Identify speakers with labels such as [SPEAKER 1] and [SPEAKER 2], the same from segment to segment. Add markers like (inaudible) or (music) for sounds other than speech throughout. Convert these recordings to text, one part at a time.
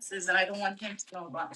[SPEAKER 1] says that I don't want him to know about.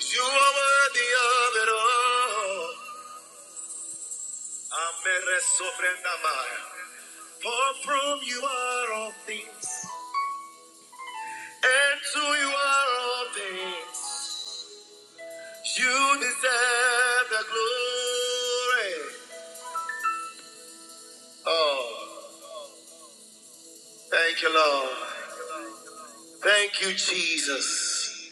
[SPEAKER 2] You are worthy of it all. Amere sobrendamaya. For from you are all things, and to you are all things. You deserve the glory. Oh, thank you, Lord. Thank you, Jesus.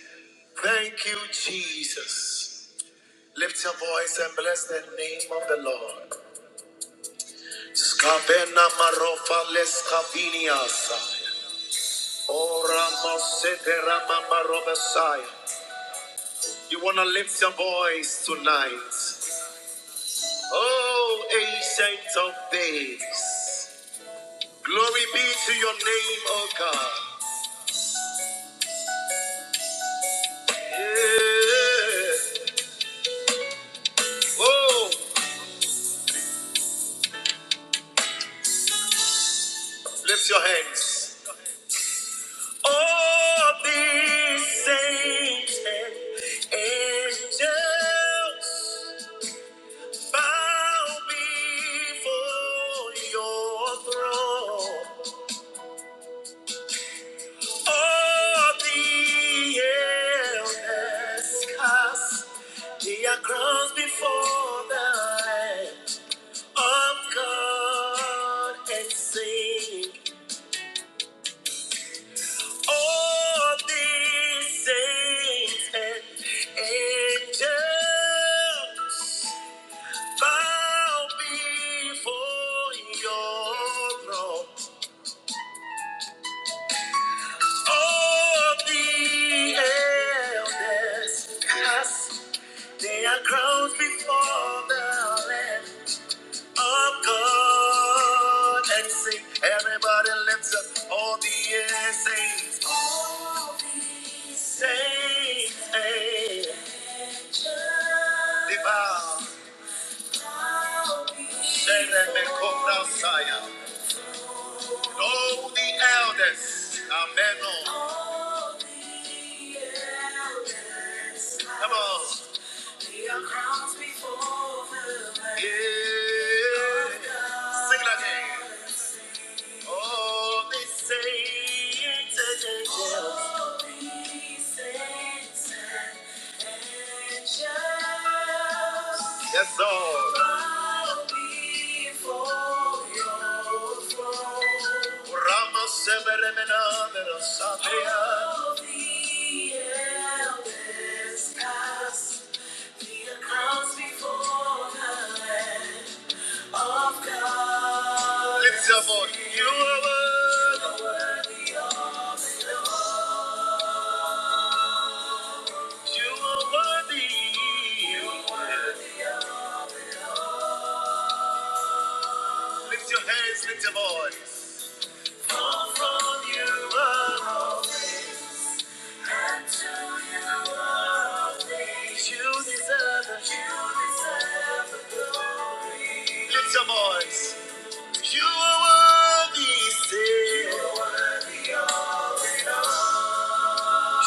[SPEAKER 2] Thank you, Jesus. Lift your voice and bless the name of the Lord. Skavena marofa leskaviniasa. You want to lift your voice tonight. Oh, ancient of days. Glory be to your name, O God. Yeah. Oh, lift your hands. All these ancient angels bow before your throne. All the elders cast their crowns before the Lamb of God and sing. All the saints and angels bow before your throne. All the elders cast Day I cross before the land of God and sing. Everybody lifts up all the air, saints, saints, hey. Devour and then they come down, sire. All the elders, amen. oh. Come on, yeah. Sing it again. All the saints, hey, hey, hey. yes, Lord. Ramos, Severemena, Lift your voice. You are worthy. You are worthy. You are worthy. Lift your hands. Lift your voice. You are. worthy. You deserve. it. Lift your voice. You are worthy. Say.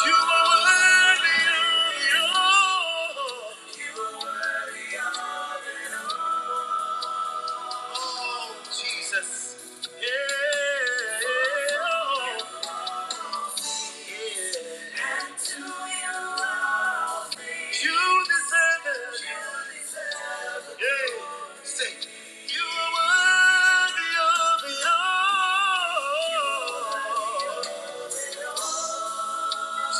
[SPEAKER 2] You are worthy. You are- Oh, Jesus. Yeah. You deserve. it. you are worthy of it all.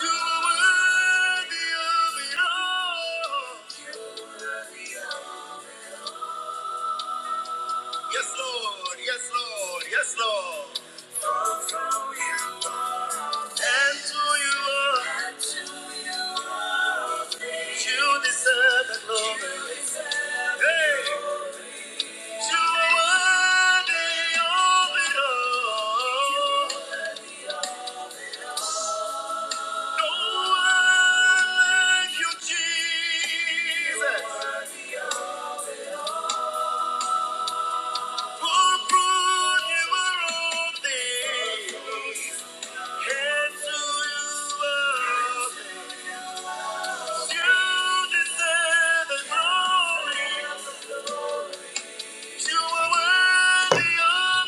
[SPEAKER 2] You are worthy of it all. Yes, Lord. Yes, Lord. Yes, Lord. And who you are, you deserve the glory. Hey, you are worthy of it all. No one like you, Jesus.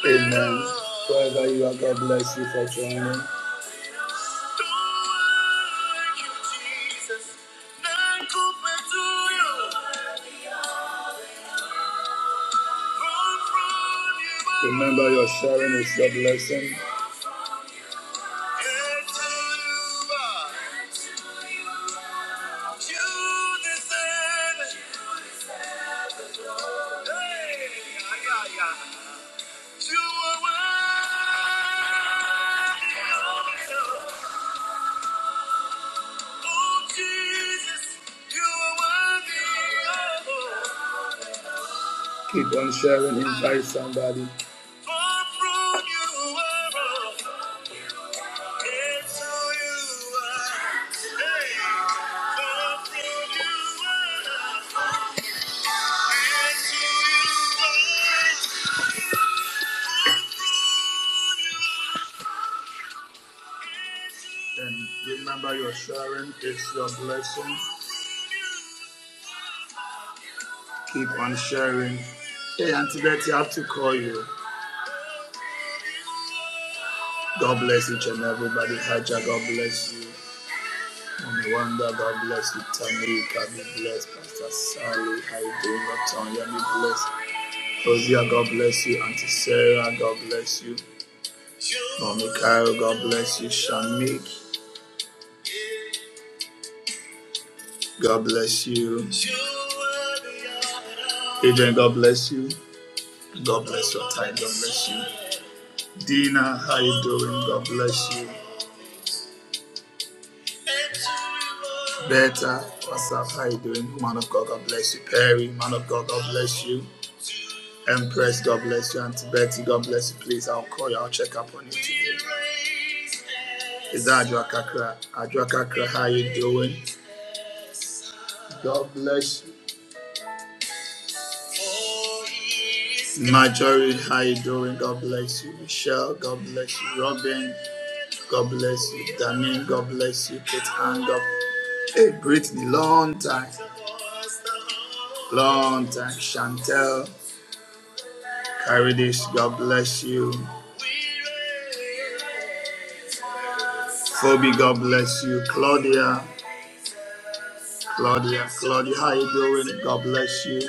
[SPEAKER 2] Amen. Wherever you are, God bless you for joining. Remember, your sharing is your blessing. You deserve it. Hey, yeah, yeah. yeah. You are worthy. Oh, Jesus, you are worthy. Keep on sharing, invite somebody. For from you are all, and you are. Hey, for from you are all, and you are. And remember, your sharing is your blessing. Keep on sharing. Hey, Auntie Betty, I have to call you. God bless each and everybody. Haja, God bless you. Mommy Wanda, God bless you. Tamika, be blessed. Pastor Sally, how you doing? Latonya, be blessed. Hosea, God bless you. Auntie Sarah, God bless you. Mommy Kyle, God bless you. Shamik, God bless you. Adrian, God bless you. God bless your time. God bless you. Dina, how you doing? God bless you. Beta, what's up? How you doing? Man of God, God bless you. Perry, man of God, God bless you. Empress, God bless you. Auntie Betty, God bless you. Please, I'll call you. I'll check up on you today. Is that Ajwa Kakra? Ajwa Kakra, how you doing? God bless you. Marjorie, how you doing? God bless you. Michelle, God bless you. Robin, God bless you. Danine, God bless you. Kate Ann, God bless you. Hey, Brittany, long time, long time. Chantel, Caridish, God bless you. Phoebe, God bless you. Claudia, Claudia, Claudia, how you doing? God bless you.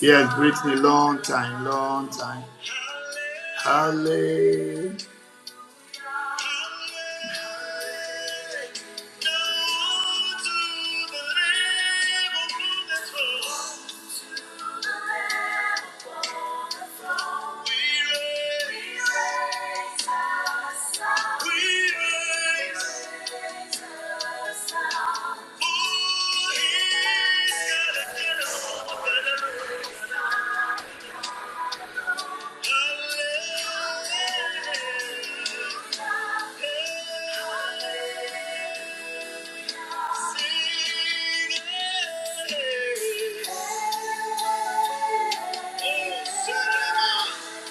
[SPEAKER 2] Yes, Brittany, long time, long time. Hallelujah.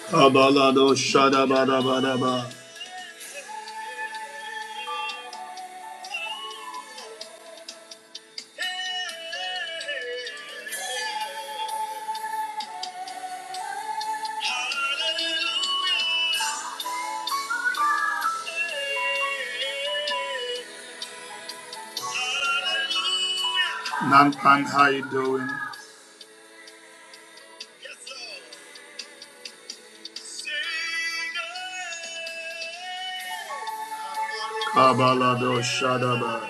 [SPEAKER 2] Kabalado Shadabadabadaba. Nampan, how you doing? Kabalado Shadaba.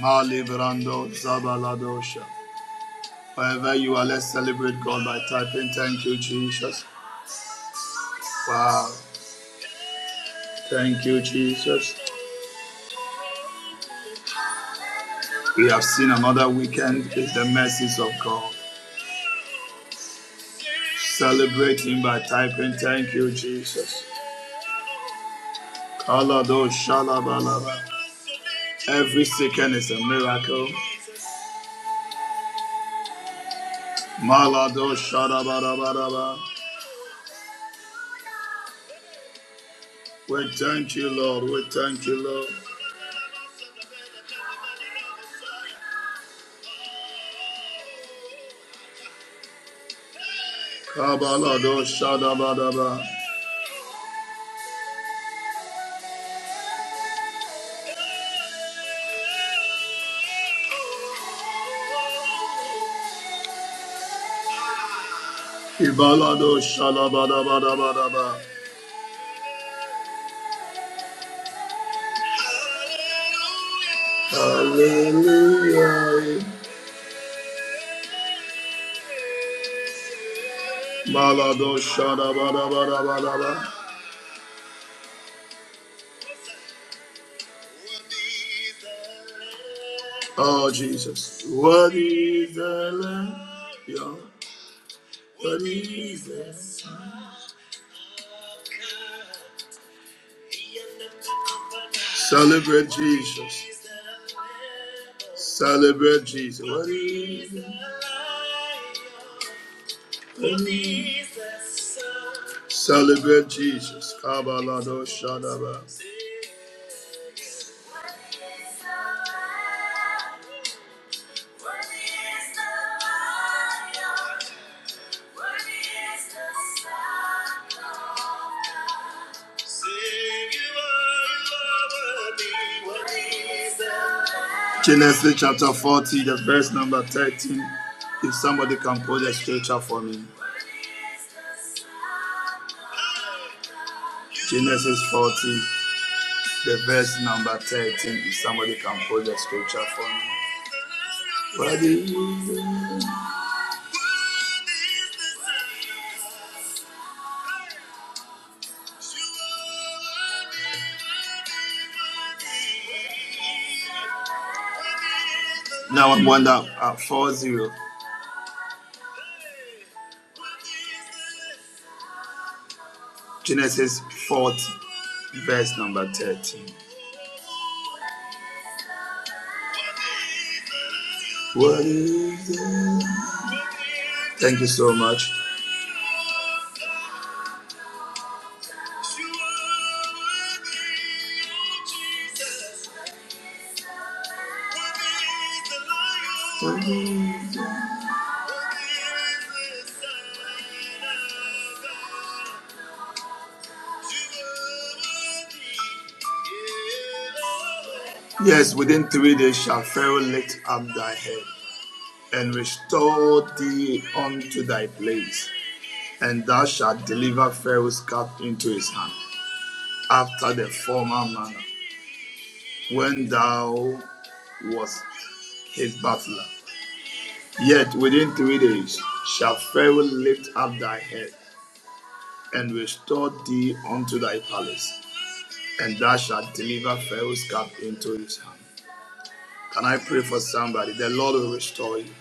[SPEAKER 2] Mali Brando Zabaladosha. Wherever you are, let's celebrate God by typing, Thank you, Jesus. Wow. Thank you, Jesus. We have seen another weekend with the mercies of God. Celebrate Him by typing, Thank you, Jesus. Kalado shalabalaba. Every second is a miracle. Malado shadabarabaraba. We thank you, Lord. We thank you, Lord. Kabalado shadabadaba. Ibalado shalabadabadabadaba. Hallelujah. Malado shadabadabadabadaba. Oh, Jesus. What is the land? Yeah. What is this? Celebrate Jesus. Celebrate Jesus. What is this? Celebrate Jesus. Kabalado Shadaba. Genesis chapter 40, the verse number 13. If somebody can quote the scripture for me. Genesis 40, the verse number 13. If somebody can quote the scripture for me. What is this? Now I wonder at 40. Genesis 40, verse number 13. What is it? Thank you so much. Yes, within three days shall Pharaoh lift up thy head and restore thee unto thy place, and thou shalt deliver Pharaoh's cup into his hand, after the former manner, when thou was his butler. Yet within three days shall Pharaoh lift up thy head and restore thee unto thy palace, and thou shalt deliver Pharaoh's cup into his hand. Can I pray for somebody? The Lord will restore you.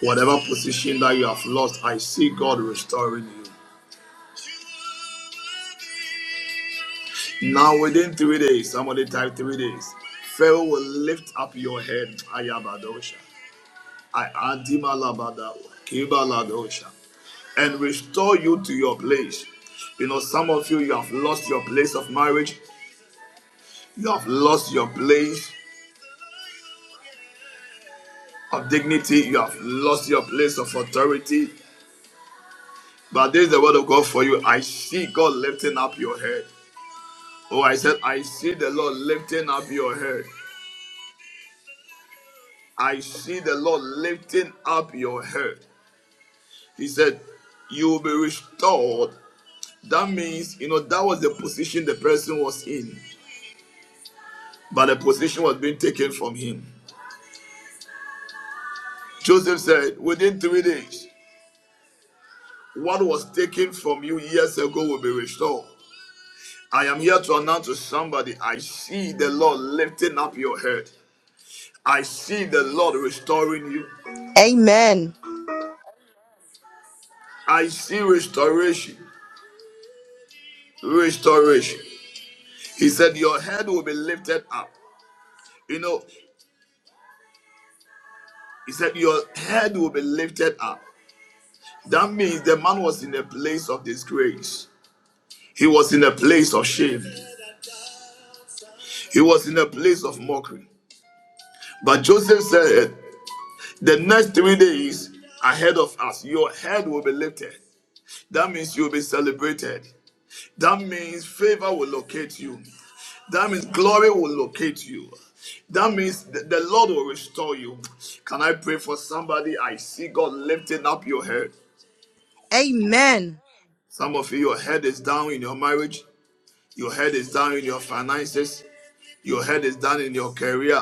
[SPEAKER 2] Whatever position that you have lost, I see God restoring you. Now, within three days, somebody type three days, Pharaoh will lift up your head. Ayabadosha. I Kibaladosha and restore you to your place. You know, some of you, you have lost your place of marriage, you have lost your place of dignity, you have lost your place of authority. But this is the word of God for you. I see God lifting up your head. Oh, I said, I see the Lord lifting up your head. I see the Lord lifting up your head. He said, You will be restored. That means, you know, that was the position the person was in, but the position was being taken from him. Joseph said, Within three days, what was taken from you years ago will be restored. I am here to announce to somebody I see the Lord lifting up your head. I see the Lord restoring you.
[SPEAKER 3] Amen.
[SPEAKER 2] I see restoration. Restoration. He said, Your head will be lifted up. You know, he said, Your head will be lifted up. That means the man was in a place of disgrace. He was in a place of shame. He was in a place of mockery. But Joseph said, The next three days ahead of us, your head will be lifted. That means you'll be celebrated. That means favor will locate you. That means glory will locate you. That means th- the Lord will restore you. Can I pray for somebody? I see God lifting up your head.
[SPEAKER 3] Amen.
[SPEAKER 2] Some of you, your head is down in your marriage, your head is down in your finances, your head is down in your career.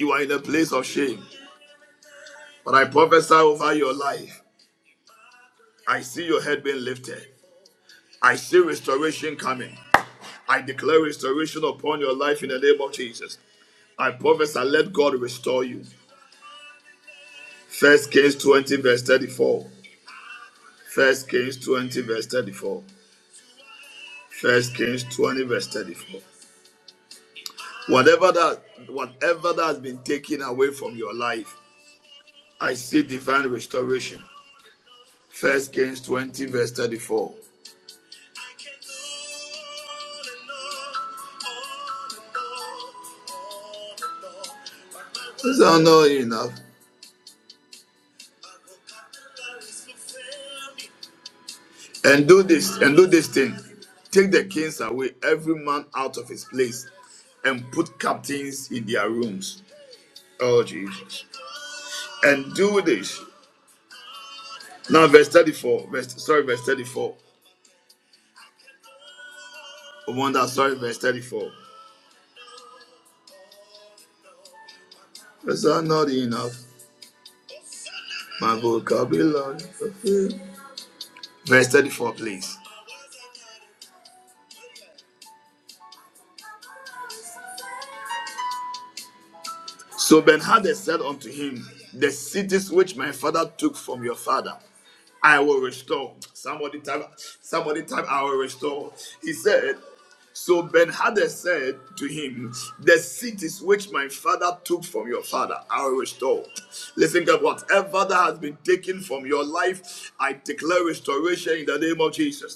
[SPEAKER 2] You are in a place of shame. But I prophesy over your life. I see your head being lifted. I see restoration coming. I declare restoration upon your life in the name of Jesus. I prophesy, let God restore you. First Kings 20, verse 34. First Kings 20, verse 34. First Kings 20, verse 34. Whatever that whatever that has been taken away from your life, I see divine restoration. First Kings 20, verse 34. This are not enough. And do this, and do this thing. Take the kings away, every man out of his place, and put captains in their rooms. Oh Jesus. And do this. Now verse 34. Verse, sorry, verse 34. Oh, wonder, sorry, verse 34. Is that not enough. My vocabulary. Verse 34, please. So Benhadad said unto him, The cities which my father took from your father, I will restore. Somebody type, somebody type, I will restore. He said, So Benhadad said to him, The cities which my father took from your father, I will restore. Listen, God, whatever that has been taken from your life, I declare restoration in the name of Jesus.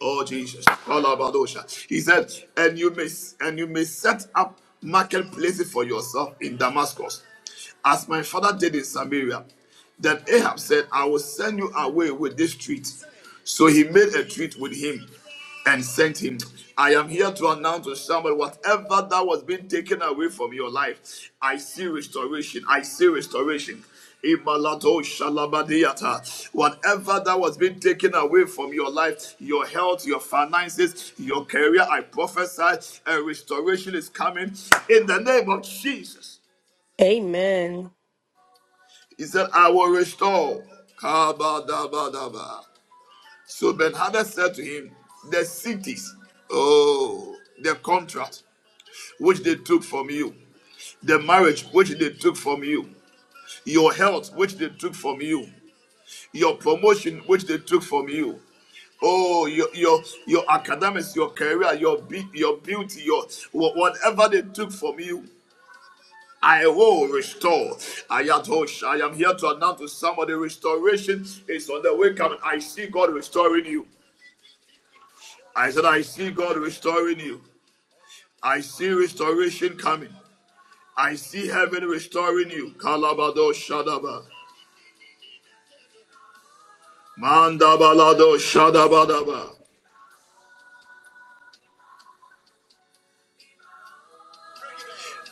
[SPEAKER 2] Oh Jesus. Kalabadosha. He said, and you may and you may set up marketplaces for yourself in Damascus, as my father did in Samaria. Then Ahab said, I will send you away with this treat. So he made a treat with him and sent him. I am here to announce to somebody whatever that was being taken away from your life, I see restoration. I see restoration. Imalato shalabadiata. Whatever that was being taken away from your life, your health, your finances, your career, I prophesy a restoration is coming in the name of Jesus.
[SPEAKER 4] Amen.
[SPEAKER 2] He said, I will restore. Kabadabadaba. So Ben Benhadad said to him, The cities, oh, the contract which they took from you, the marriage which they took from you, your health which they took from you, your promotion which they took from you. Oh, your your your academics, your career, your be- your beauty, your whatever they took from you, I will restore. I am I am here to announce to somebody restoration is on the way coming. I see God restoring you. I said, I see God restoring you. I see restoration coming. I see heaven restoring you. Kalabado Shadaba. Mandabalado Shadabadaba.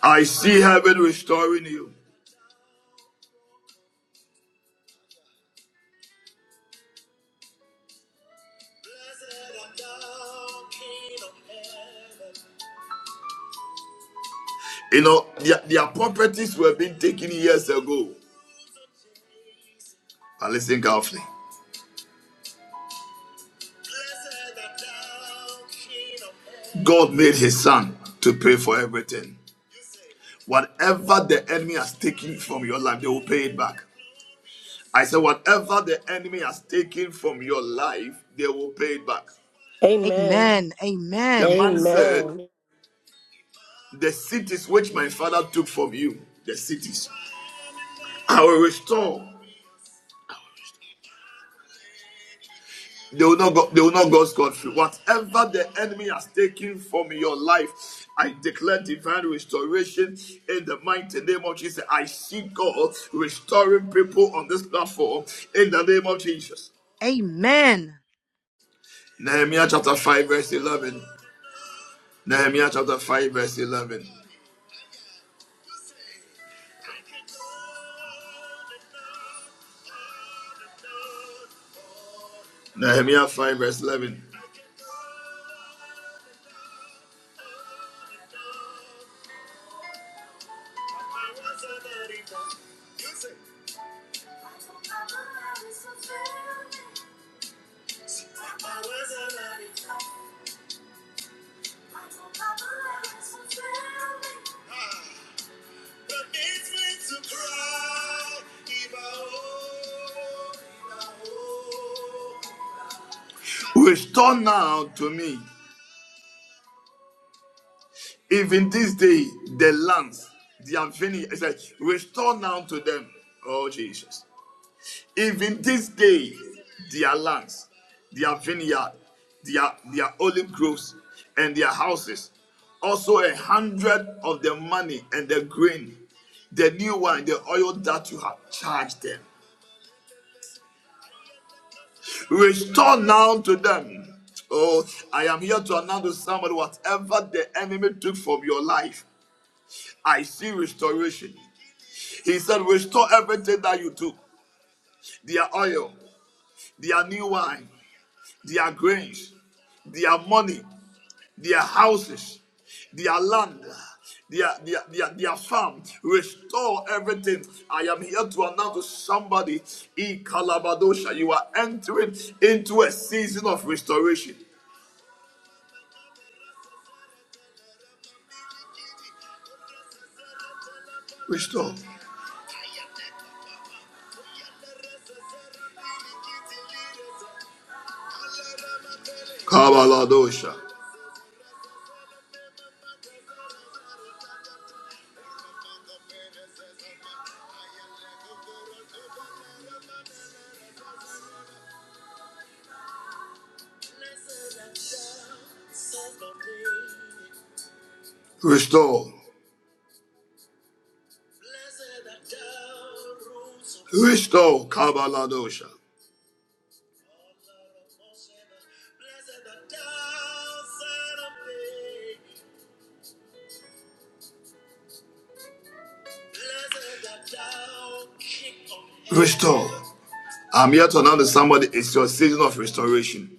[SPEAKER 2] I see heaven restoring you. You know, their, their properties were being taken years ago. But listen carefully. God made his son to pay for everything. Whatever the enemy has taken from your life, they will pay it back. I said, whatever the enemy has taken from your life, they will pay it back.
[SPEAKER 4] Amen.
[SPEAKER 3] Amen.
[SPEAKER 2] The
[SPEAKER 3] Amen.
[SPEAKER 2] man said,
[SPEAKER 4] Amen.
[SPEAKER 2] The cities which my father took from you, the cities, I will restore. They will not go, they will not go scot-free. Whatever the enemy has taken from your life, I declare divine restoration in the mighty name of Jesus. I see God restoring people on this platform in the name of Jesus.
[SPEAKER 3] Amen.
[SPEAKER 2] Nehemiah chapter 5, verse 11. Nehemiah chapter 5, verse 11. Nehemiah 5, verse 11. Restore now to me, even this day, the lands, their vineyard. It's like, restore now to them, oh Jesus. Even this day, their lands, their vineyard, their, their olive groves, and their houses. Also, a hundred of the money and the grain, the new wine, the oil that you have charged them. Restore now to them. Oh, I am here to announce to somebody whatever the enemy took from your life, I see restoration. He said, Restore everything that you took their oil, their new wine, their grains, their money, their houses, their land, their, their, their, their farm. Restore everything. I am here to announce to somebody, E Calabadosha, you are entering into a season of restoration. Restore. Kabaladosha. Restore. Restore. Kabaladosha. I'm here to announce to somebody it's your season of restoration.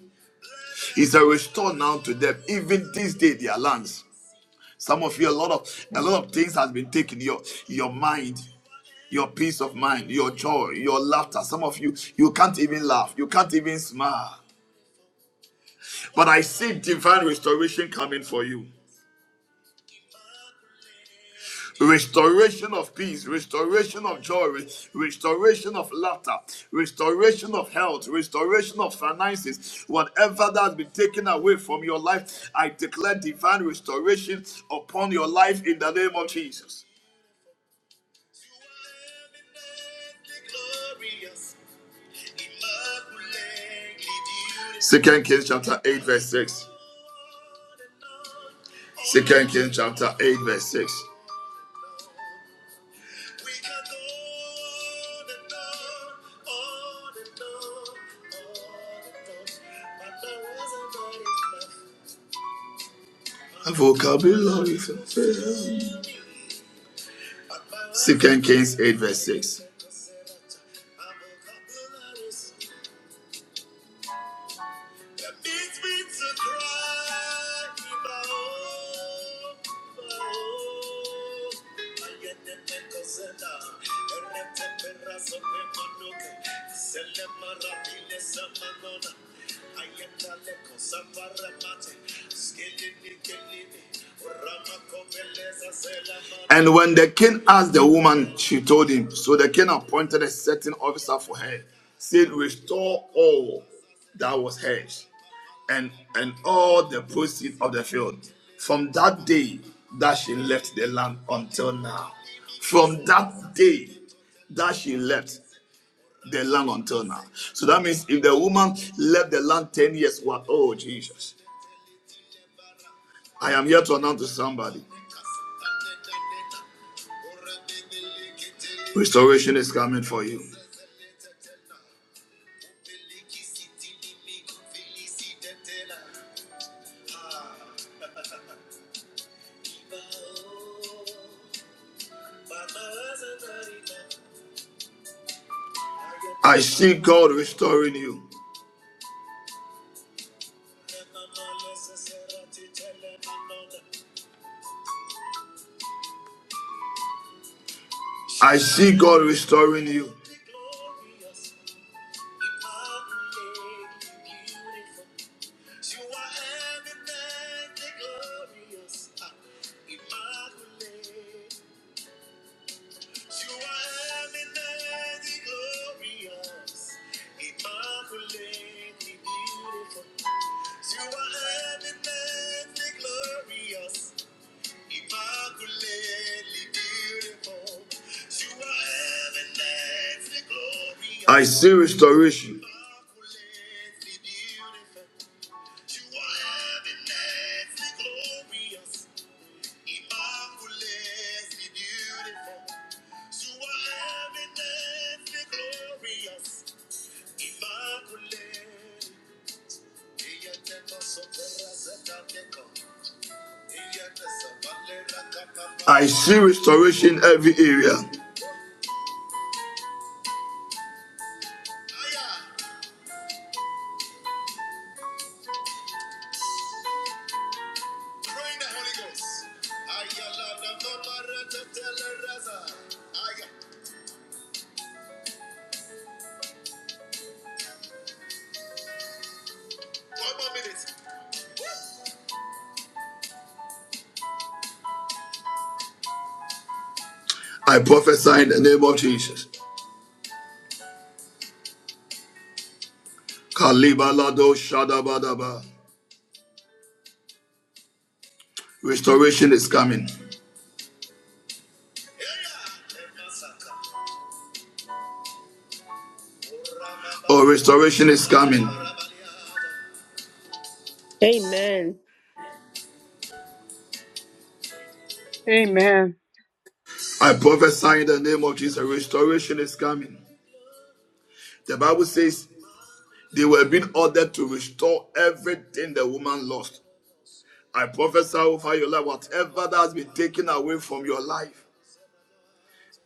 [SPEAKER 2] It's a restore now to them, even this day, their lands. Some of you, a lot of a lot of things has been taken. Your your mind, your peace of mind, your joy, your laughter. Some of you, you can't even laugh, you can't even smile. But I see divine restoration coming for you. restoration of peace, restoration of joy, re- restoration of laughter, restoration of health, restoration of finances. Whatever that has been taken away from your life, I declare divine restoration upon your life in the name of Jesus. Second Kings chapter 8, verse 6. Kings chapter 8, verse 6. Vocabulary. Second Kings 8. And when the king asked the woman, she told him. So the king appointed a certain officer for her, said, Restore all that was hers, and, and all the proceeds of the field. From that day that she left the land until now. From that day that she left the land until now. So that means if the woman left the land 10 years, what? Oh, Jesus. I am here to announce to somebody restoration is coming for you. I see God restoring you. I see God restoring you. see restoration. I see restoration in every area. I prophesy in the name of Jesus. Kalibalado shadabadaba. Restoration is coming. Oh, restoration is coming.
[SPEAKER 4] Amen.
[SPEAKER 5] Amen.
[SPEAKER 2] I prophesy in the name of Jesus. Restoration is coming. The Bible says they were being ordered to restore everything the woman lost. I prophesy over your life, whatever that has been taken away from your life.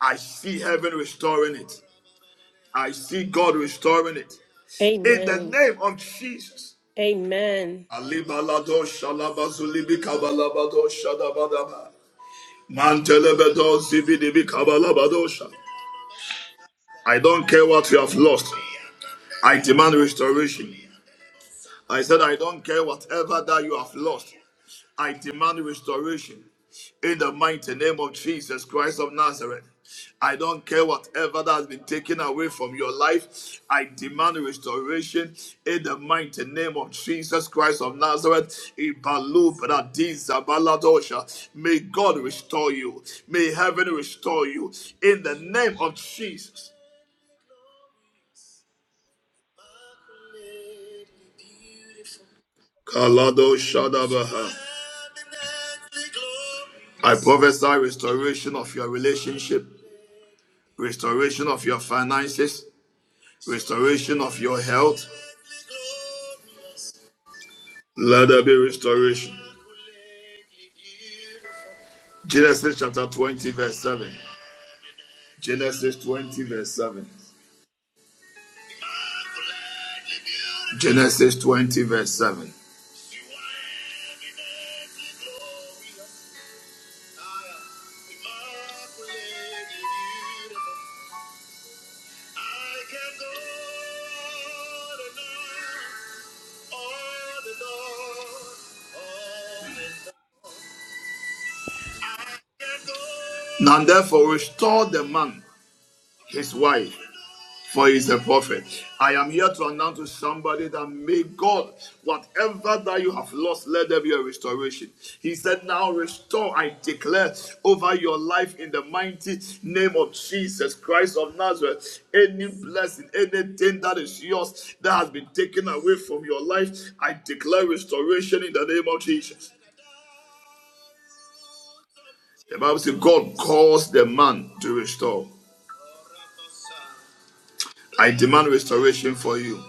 [SPEAKER 2] I see heaven restoring it. I see God restoring it. In the
[SPEAKER 4] Amen.
[SPEAKER 2] name of Jesus.
[SPEAKER 4] Amen.
[SPEAKER 2] Alibalado shalabazulibi kabalabado shadabadaba. Mantelebedo zibidibi kabalabadosha. I don't care what you have lost. I demand restoration. I said, I don't care whatever that you have lost. I demand restoration in the mighty name of Jesus Christ of Nazareth. I don't care whatever that has been taken away from your life. I demand restoration in the mighty name of Jesus Christ of Nazareth. Ibalu bradiza baladosha. May God restore you. May heaven restore you in the name of Jesus. Kalado Shadabaha. I prophesy restoration of your relationship. restoration of your finances, restoration of your health. Let there be restoration. Genesis chapter 20, verse 7. Genesis 20, verse 7. Genesis 20, verse 7. Now therefore restore the man, his wife, for he is a prophet. I am here to announce to somebody that may God, whatever that you have lost, let there be a restoration. He said, Now restore, I declare over your life in the mighty name of Jesus Christ of Nazareth. Any blessing, anything that is yours that has been taken away from your life, I declare restoration in the name of Jesus. The Bible says, God calls the man to restore. I demand restoration for you.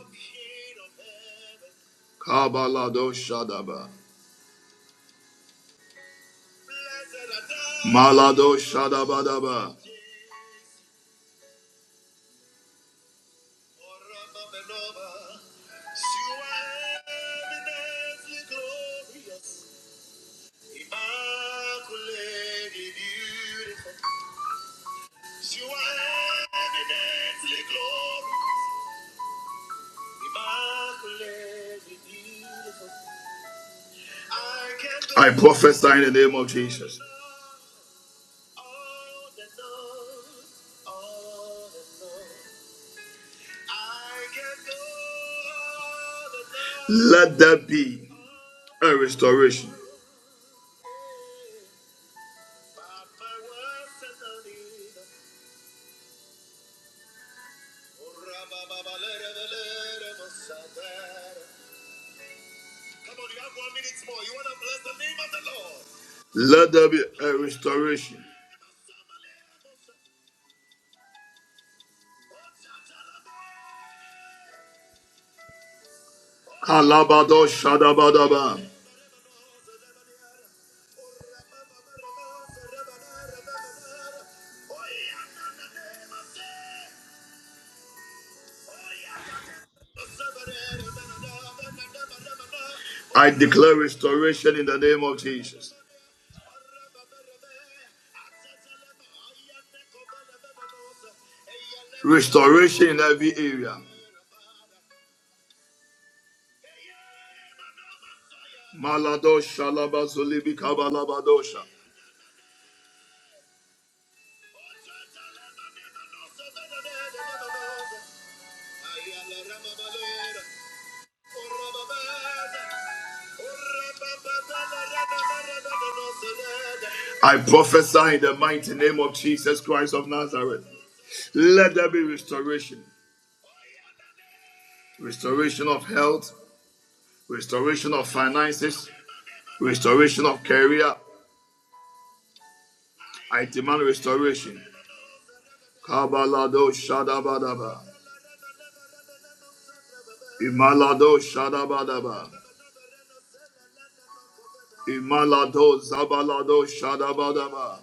[SPEAKER 2] Kabbalah Shadaba. Malado Shadabadaba. I prophesy in the name of Jesus. Let there be a restoration. Let there be a restoration. Kalabado Shadabadaba. I declare restoration in the name of Jesus. Restoration in every area. Malado Shalabazulibi Kabalabadosha. I prophesy in the mighty name of Jesus Christ of Nazareth. Let there be restoration. Restoration of health, restoration of finances, Restoration of career. I demand restoration. Kabalado Shadabadaba. Imalado Shadabadaba. Imalado Zabalado Shadabadaba.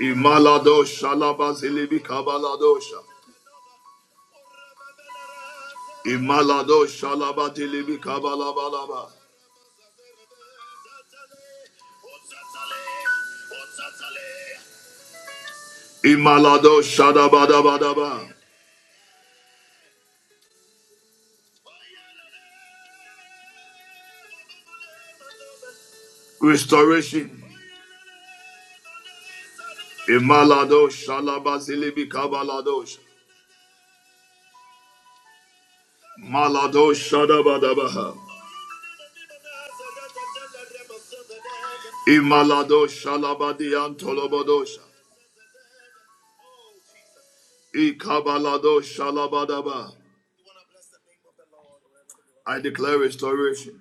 [SPEAKER 2] Imalado Shalabazilibi Kabaladosha. Imalado Shalabadilibi Kabalabalaba. Imalado Shadabadabadaba. Restoration. Imalado Shalabazilibi Kabaladosha. Malado Shadabadabaha. Imalado shalabadi antolobadosha. Ikabalado shalabadaba. I declare restoration,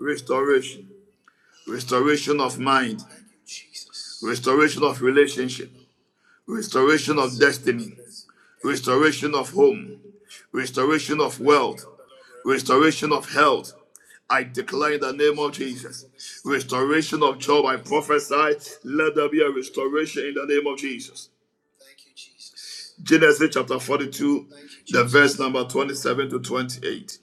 [SPEAKER 2] restoration, restoration of mind, restoration of relationship, restoration of destiny, restoration of home, restoration of wealth, restoration of health. I declare in the name of Jesus, restoration of job. I prophesy, let there be a restoration in the name of Jesus. Genesis chapter 42. The verse number 27 to 28.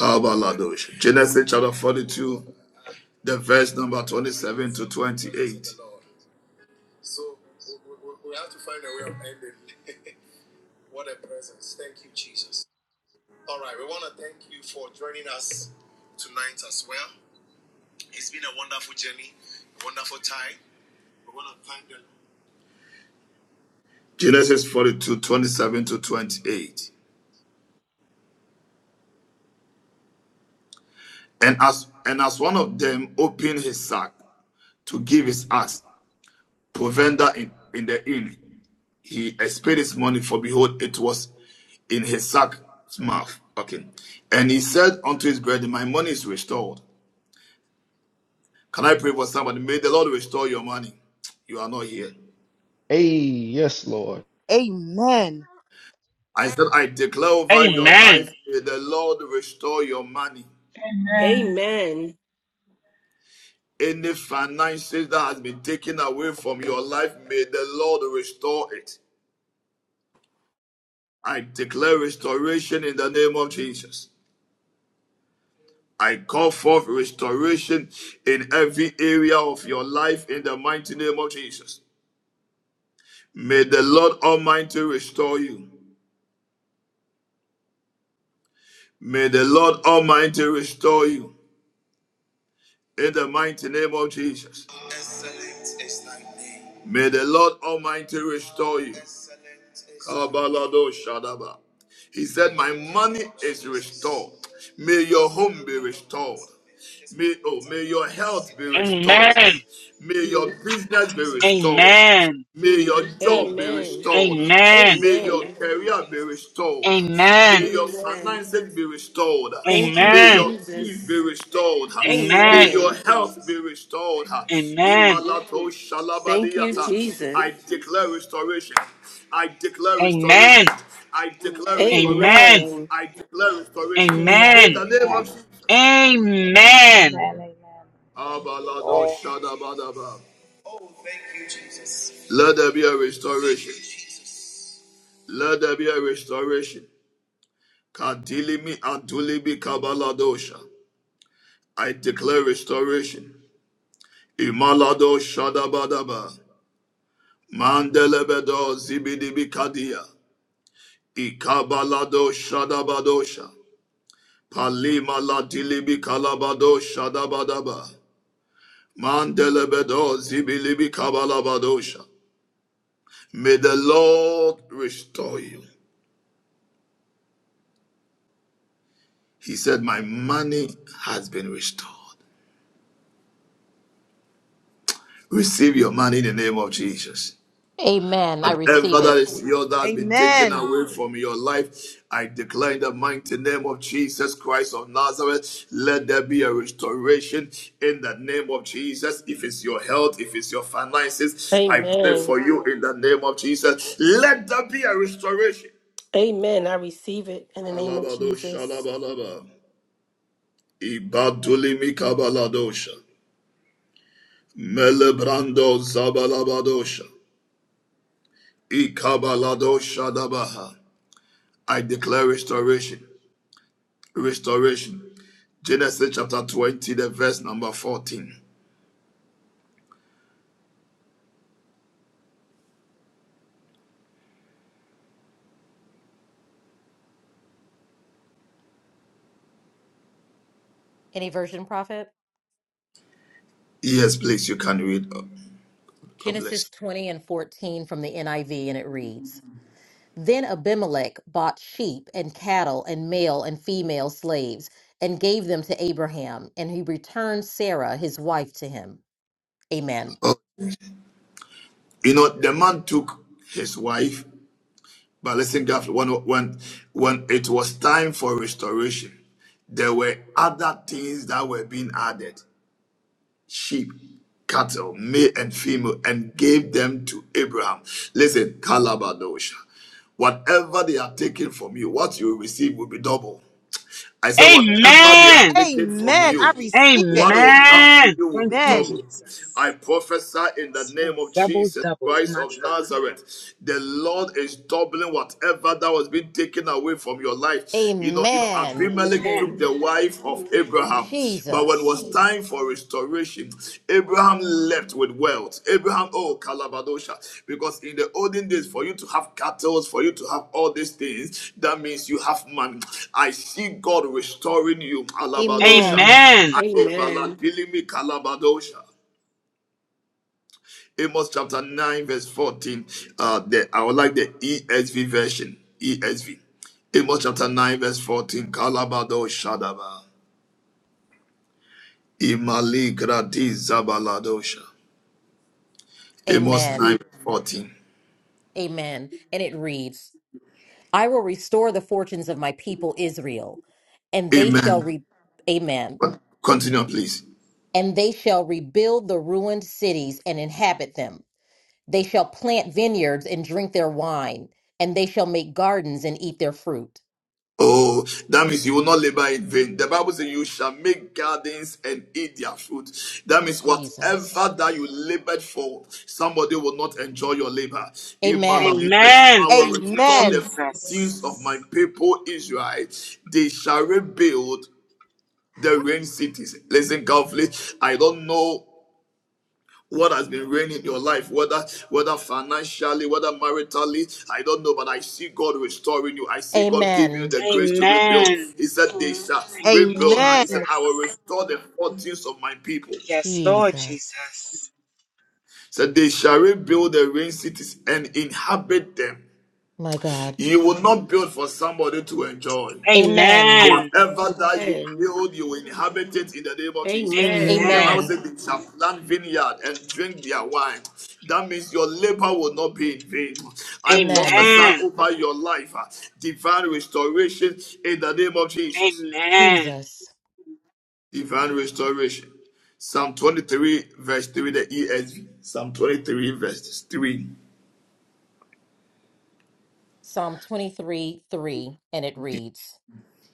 [SPEAKER 2] Abaladosh. Genesis chapter 42, the verse number 27 to 20. Genesis forty-two, twenty-seven to 28. And as and as one of them opened his sack to give his ass, provender in, in the inn, he espied his money, for behold, it was in his sack's mouth. Okay. And he said unto his brethren, My money is restored. Can I pray for somebody? May the Lord restore your money. You are not here.
[SPEAKER 6] Hey, yes, Lord.
[SPEAKER 3] Amen.
[SPEAKER 2] I said, I declare over your
[SPEAKER 7] Amen.
[SPEAKER 2] life, may the Lord restore your money.
[SPEAKER 4] Amen.
[SPEAKER 2] Any finances that has been taken away from your life, may the Lord restore it. I declare restoration in the name of Jesus. I call forth restoration in every area of your life in the mighty name of Jesus. May the Lord Almighty restore you. May the Lord Almighty restore you in the mighty name of Jesus. May the Lord Almighty restore you. Kabalado Shadaba. He said, My money is restored. May your home be restored. May, oh, may your health be restored.
[SPEAKER 7] Amen.
[SPEAKER 2] May your business be restored.
[SPEAKER 7] Amen.
[SPEAKER 2] May your job be
[SPEAKER 4] Amen.
[SPEAKER 2] restored.
[SPEAKER 7] Amen.
[SPEAKER 2] May your
[SPEAKER 4] Amen.
[SPEAKER 2] career be restored.
[SPEAKER 7] Amen.
[SPEAKER 2] May your
[SPEAKER 4] Amen.
[SPEAKER 2] finances be." be restored.
[SPEAKER 4] Thank you,
[SPEAKER 2] May
[SPEAKER 7] Amen. Amen.
[SPEAKER 2] your peace be
[SPEAKER 4] Jesus.
[SPEAKER 2] restored.
[SPEAKER 7] Amen.
[SPEAKER 2] May your
[SPEAKER 4] Amen.
[SPEAKER 2] health be restored.
[SPEAKER 7] Amen.
[SPEAKER 4] Thank you, Jesus.
[SPEAKER 2] I declare restoration. I declare restoration.
[SPEAKER 7] Amen.
[SPEAKER 2] I declare restoration.
[SPEAKER 7] Amen.
[SPEAKER 4] Amen.
[SPEAKER 2] I declare restoration. In the
[SPEAKER 7] Amen.
[SPEAKER 8] Amen.
[SPEAKER 2] name of
[SPEAKER 8] Amen.
[SPEAKER 2] Jesus.
[SPEAKER 8] Amen. Amen. Thank you, Lord.
[SPEAKER 2] Let there be a restoration. Let there be a restoration. I declare restoration. Imalado Shadabadaba. Mandelebedo Zibidibikadia. Ikabalado Shadabadosha. Palima Latilibi Kalabado Shadabadaba. Mandelebedo Zibilibi Kabalabadosha. May the Lord restore you. He said, My money has been restored. Receive your money in the name of Jesus.
[SPEAKER 9] Amen. I receive
[SPEAKER 2] Whatever that
[SPEAKER 9] it.
[SPEAKER 2] is yours that has been taken
[SPEAKER 3] Amen.
[SPEAKER 2] away from your life, I declare in the mighty name of Jesus Christ of Nazareth, let there be a restoration in the name of Jesus. If it's your health, if it's your finances, I pray
[SPEAKER 4] Amen.
[SPEAKER 2] for you in the name of Jesus. Let there be a restoration.
[SPEAKER 4] Amen. I receive it in the name of
[SPEAKER 2] Kalabado
[SPEAKER 4] Jesus.
[SPEAKER 2] shalabalaba. Ibadulimi kabaladosha. Melebrando zabalabadosha. Ikabaladosha dabaha. I declare restoration. Restoration. Genesis chapter 20, the verse number 14.
[SPEAKER 9] Any version, prophet?
[SPEAKER 2] Yes, please, you can read. Oh, God bless.
[SPEAKER 9] Genesis 20 and 14 from the NIV, and it reads Then Abimelech bought sheep and cattle and male and female slaves and gave them to Abraham, and he returned Sarah, his wife, to him. Amen.
[SPEAKER 2] Oh, you know, the man took his wife, but listen carefully. When, when, when it was time for restoration, there were other things that were being added sheep, cattle, male and female, and gave them to Abraham. Listen, Kalabadosha. Whatever they are taking from you, what you receive will be double. I said, whatever they have
[SPEAKER 7] Amen.
[SPEAKER 2] taken from
[SPEAKER 3] Amen. I
[SPEAKER 2] you,
[SPEAKER 3] receive it.
[SPEAKER 2] what will come to
[SPEAKER 7] Amen.
[SPEAKER 2] you will be
[SPEAKER 7] Thank you,
[SPEAKER 3] Amen.
[SPEAKER 2] double.
[SPEAKER 7] Jesus.
[SPEAKER 2] I prophesy in the
[SPEAKER 7] Yes,
[SPEAKER 2] name
[SPEAKER 7] Lord.
[SPEAKER 2] of
[SPEAKER 7] Double,
[SPEAKER 2] Jesus
[SPEAKER 7] double for
[SPEAKER 2] Christ
[SPEAKER 7] my
[SPEAKER 2] of
[SPEAKER 7] trouble.
[SPEAKER 2] Nazareth. The Lord is doubling whatever that was being taken away from your life. You know, you know,
[SPEAKER 9] Amen.
[SPEAKER 2] Abimelech
[SPEAKER 7] Man.
[SPEAKER 2] took
[SPEAKER 4] Amen.
[SPEAKER 2] the wife of Abraham, but when it
[SPEAKER 9] Jesus.
[SPEAKER 2] was time for restoration, Abraham left with wealth. Abraham, oh Kalabadosha, because in the olden days, for you to have cattle, for you to have all these things, that means you have money. I see God restoring you, Alabadosha.
[SPEAKER 9] Amen.
[SPEAKER 7] Amen.
[SPEAKER 4] Amen.
[SPEAKER 2] Obalandilimi kalabadosha. Amos chapter 9, verse 14. Uh, the, I would like the ESV version. ESV. Amos chapter 9, verse 14. Kalabadosha daba. Imali gradi zabaladosha. Amos
[SPEAKER 9] Amen.
[SPEAKER 2] nine fourteen.
[SPEAKER 9] Amen. And it reads I will restore the fortunes of my people Israel, and they shall
[SPEAKER 2] Amen.
[SPEAKER 9] reap. Amen
[SPEAKER 2] Continue, please.
[SPEAKER 9] and they shall rebuild the ruined cities and inhabit them. They shall plant vineyards and drink their wine, and they shall make gardens and eat their fruit.
[SPEAKER 2] Oh, that means you will not labor in vain. The Bible says you shall make gardens and eat their fruit. That means
[SPEAKER 9] Jesus.
[SPEAKER 2] whatever that you labored for, somebody will not enjoy your labor. In Malachi,
[SPEAKER 9] Amen.
[SPEAKER 7] Amen.
[SPEAKER 2] I will
[SPEAKER 7] Thank you,
[SPEAKER 2] restore the
[SPEAKER 3] Amen.
[SPEAKER 7] Jesus.
[SPEAKER 2] fortunes of my people Israel. They shall rebuild the ruined cities. Listen carefully. I don't know what has been reigning in your life, whether whether financially, whether maritally, I don't know, but I see God restoring you. I see God giving you
[SPEAKER 9] Amen.
[SPEAKER 2] the grace to
[SPEAKER 7] Amen.
[SPEAKER 2] rebuild. He said, They shall
[SPEAKER 7] Thank you,
[SPEAKER 2] rebuild. He said,
[SPEAKER 3] Amen.
[SPEAKER 2] I will
[SPEAKER 7] Jesus.
[SPEAKER 2] restore the fortunes of my people. He
[SPEAKER 7] Yes, Lord
[SPEAKER 9] Jesus.
[SPEAKER 7] Jesus.
[SPEAKER 2] Said, they shall rebuild the ruined cities and inhabit them.
[SPEAKER 9] My God.
[SPEAKER 2] You will not build for somebody to enjoy.
[SPEAKER 9] Amen.
[SPEAKER 7] Amen.
[SPEAKER 2] Whatever that you
[SPEAKER 4] Amen.
[SPEAKER 2] build, you inhabit it in the name of Jesus. The Bible
[SPEAKER 7] Amen.
[SPEAKER 9] Amen.
[SPEAKER 2] says they shall plant vineyard and drink their wine. That means your labor will not be in vain. I
[SPEAKER 9] Amen.
[SPEAKER 2] prophesy
[SPEAKER 7] Amen.
[SPEAKER 2] over your life uh, divine restoration in the name of Jesus.
[SPEAKER 7] Amen.
[SPEAKER 9] Jesus.
[SPEAKER 2] Divine restoration. Psalm 23, verse 3, the ESV. Psalm 23, verse 3.
[SPEAKER 9] Psalm 23 3, and it reads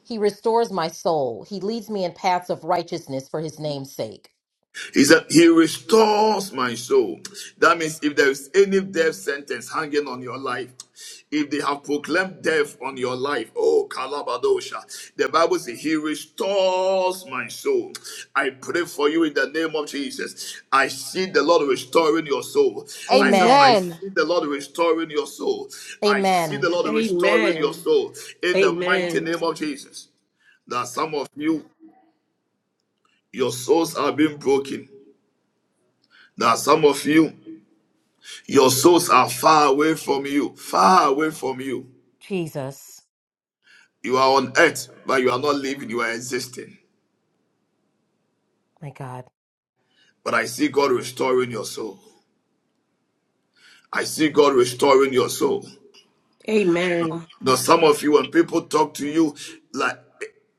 [SPEAKER 9] He restores my soul. He leads me in paths of righteousness for his name's sake.
[SPEAKER 2] He said, He restores my soul. That means if there is any death sentence hanging on your life, if they have proclaimed death on your life, oh Kalabadosha, the Bible says, He restores my soul. I pray for you in the name of Jesus. I see the Lord restoring your soul. I said, I
[SPEAKER 9] Amen.
[SPEAKER 3] Amen.
[SPEAKER 2] see the Lord restoring your soul. I see the
[SPEAKER 9] Amen.
[SPEAKER 4] Amen.
[SPEAKER 2] Lord restoring your
[SPEAKER 4] Amen.
[SPEAKER 2] soul in the mighty
[SPEAKER 4] Amen.
[SPEAKER 2] name of Jesus. That some of you, your souls are being broken. That some of you, Your souls are far away from you, far away from you.
[SPEAKER 9] Jesus.
[SPEAKER 2] You are on earth, but you are not living, you are existing.
[SPEAKER 9] My God.
[SPEAKER 2] But I see God restoring your soul. I see God restoring your soul.
[SPEAKER 4] Amen.
[SPEAKER 2] Now, some of you, when people talk to you, like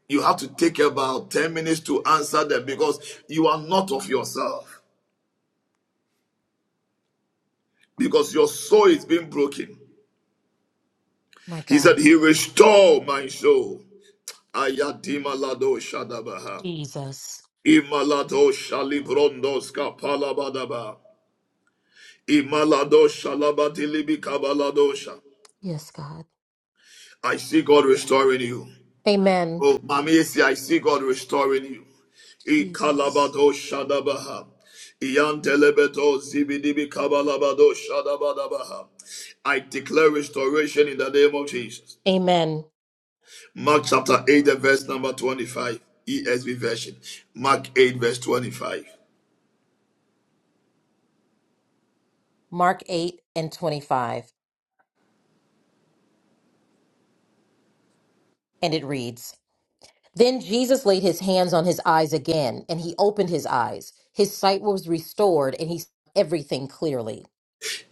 [SPEAKER 2] you have to take about 10 minutes to answer them because you are not of yourself, because your soul is being broken.
[SPEAKER 9] My
[SPEAKER 2] He said,
[SPEAKER 9] God.
[SPEAKER 2] He restored my soul. Ayadima Lado Shadabaha.
[SPEAKER 9] Jesus.
[SPEAKER 2] Imalado shalibrondoska palabadaba. Imalado shalabatilibi kabaladosha.
[SPEAKER 9] Yes, God.
[SPEAKER 2] I see God restoring you.
[SPEAKER 9] Amen.
[SPEAKER 2] Oh, Mamiesi, I see God restoring you. I
[SPEAKER 9] Jesus.
[SPEAKER 2] kalabado shadabaha. Iyantelebeto zibidibi kabalabado shadabadabaha. I declare restoration in the name of Jesus.
[SPEAKER 9] Amen.
[SPEAKER 2] Mark chapter 8, and verse number 25, ESV version. Mark 8, verse 25.
[SPEAKER 9] Mark 8 and 25. And it reads Then Jesus laid his hands on his eyes again, and he opened his eyes. His sight was restored, and he saw everything clearly.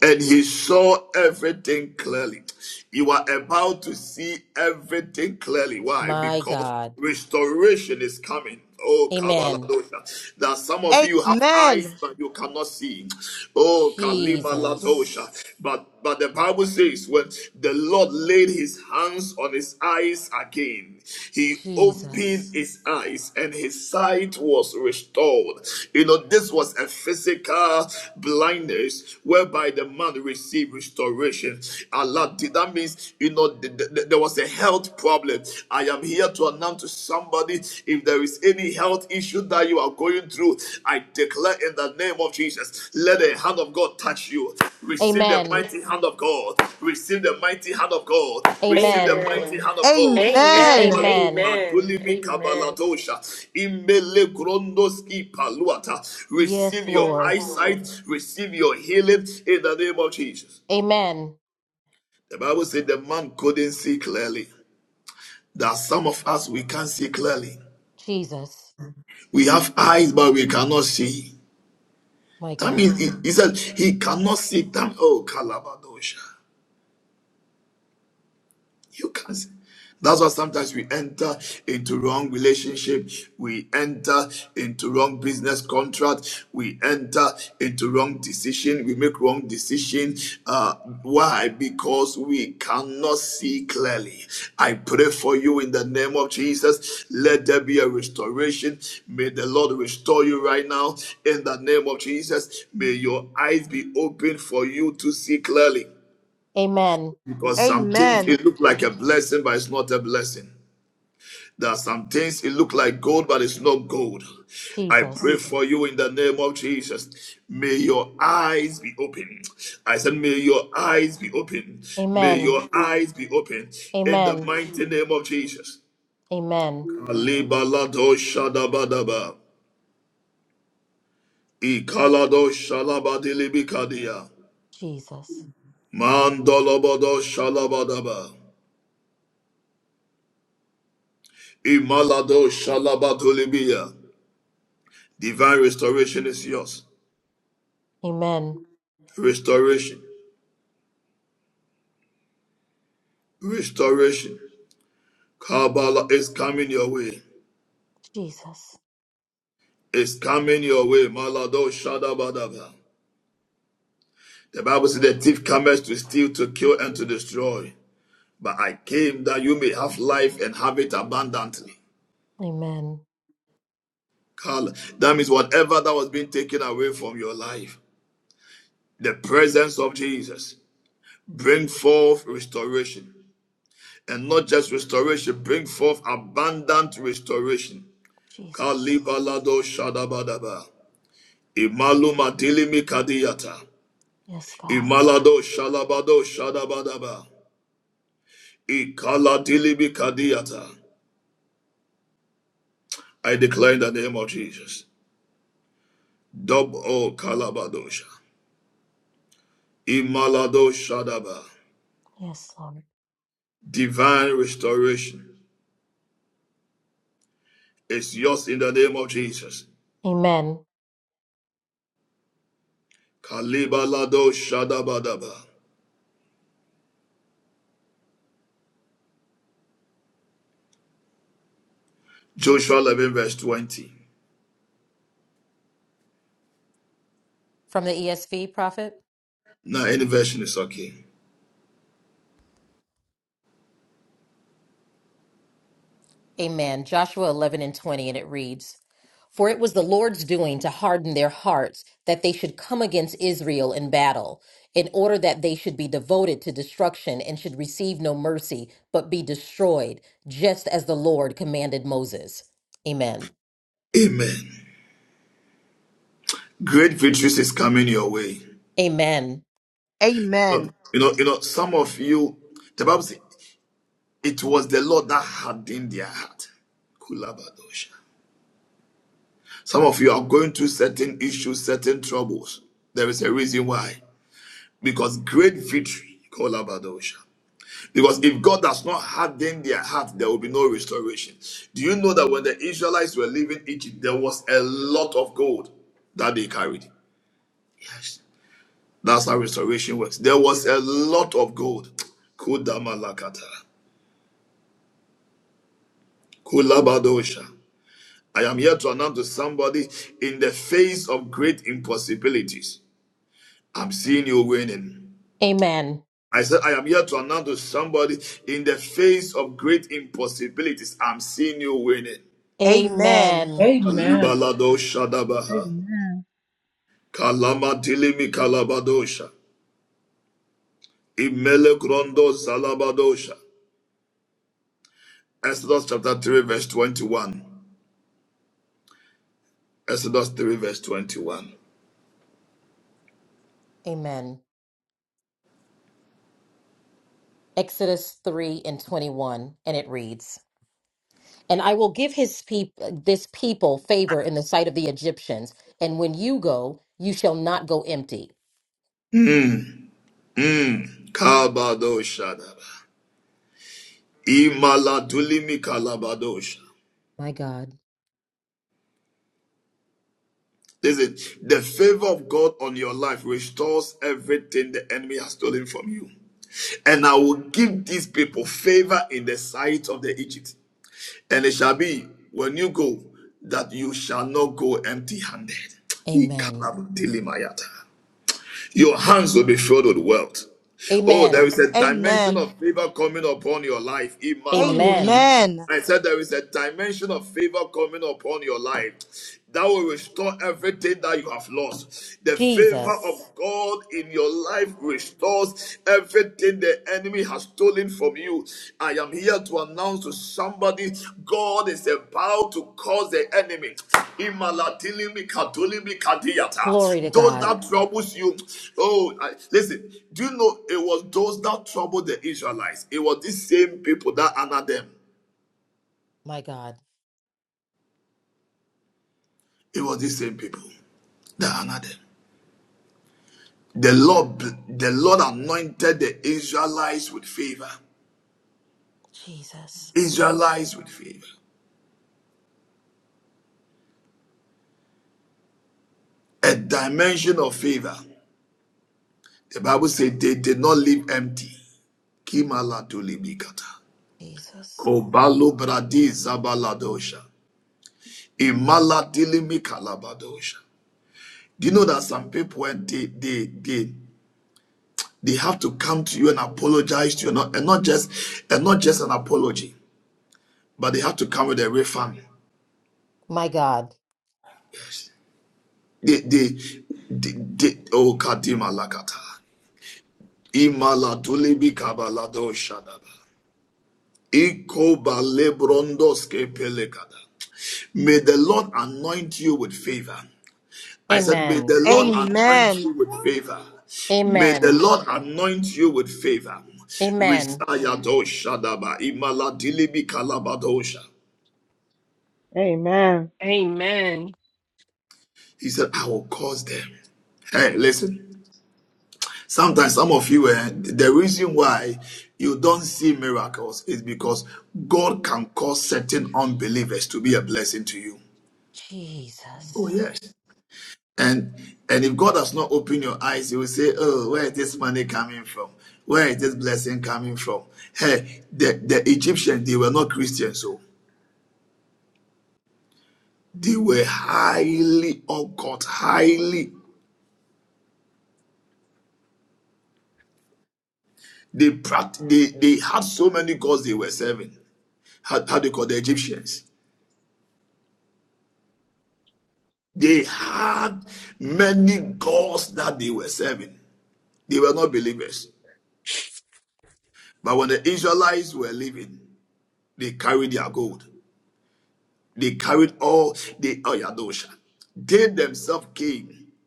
[SPEAKER 2] and he saw everything clearly. You are about to see everything clearly. Why?
[SPEAKER 9] My
[SPEAKER 2] Because
[SPEAKER 9] God.
[SPEAKER 2] restoration is coming. Oh,
[SPEAKER 9] Amen.
[SPEAKER 2] Kabaladosha. That some of you have
[SPEAKER 3] Amen.
[SPEAKER 2] eyes, but you cannot see. Oh, Kalima Ladosha.
[SPEAKER 9] Jesus.
[SPEAKER 2] But but the Bible says when the Lord laid his hands on his eyes, eyes again. He opened
[SPEAKER 9] Jesus.
[SPEAKER 2] his eyes and his sight was restored. You know, this was a physical blindness whereby the man received restoration. Allah, did that means, you know, th- th- th- there was a health problem. I am here to announce to somebody if there is any health issue that you are going through I declare in the name of Jesus, let the hand of God touch you. Receive the
[SPEAKER 9] Amen.
[SPEAKER 2] mighty hand of God. Receive the mighty hand of God. Receive the
[SPEAKER 9] Amen.
[SPEAKER 2] mighty
[SPEAKER 4] Amen.
[SPEAKER 2] hand of God.
[SPEAKER 4] Amen.
[SPEAKER 3] Amen.
[SPEAKER 2] Ipalu
[SPEAKER 9] Amen.
[SPEAKER 4] Amen.
[SPEAKER 2] batulimi
[SPEAKER 4] Amen.
[SPEAKER 2] kabaladosha. Imele grondoski paluata.
[SPEAKER 9] Yes,
[SPEAKER 2] Receive your
[SPEAKER 9] Lord.
[SPEAKER 2] eyesight. Receive your healing in the name of Jesus.
[SPEAKER 9] Amen.
[SPEAKER 2] The Bible said the man couldn't see clearly. There are some of us we can't see clearly.
[SPEAKER 9] Jesus.
[SPEAKER 2] We have eyes, but we cannot see.
[SPEAKER 9] My
[SPEAKER 2] That
[SPEAKER 9] God.
[SPEAKER 2] means he, he said he cannot see time. Oh, Kalabadosha. You can't. say- That's why sometimes we enter into wrong relationship. We enter into wrong business contract. We enter into wrong decision. We make wrong decision. Uh, why? Because we cannot see clearly. I pray for you in the name of Jesus. Let there be a restoration. May the Lord restore you right now in the name of Jesus. May your eyes be open for you to see clearly.
[SPEAKER 9] Amen.
[SPEAKER 2] Because some things
[SPEAKER 3] Amen.
[SPEAKER 2] it look like a blessing, but it's not a blessing. There are some things it look like gold, but it's not gold. I pray
[SPEAKER 9] Jesus.
[SPEAKER 2] for you in the name of Jesus. May your eyes be open. I said, May your eyes be open. May
[SPEAKER 9] Amen.
[SPEAKER 2] your eyes be open in the
[SPEAKER 9] Amen.
[SPEAKER 2] mighty name of Jesus.
[SPEAKER 9] Amen.
[SPEAKER 2] Alibalado shadabadaba. Ikalado shalabadilibikadia.
[SPEAKER 9] Jesus.
[SPEAKER 2] Mandolobodo shalabadaba. Imalado shalabadulibia. Divine restoration is yours.
[SPEAKER 9] Amen.
[SPEAKER 2] Restoration. Restoration. Kabbalah is coming your way.
[SPEAKER 9] Jesus.
[SPEAKER 2] It's coming your way. Malado Shadabadaba. The Bible says the thief cometh to steal, to kill, and to destroy. But I came that you may have life and have it abundantly.
[SPEAKER 9] Amen.
[SPEAKER 2] Kala. That means whatever that was being taken away from your life, the presence of Jesus bring forth restoration. And not just restoration, bring forth abundant restoration.
[SPEAKER 9] Jesus.
[SPEAKER 2] Kalibalado Shadabadaba. Imaluma dilimi kadiyata.
[SPEAKER 9] Yes, God.
[SPEAKER 2] Imalado Shalabado Shadabadaba. Ikala dilimi kadiyata. I declare in the name of Jesus. Dub kalabadosha. Imalado Shadaba.
[SPEAKER 9] Yes, Lord.
[SPEAKER 2] Divine restoration is yours in the name of Jesus.
[SPEAKER 9] Amen.
[SPEAKER 2] Kalibalado Shadabadaba. Joshua 11 verse 20.
[SPEAKER 9] From the ESV prophet.
[SPEAKER 2] Now any version is okay.
[SPEAKER 9] Amen. Joshua 11 and 20, and it reads. For it was the Lord's doing to harden their hearts that they should come against Israel in battle, in order that they should be devoted to destruction and should receive no mercy, but be destroyed, just as the Lord commanded Moses. Amen.
[SPEAKER 2] Amen. Great victories is coming your way.
[SPEAKER 9] Amen.
[SPEAKER 2] So,
[SPEAKER 3] Amen.
[SPEAKER 2] you know, you know, some of you, the Bible says it was the Lord that hardened their heart. Kulabadosha. Some of you are going through certain issues, certain troubles. There is a reason why. Because great victory, Kulabadosha. Because if God does not harden their heart, there will be no restoration. Do you know that when the Israelites were leaving Egypt, there was a lot of gold that they carried? Yes. That's how restoration works. There was a lot of gold. Kudamalakata. Kulabadosha. I am here to announce to somebody in the face of great impossibilities. I'm seeing you winning.
[SPEAKER 9] Amen.
[SPEAKER 2] I said, I am here to announce to somebody in the face of great impossibilities. I'm seeing you winning.
[SPEAKER 3] Amen.
[SPEAKER 9] Amen.
[SPEAKER 10] Amen.
[SPEAKER 2] Alibaladosha dabaha.
[SPEAKER 5] Amen.
[SPEAKER 2] Kalamatilimi kalabadosha. Imele grondo zalabadosha. Exodus chapter 3 verse 21. Exodus 3 verse 21.
[SPEAKER 9] Amen. Exodus 3 and 21, and it reads, And I will give his people this people favor in the sight of the Egyptians, and when you go, you shall not go empty.
[SPEAKER 2] Mm. Mm. Kabadosha dabaha. Imaladulimi kalabadosh.
[SPEAKER 9] My God.
[SPEAKER 2] Listen, the favor of God on your life restores everything the enemy has stolen from you. And I will give these people favor in the sight of the Egypt. And it shall be when you go that you shall not go empty handed.
[SPEAKER 9] Amen.
[SPEAKER 2] Your hands will be filled with wealth. Oh, there
[SPEAKER 9] Amen.
[SPEAKER 2] is a dimension
[SPEAKER 3] Amen.
[SPEAKER 2] of favor coming upon your life. Imalado.
[SPEAKER 9] Amen.
[SPEAKER 3] Amen.
[SPEAKER 2] I said there is a dimension of favor coming upon your life that will restore everything that you have lost. The favor of
[SPEAKER 9] Jesus.
[SPEAKER 2] God in your life restores everything the enemy has stolen from you. I am here to announce to somebody God is about to cause the enemy. Imalatilimi katulimi
[SPEAKER 9] Glory to
[SPEAKER 2] kadiyata. Those
[SPEAKER 9] God.
[SPEAKER 2] that troubles you. Oh, I- listen. Do you know it was those that troubled the Israelites? It was these same people that honored them.
[SPEAKER 9] My God.
[SPEAKER 2] It was the same people that honored them. The Lord, the Lord anointed the Israelites with favor.
[SPEAKER 9] Jesus.
[SPEAKER 2] Israelites with favor. A dimension of favor. The Bible said they did not leave empty. Kimala tulibikata.
[SPEAKER 9] Jesus.
[SPEAKER 2] Kobalo bradi zabaladosha. Imala dilimikalabadosha. Do you know that some people when they they they they have to come to you and apologize to you, not, and not just and not just an apology, but they have to come with a refund.
[SPEAKER 9] My God.
[SPEAKER 2] The, the, the, the, oh, Kadima Lakata. Imala Kabalado Shadaba. Iko Balebrondoske Pelekada. May the Lord anoint you with favor. I said, May
[SPEAKER 9] Amen.
[SPEAKER 2] the Lord
[SPEAKER 3] Amen.
[SPEAKER 2] anoint you with favor. May the
[SPEAKER 9] Amen.
[SPEAKER 2] Lord anoint you with favor.
[SPEAKER 9] Amen.
[SPEAKER 2] Risayado Shadaba. Imala Kalabadosha.
[SPEAKER 5] Amen. Amen.
[SPEAKER 4] Amen.
[SPEAKER 2] He said, I will cause them. Hey, listen. Sometimes some of you, eh, the reason why you don't see miracles is because God can cause certain unbelievers to be a blessing to you. Oh
[SPEAKER 9] Jesus.
[SPEAKER 2] yes. And and if God has not opened your eyes, you will say, Oh, where is this money coming from? Where is this blessing coming from? Hey, the, the Egyptians, they were not Christians, so they were highly occult, highly they they, they had so many gods they were serving. How, how do you call the Egyptians. They had many gods that they were serving. They were not believers. But when the Israelites were leaving, they carried their gold. They carried all the Oyadosha. They themselves came. They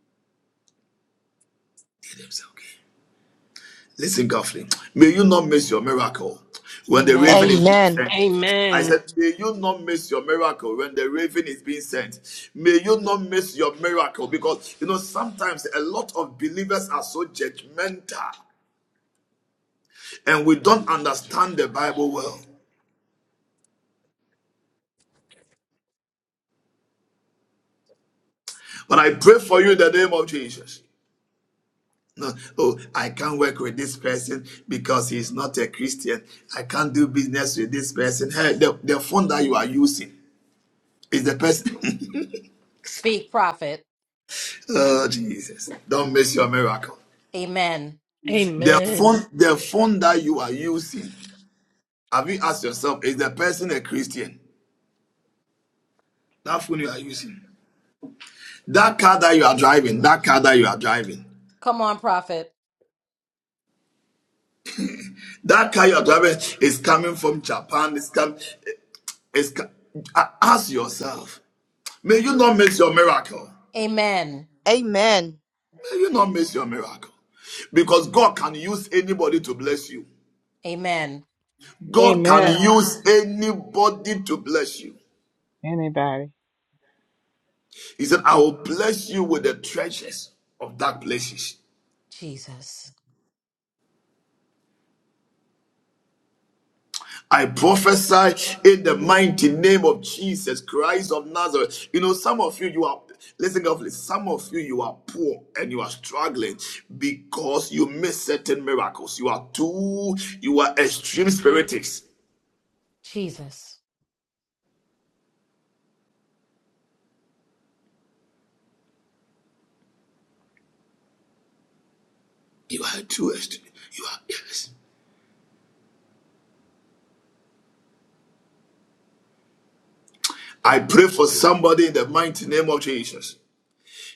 [SPEAKER 2] themselves came. Listen carefully. May you not miss your miracle when the raven
[SPEAKER 9] Amen.
[SPEAKER 2] is being
[SPEAKER 3] Amen.
[SPEAKER 2] sent. I
[SPEAKER 4] Amen.
[SPEAKER 2] said, may you not miss your miracle when the raven is being sent. May you not miss your miracle because, you know, sometimes a lot of believers are so judgmental. and we don't understand the Bible well. But I pray for you in the name of Jesus. No, oh, I can't work with this person because he's not a Christian. I can't do business with this person. Hey, the, the phone that you are using is the person.
[SPEAKER 9] Speak, prophet.
[SPEAKER 2] (laughs) oh, Jesus. Don't miss your miracle.
[SPEAKER 9] Amen.
[SPEAKER 2] The
[SPEAKER 4] Amen.
[SPEAKER 2] phone, the phone that you are using, have you asked yourself, is the person a Christian? That phone you are using. That car that you are driving, that car that you are driving.
[SPEAKER 9] Come on, prophet.
[SPEAKER 2] That car you're driving is coming from Japan. It's come. It's co- ask yourself. May you not miss your miracle.
[SPEAKER 9] Amen.
[SPEAKER 3] Amen.
[SPEAKER 2] May you not miss your miracle, because God can use anybody to bless you.
[SPEAKER 9] Amen.
[SPEAKER 2] God can use anybody to bless you.
[SPEAKER 5] Anybody.
[SPEAKER 2] He said, "I will bless you with the treasures of dark places."
[SPEAKER 9] Jesus.
[SPEAKER 2] I prophesy in the mighty name of Jesus Christ of Nazareth. You know, some of you, you are, listen carefully, some of you, you are poor and you are struggling because you miss certain miracles. You are too, you are extreme spiritics.
[SPEAKER 9] Jesus.
[SPEAKER 2] You are too extreme. You are, yes. I pray for somebody in the mighty name of Jesus.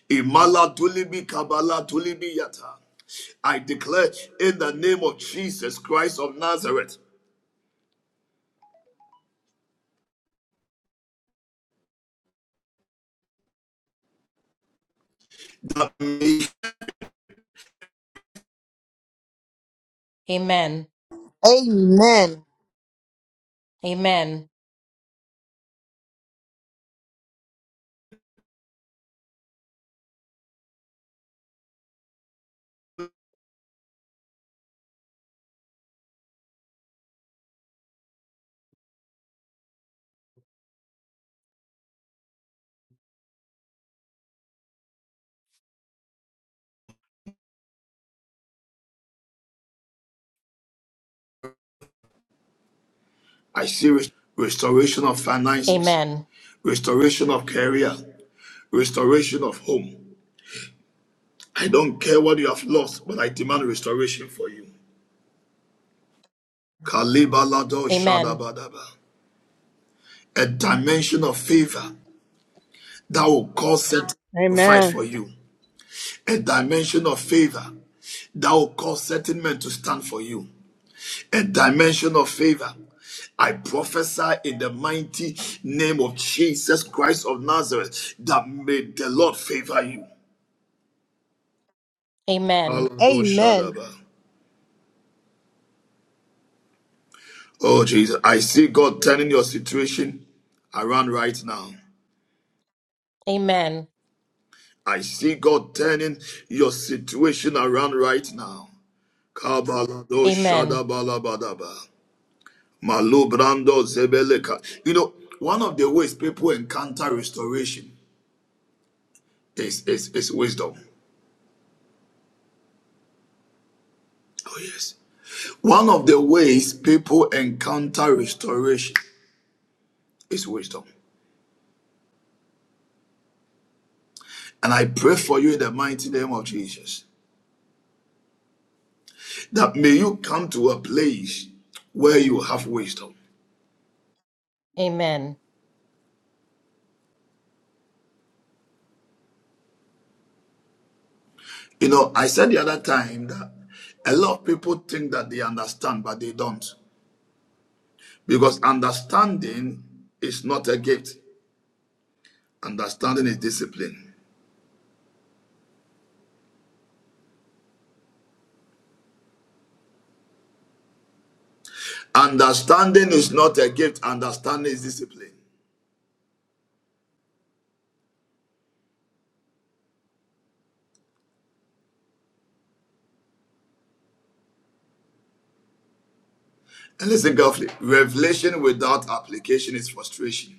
[SPEAKER 2] Imala tulibi kabala tulibi yata. I declare in the name of Jesus Christ of Nazareth that. may
[SPEAKER 9] Amen.
[SPEAKER 3] Amen.
[SPEAKER 9] Amen.
[SPEAKER 2] I see restoration of finances,
[SPEAKER 9] Amen.
[SPEAKER 2] restoration of career, restoration of home. I don't care what you have lost, but I demand restoration for you. Kalibalado
[SPEAKER 9] Amen.
[SPEAKER 2] Shadabadaba. A dimension of favor that will cause certain men to fight
[SPEAKER 5] Amen.
[SPEAKER 2] for you. A dimension of favor that will cause certain men to stand for you. A dimension of favor. I prophesy in the mighty name of Jesus Christ of Nazareth that may the Lord favor you.
[SPEAKER 9] Amen.
[SPEAKER 3] Amen.
[SPEAKER 2] Alagoshadaba. Oh, Jesus. I see God turning your situation around right now.
[SPEAKER 9] Amen.
[SPEAKER 2] I see God turning your situation around right now.
[SPEAKER 9] Amen.
[SPEAKER 2] Kabaladosha-dabalabadaba. Malubrando zebeleka. You know, one of the ways people encounter restoration is, is, is wisdom. Oh, yes. One of the ways people encounter restoration is wisdom. And I pray for you in the mighty name of Jesus. that may you come to a place where you have wisdom.
[SPEAKER 9] Amen.
[SPEAKER 2] You know, I said the other time that a lot of people think that they understand, but they don't. Because understanding is not a gift, understanding is discipline. Understanding is not a gift, understanding is discipline. And listen carefully revelation without application is frustration.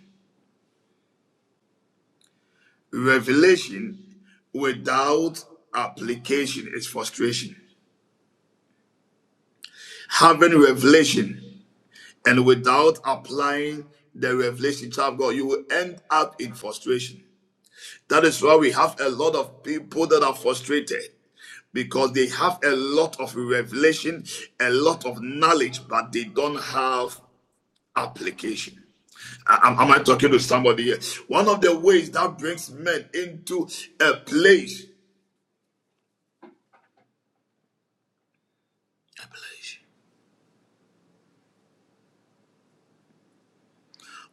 [SPEAKER 2] Revelation without application is frustration. Having revelation And without applying the revelation, of God, you will end up in frustration. That is why we have a lot of people that are frustrated because they have a lot of revelation, a lot of knowledge, but they don't have application. Am, am I talking to somebody here? One of the ways that brings men into a place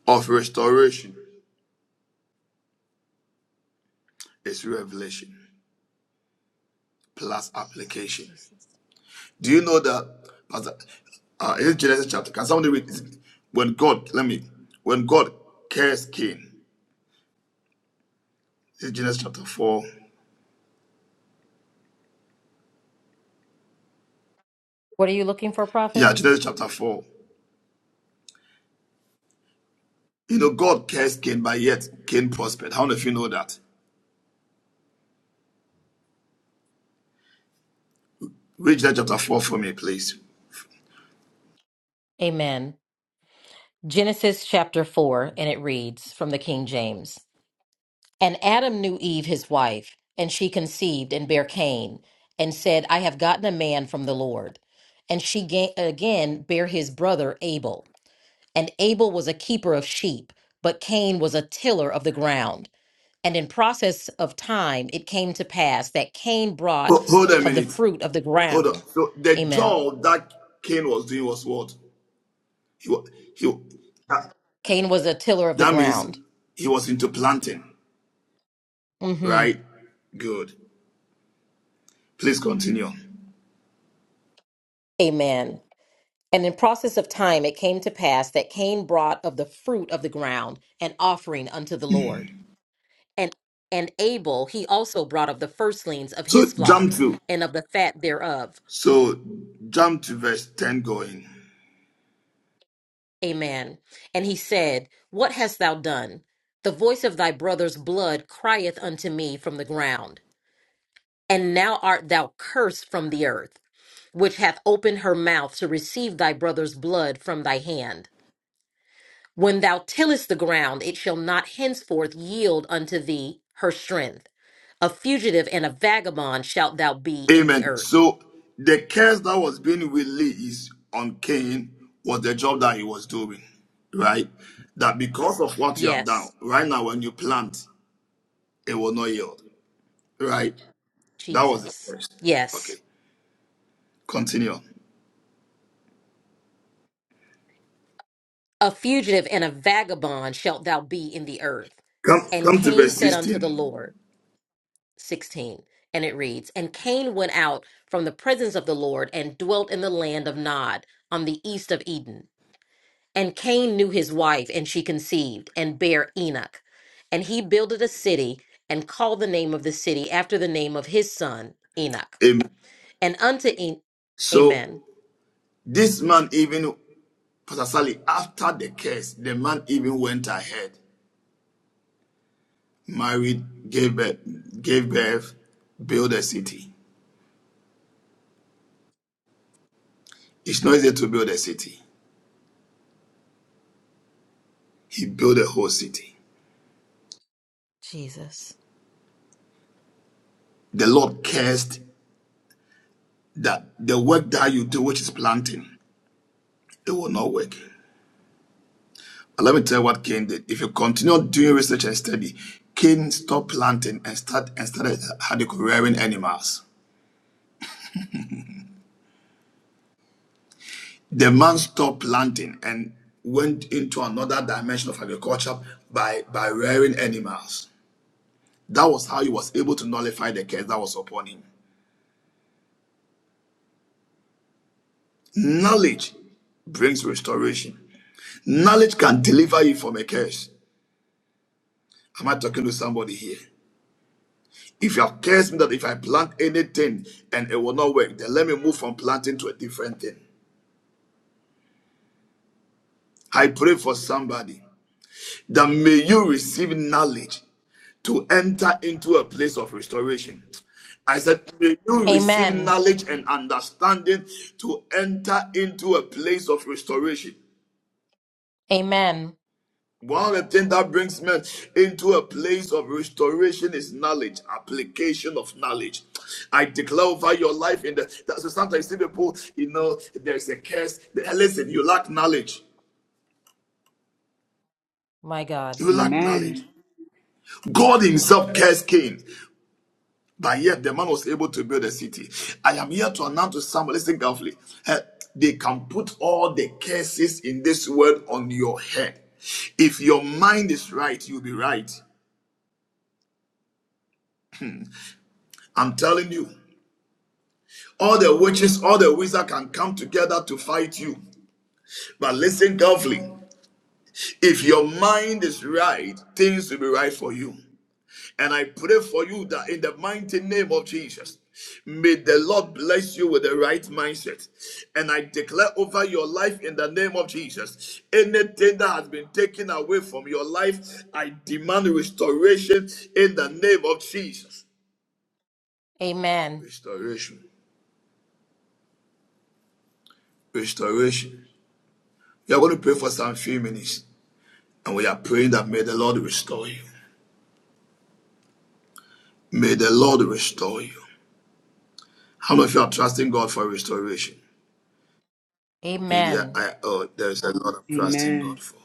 [SPEAKER 2] of restoration is revelation plus application.
[SPEAKER 9] Jesus.
[SPEAKER 2] Do you know that? uh, is it Genesis chapter? Can somebody read this? When God, let me, when God cursed Cain, is it Genesis chapter 4?
[SPEAKER 9] What are you looking for,
[SPEAKER 2] Yeah,
[SPEAKER 9] prophet?
[SPEAKER 2] Genesis chapter 4. You know, God cursed Cain, but yet Cain prospered. How many of you know that? Read Genesis chapter 4 for me, please.
[SPEAKER 9] Amen. Genesis chapter 4, and it reads from the King James And Adam knew Eve, his wife, and she conceived and bare Cain, and said, I have gotten a man from the Lord. And she ga- again bare his brother Abel. And Abel was a keeper of sheep, but Cain was a tiller of the ground. And in process of time, it came to pass that Cain brought
[SPEAKER 2] Ho- Hold a
[SPEAKER 9] of the
[SPEAKER 2] minute.
[SPEAKER 9] fruit of the
[SPEAKER 2] Hold on.
[SPEAKER 9] ground.
[SPEAKER 2] So the
[SPEAKER 9] Amen.
[SPEAKER 2] job that Cain was doing was what? He, wa- he, that
[SPEAKER 9] Cain was a tiller of the
[SPEAKER 2] that means
[SPEAKER 9] ground
[SPEAKER 2] he was into planting,
[SPEAKER 9] hmm
[SPEAKER 2] right? Good. Please continue.
[SPEAKER 9] Amen. And in process of time it came to pass that Cain brought of the fruit of the ground an offering unto the Lord. And and Abel he also brought of the firstlings of
[SPEAKER 2] So
[SPEAKER 9] his flock
[SPEAKER 2] jump through.
[SPEAKER 9] and of the fat thereof.
[SPEAKER 2] So jump to verse 10 going.
[SPEAKER 9] Amen. And he said, What hast thou done? The voice of thy brother's blood crieth unto me from the ground. And now art thou cursed from the earth, which hath opened her mouth to receive thy brother's blood from thy hand. When thou tillest the ground, it shall not henceforth yield unto thee her strength. A fugitive and a vagabond shalt thou be in the
[SPEAKER 2] Amen.
[SPEAKER 9] earth.
[SPEAKER 2] So the curse that was being released on Cain was the job that he was doing, right? That because of what you have done,
[SPEAKER 9] Yes,
[SPEAKER 2] right now when you plant, it will not yield, right? That was the
[SPEAKER 9] Jesus.
[SPEAKER 2] curse. Okay,
[SPEAKER 9] Yes.
[SPEAKER 2] continue on.
[SPEAKER 9] A fugitive and a vagabond shalt thou be in the earth.
[SPEAKER 2] Come,
[SPEAKER 9] And
[SPEAKER 2] come to
[SPEAKER 9] Cain
[SPEAKER 2] verse
[SPEAKER 9] said unto the
[SPEAKER 2] 16.
[SPEAKER 9] Lord, 16, and it reads, And Cain went out from the presence of the Lord and dwelt in the land of Nod on the east of Eden. And Cain knew his wife, and she conceived and bare Enoch. And he builded a city and called the name of the city after the name of his son, Enoch.
[SPEAKER 2] Amen.
[SPEAKER 9] And unto En-
[SPEAKER 2] So
[SPEAKER 9] Amen.
[SPEAKER 2] this man even, Pastor Sally, after the curse, the man even went ahead married, gave birth, gave birth, build a city. It's not easy to build a city. He built a whole city.
[SPEAKER 9] Jesus.
[SPEAKER 2] The Lord cursed that the work that you do, which is planting, it will not work. But let me tell you what Cain did. If you continue doing research and study, Cain stopped planting and start and started had rearing animals. The man stopped planting and went into another dimension of agriculture by by rearing animals. That was how he was able to nullify the curse that was upon him. Knowledge brings restoration. Knowledge can deliver you from a curse. Am I talking to somebody here? If you have cursed me that if I plant anything and it will not work, then let me move from planting to a different thing. I pray for somebody that may you receive knowledge to enter into a place of restoration. I said, may you receive
[SPEAKER 9] Amen.
[SPEAKER 2] knowledge and understanding to enter into a place of restoration.
[SPEAKER 9] Amen.
[SPEAKER 2] One of the things that brings men into a place of restoration is knowledge, application of knowledge. I declare over your life in the that, so sometimes see people, you know, there's a curse. They- Listen, you lack knowledge.
[SPEAKER 9] My God.
[SPEAKER 2] You lack
[SPEAKER 7] Amen.
[SPEAKER 2] knowledge. God Himself cursed Cain, but yet the man was able to build a city. I am here to announce to someone, listen carefully. eh, They can put all the curses in this world on your head. If your mind is right, you'll be right. I'm telling you. All the witches, all the wizards can come together to fight you. But listen carefully. If your mind is right, things will be right for you. And I pray for you that in the mighty name of Jesus, may the Lord bless you with the right mindset. And I declare over your life in the name of Jesus anything that has been taken away from your life, I demand restoration in the name of Jesus.
[SPEAKER 9] Amen.
[SPEAKER 2] Restoration. Restoration. You're going to pray for some few minutes. And we are praying that may the Lord restore you. May the Lord restore you. How much you are trusting God for restoration? Media,
[SPEAKER 9] Amen.
[SPEAKER 2] I, oh, there is a lot of trusting
[SPEAKER 7] Amen.
[SPEAKER 2] God for.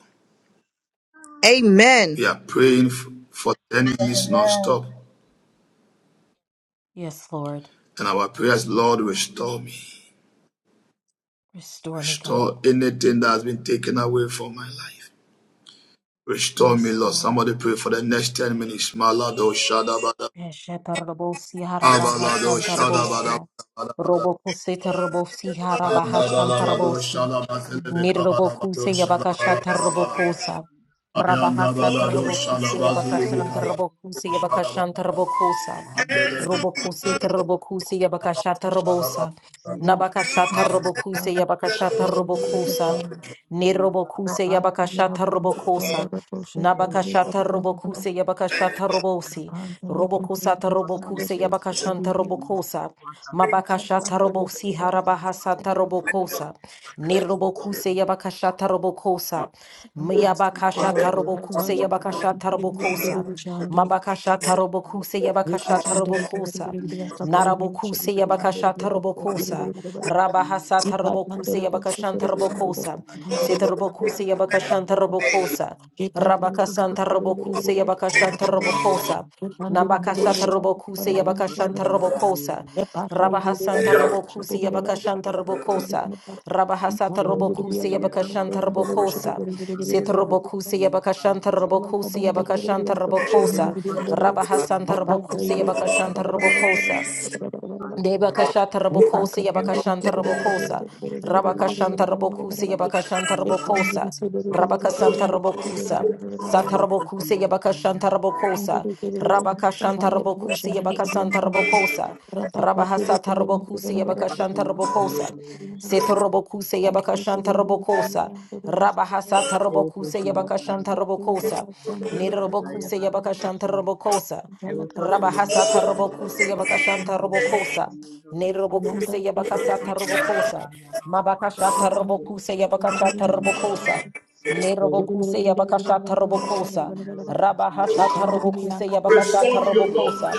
[SPEAKER 3] Amen.
[SPEAKER 2] We are praying f- for 10 years non-stop.
[SPEAKER 9] Yes, Lord.
[SPEAKER 2] And our prayers, Lord, restore me.
[SPEAKER 9] Restore me, God.
[SPEAKER 2] Restore anything that has been taken away from my life. Restore me,
[SPEAKER 9] Yes,
[SPEAKER 2] Lord.
[SPEAKER 9] Lord.
[SPEAKER 2] Somebody pray for the next 10 minutes. Malado shadabada.
[SPEAKER 9] Eshetarabosia harabaha
[SPEAKER 2] Abalado shadabada.
[SPEAKER 9] santarabosia. Robokosetarabosia harabaha
[SPEAKER 2] Abalado
[SPEAKER 9] shantarabosi.
[SPEAKER 2] shadabada. Abalado
[SPEAKER 9] Nirobokuse Yabakasha
[SPEAKER 2] shadabada.
[SPEAKER 9] Tarabokosa.
[SPEAKER 2] Yanda
[SPEAKER 9] Rabahasa
[SPEAKER 2] balado
[SPEAKER 9] Tarabokuse
[SPEAKER 2] şalabazu ligi
[SPEAKER 9] Yabakashan
[SPEAKER 2] kaba.
[SPEAKER 9] Tarabokuse Yabakashan Tarabokosa. Robokuse Tarabokuse Yabakasha Tarabosa. Nabakasha Tarabokuse Yabakasha Tarabokosa. Nerobokuse Yabakashata Robokosa. Nabakashata Robokuse Yabakashata Robosi. Robokusata Robokuse Yabakashanta Robokosa. Mabakashata Robosi Harabahasata Robokosa. Nerobokuse Yabakashata Robokosa.
[SPEAKER 5] Thank
[SPEAKER 9] Myabakashata
[SPEAKER 5] you.
[SPEAKER 9] Robokuse Yabakashata Robokosa. Mabakashata Robokuse
[SPEAKER 11] Yes,
[SPEAKER 9] Yabakashata Robokosa. Narabokuse Yabakasha Tarabokosa, Rabahasa
[SPEAKER 11] I found
[SPEAKER 9] Tarabokuse
[SPEAKER 11] that
[SPEAKER 9] Yabakashan Tarabokosa, Setarabokuse Yabakashan
[SPEAKER 11] it.
[SPEAKER 9] Tarabokosa,
[SPEAKER 11] Thank
[SPEAKER 9] Rabakasan Tarabokuse Yabakashan Tarabokosa, Nabakasa Tarabokuse Yabakashan Tarabokosa, Rabahasan Tarabokuse Yabakashan Tarabokosa, Rabahasa Tarabokuse Yabakashan Tarabokosa, Setarabokuse Yabakashan Tarabokuse Yabakashan
[SPEAKER 5] They
[SPEAKER 9] Tarabokosa,
[SPEAKER 5] look for something
[SPEAKER 9] Rabahasan
[SPEAKER 5] causing the
[SPEAKER 9] Tarabokuse
[SPEAKER 5] infection of
[SPEAKER 9] Yabakashan
[SPEAKER 5] cyanide,
[SPEAKER 9] Tarabokosa,
[SPEAKER 5] continuing the water,
[SPEAKER 11] you.
[SPEAKER 5] starting the water.
[SPEAKER 9] Debakashata
[SPEAKER 11] Randa
[SPEAKER 9] Rabokosa,
[SPEAKER 5] they
[SPEAKER 9] Yabakashanta
[SPEAKER 5] Heavenly
[SPEAKER 9] Rabokosa,
[SPEAKER 5] Father,
[SPEAKER 9] Rabakashanta Rabokusa, Yabakashanta Rabokosa, Rabakasanta Rabokusa, Satarabokusa, Yabakashanta Rabokosa, Rabakashanta Rabokusa, Yabakasanta Rabokosa, Rabahasata Rabokusa, Yabakashanta Rabokosa,
[SPEAKER 5] Heavenly Father,
[SPEAKER 9] Setorobokusa,
[SPEAKER 5] Heavenly
[SPEAKER 9] Yabakashanta Rabokosa,
[SPEAKER 5] Father,
[SPEAKER 9] Rabahasata Rabokusa,
[SPEAKER 5] Education through
[SPEAKER 9] Yabakashanta
[SPEAKER 5] education
[SPEAKER 9] Rabokosa,
[SPEAKER 5] by education. Education is
[SPEAKER 9] Nidarobokusa, Yabakashanta Rabokosa, Rabahasata
[SPEAKER 5] part of education. Education is part of
[SPEAKER 9] robokuse
[SPEAKER 5] education. Education is part
[SPEAKER 9] yabakashanta
[SPEAKER 5] of
[SPEAKER 9] robokosa.
[SPEAKER 5] education.
[SPEAKER 9] Ne robokuse yabakasata
[SPEAKER 5] Education is
[SPEAKER 9] robokosa.
[SPEAKER 5] part of
[SPEAKER 11] Thank
[SPEAKER 5] education. Education
[SPEAKER 9] Mabakashata
[SPEAKER 11] you.
[SPEAKER 5] is part
[SPEAKER 9] robokuse yabakashata robokosa. Ne robokuse
[SPEAKER 5] of
[SPEAKER 9] yabakashata
[SPEAKER 5] education.
[SPEAKER 9] robokosa.
[SPEAKER 5] Education is
[SPEAKER 9] Rabahasata robokuse yabakashata
[SPEAKER 2] Restore me, O Lord.
[SPEAKER 9] robokosa.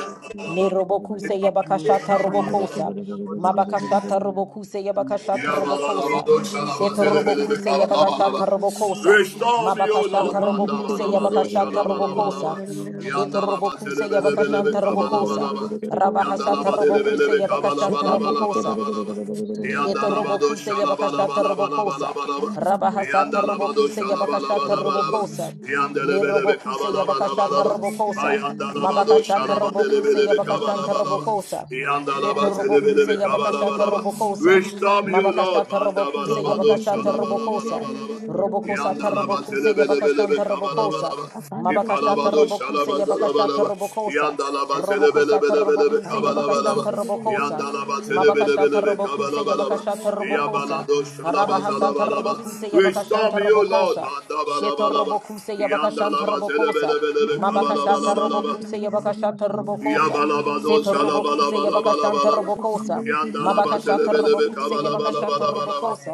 [SPEAKER 9] Ne robokuse yabakashata robokosa. Mabakashata robokuse yabakashata
[SPEAKER 2] Ya
[SPEAKER 5] They would
[SPEAKER 9] robokosa.
[SPEAKER 2] balabado
[SPEAKER 5] personally
[SPEAKER 9] Seto
[SPEAKER 2] şalabazele belebe
[SPEAKER 9] robokuse
[SPEAKER 2] kaba
[SPEAKER 9] yabakashata
[SPEAKER 2] labalaba.
[SPEAKER 9] robokosa.
[SPEAKER 2] Restore me, O
[SPEAKER 9] Mabakashata
[SPEAKER 2] Lord. Manda
[SPEAKER 9] robokuse
[SPEAKER 5] have
[SPEAKER 2] balabado
[SPEAKER 9] yabakashata
[SPEAKER 5] Thank
[SPEAKER 9] robokosa.
[SPEAKER 2] şalabalabalaba. Yanda
[SPEAKER 9] Shetorobokuse
[SPEAKER 2] labazele bele bele be
[SPEAKER 9] Yabakashanta
[SPEAKER 2] kaba
[SPEAKER 9] Robokosa.
[SPEAKER 2] labalaba. Yanda
[SPEAKER 9] Rabahasata
[SPEAKER 2] labadele bele
[SPEAKER 9] Robokuse
[SPEAKER 2] be kaba
[SPEAKER 9] Yabakashanta Robokosa.
[SPEAKER 2] labalabalabalaba. Yanda
[SPEAKER 9] Sheto
[SPEAKER 2] labado
[SPEAKER 9] robokuse yabakashata robokosa.
[SPEAKER 11] Thank
[SPEAKER 2] şalabalabalabalaba.
[SPEAKER 9] Rabahasata
[SPEAKER 2] bado bado
[SPEAKER 9] robokuse
[SPEAKER 2] shalaba la ba
[SPEAKER 9] yabakashata
[SPEAKER 2] la ba la ba.
[SPEAKER 9] robokosa.
[SPEAKER 2] Yanda le be le be kaba
[SPEAKER 9] Mirobokuse
[SPEAKER 2] la ba la ba la
[SPEAKER 9] yabakashata
[SPEAKER 2] ba.
[SPEAKER 9] robokosa.
[SPEAKER 2] Yanda la bado
[SPEAKER 9] Mabakashata
[SPEAKER 2] shalaba le be
[SPEAKER 9] robokuse
[SPEAKER 2] le be kaba la
[SPEAKER 9] yabakashanta
[SPEAKER 2] ba la ba.
[SPEAKER 9] robokosa.
[SPEAKER 2] Yanda la ba
[SPEAKER 9] Sheto
[SPEAKER 2] le be le be kaba Yandalabado shalabalabalaba. Yandelebelebe kabalabalabalaba. Ayandalabado shalabandelebelebe kabalabalaba. Yandalabatelebelebe
[SPEAKER 9] robokuse yabakashata
[SPEAKER 2] kabalabalaba.
[SPEAKER 9] robokosa.
[SPEAKER 2] Restore me, O Lord.
[SPEAKER 9] Mabakashata robokuse
[SPEAKER 2] Mandabalabado
[SPEAKER 9] yabakashata robokosa.
[SPEAKER 2] shalabalabalaba.
[SPEAKER 9] Robokosa
[SPEAKER 2] Yandalaba
[SPEAKER 5] you.
[SPEAKER 9] tarobokuse yabakashanta
[SPEAKER 2] zelebelebelebe
[SPEAKER 5] You'll
[SPEAKER 9] robokosa.
[SPEAKER 2] kabalabalaba.
[SPEAKER 9] Mabakashata
[SPEAKER 2] İpalabado
[SPEAKER 9] robokuse
[SPEAKER 2] şalaba
[SPEAKER 9] yabakashata
[SPEAKER 2] zalabalaba.
[SPEAKER 9] robokosa.
[SPEAKER 2] Yandalaba
[SPEAKER 9] Robokosa
[SPEAKER 2] zelebelebelebe
[SPEAKER 9] tarobokuse
[SPEAKER 2] kabalabalaba.
[SPEAKER 9] yabakashanta robokosa.
[SPEAKER 2] Yandalaba
[SPEAKER 9] Mabakashata
[SPEAKER 2] zelebelebelebe
[SPEAKER 9] robokuse
[SPEAKER 2] kabalabalaba.
[SPEAKER 9] yabakashata robokosa.
[SPEAKER 2] Yabalado şalaba
[SPEAKER 9] Rabahasata
[SPEAKER 2] zalabalaba.
[SPEAKER 9] robokuse
[SPEAKER 2] Restore
[SPEAKER 9] yabakashanta
[SPEAKER 2] me, O Lord.
[SPEAKER 9] robokosa. Sheto
[SPEAKER 2] Mandabalabalaba.
[SPEAKER 9] robokuse
[SPEAKER 11] you.
[SPEAKER 9] yabakashanta
[SPEAKER 2] Yandalaba
[SPEAKER 9] robokosa.
[SPEAKER 11] Thank
[SPEAKER 2] zelebelebelebe
[SPEAKER 9] Mabakashata
[SPEAKER 11] you.
[SPEAKER 2] kabalabalabalaba.
[SPEAKER 9] robokuse yabakashata robokosa.
[SPEAKER 2] Yabalabado
[SPEAKER 9] Seto robokuse yabakashanta
[SPEAKER 2] şalabalabalabalaba.
[SPEAKER 9] robokosa.
[SPEAKER 2] Yandalaba
[SPEAKER 9] Mabakashata
[SPEAKER 2] zelebelebe
[SPEAKER 9] robokuse yabakashata
[SPEAKER 2] kabalabalabalaba.
[SPEAKER 9] robokosa.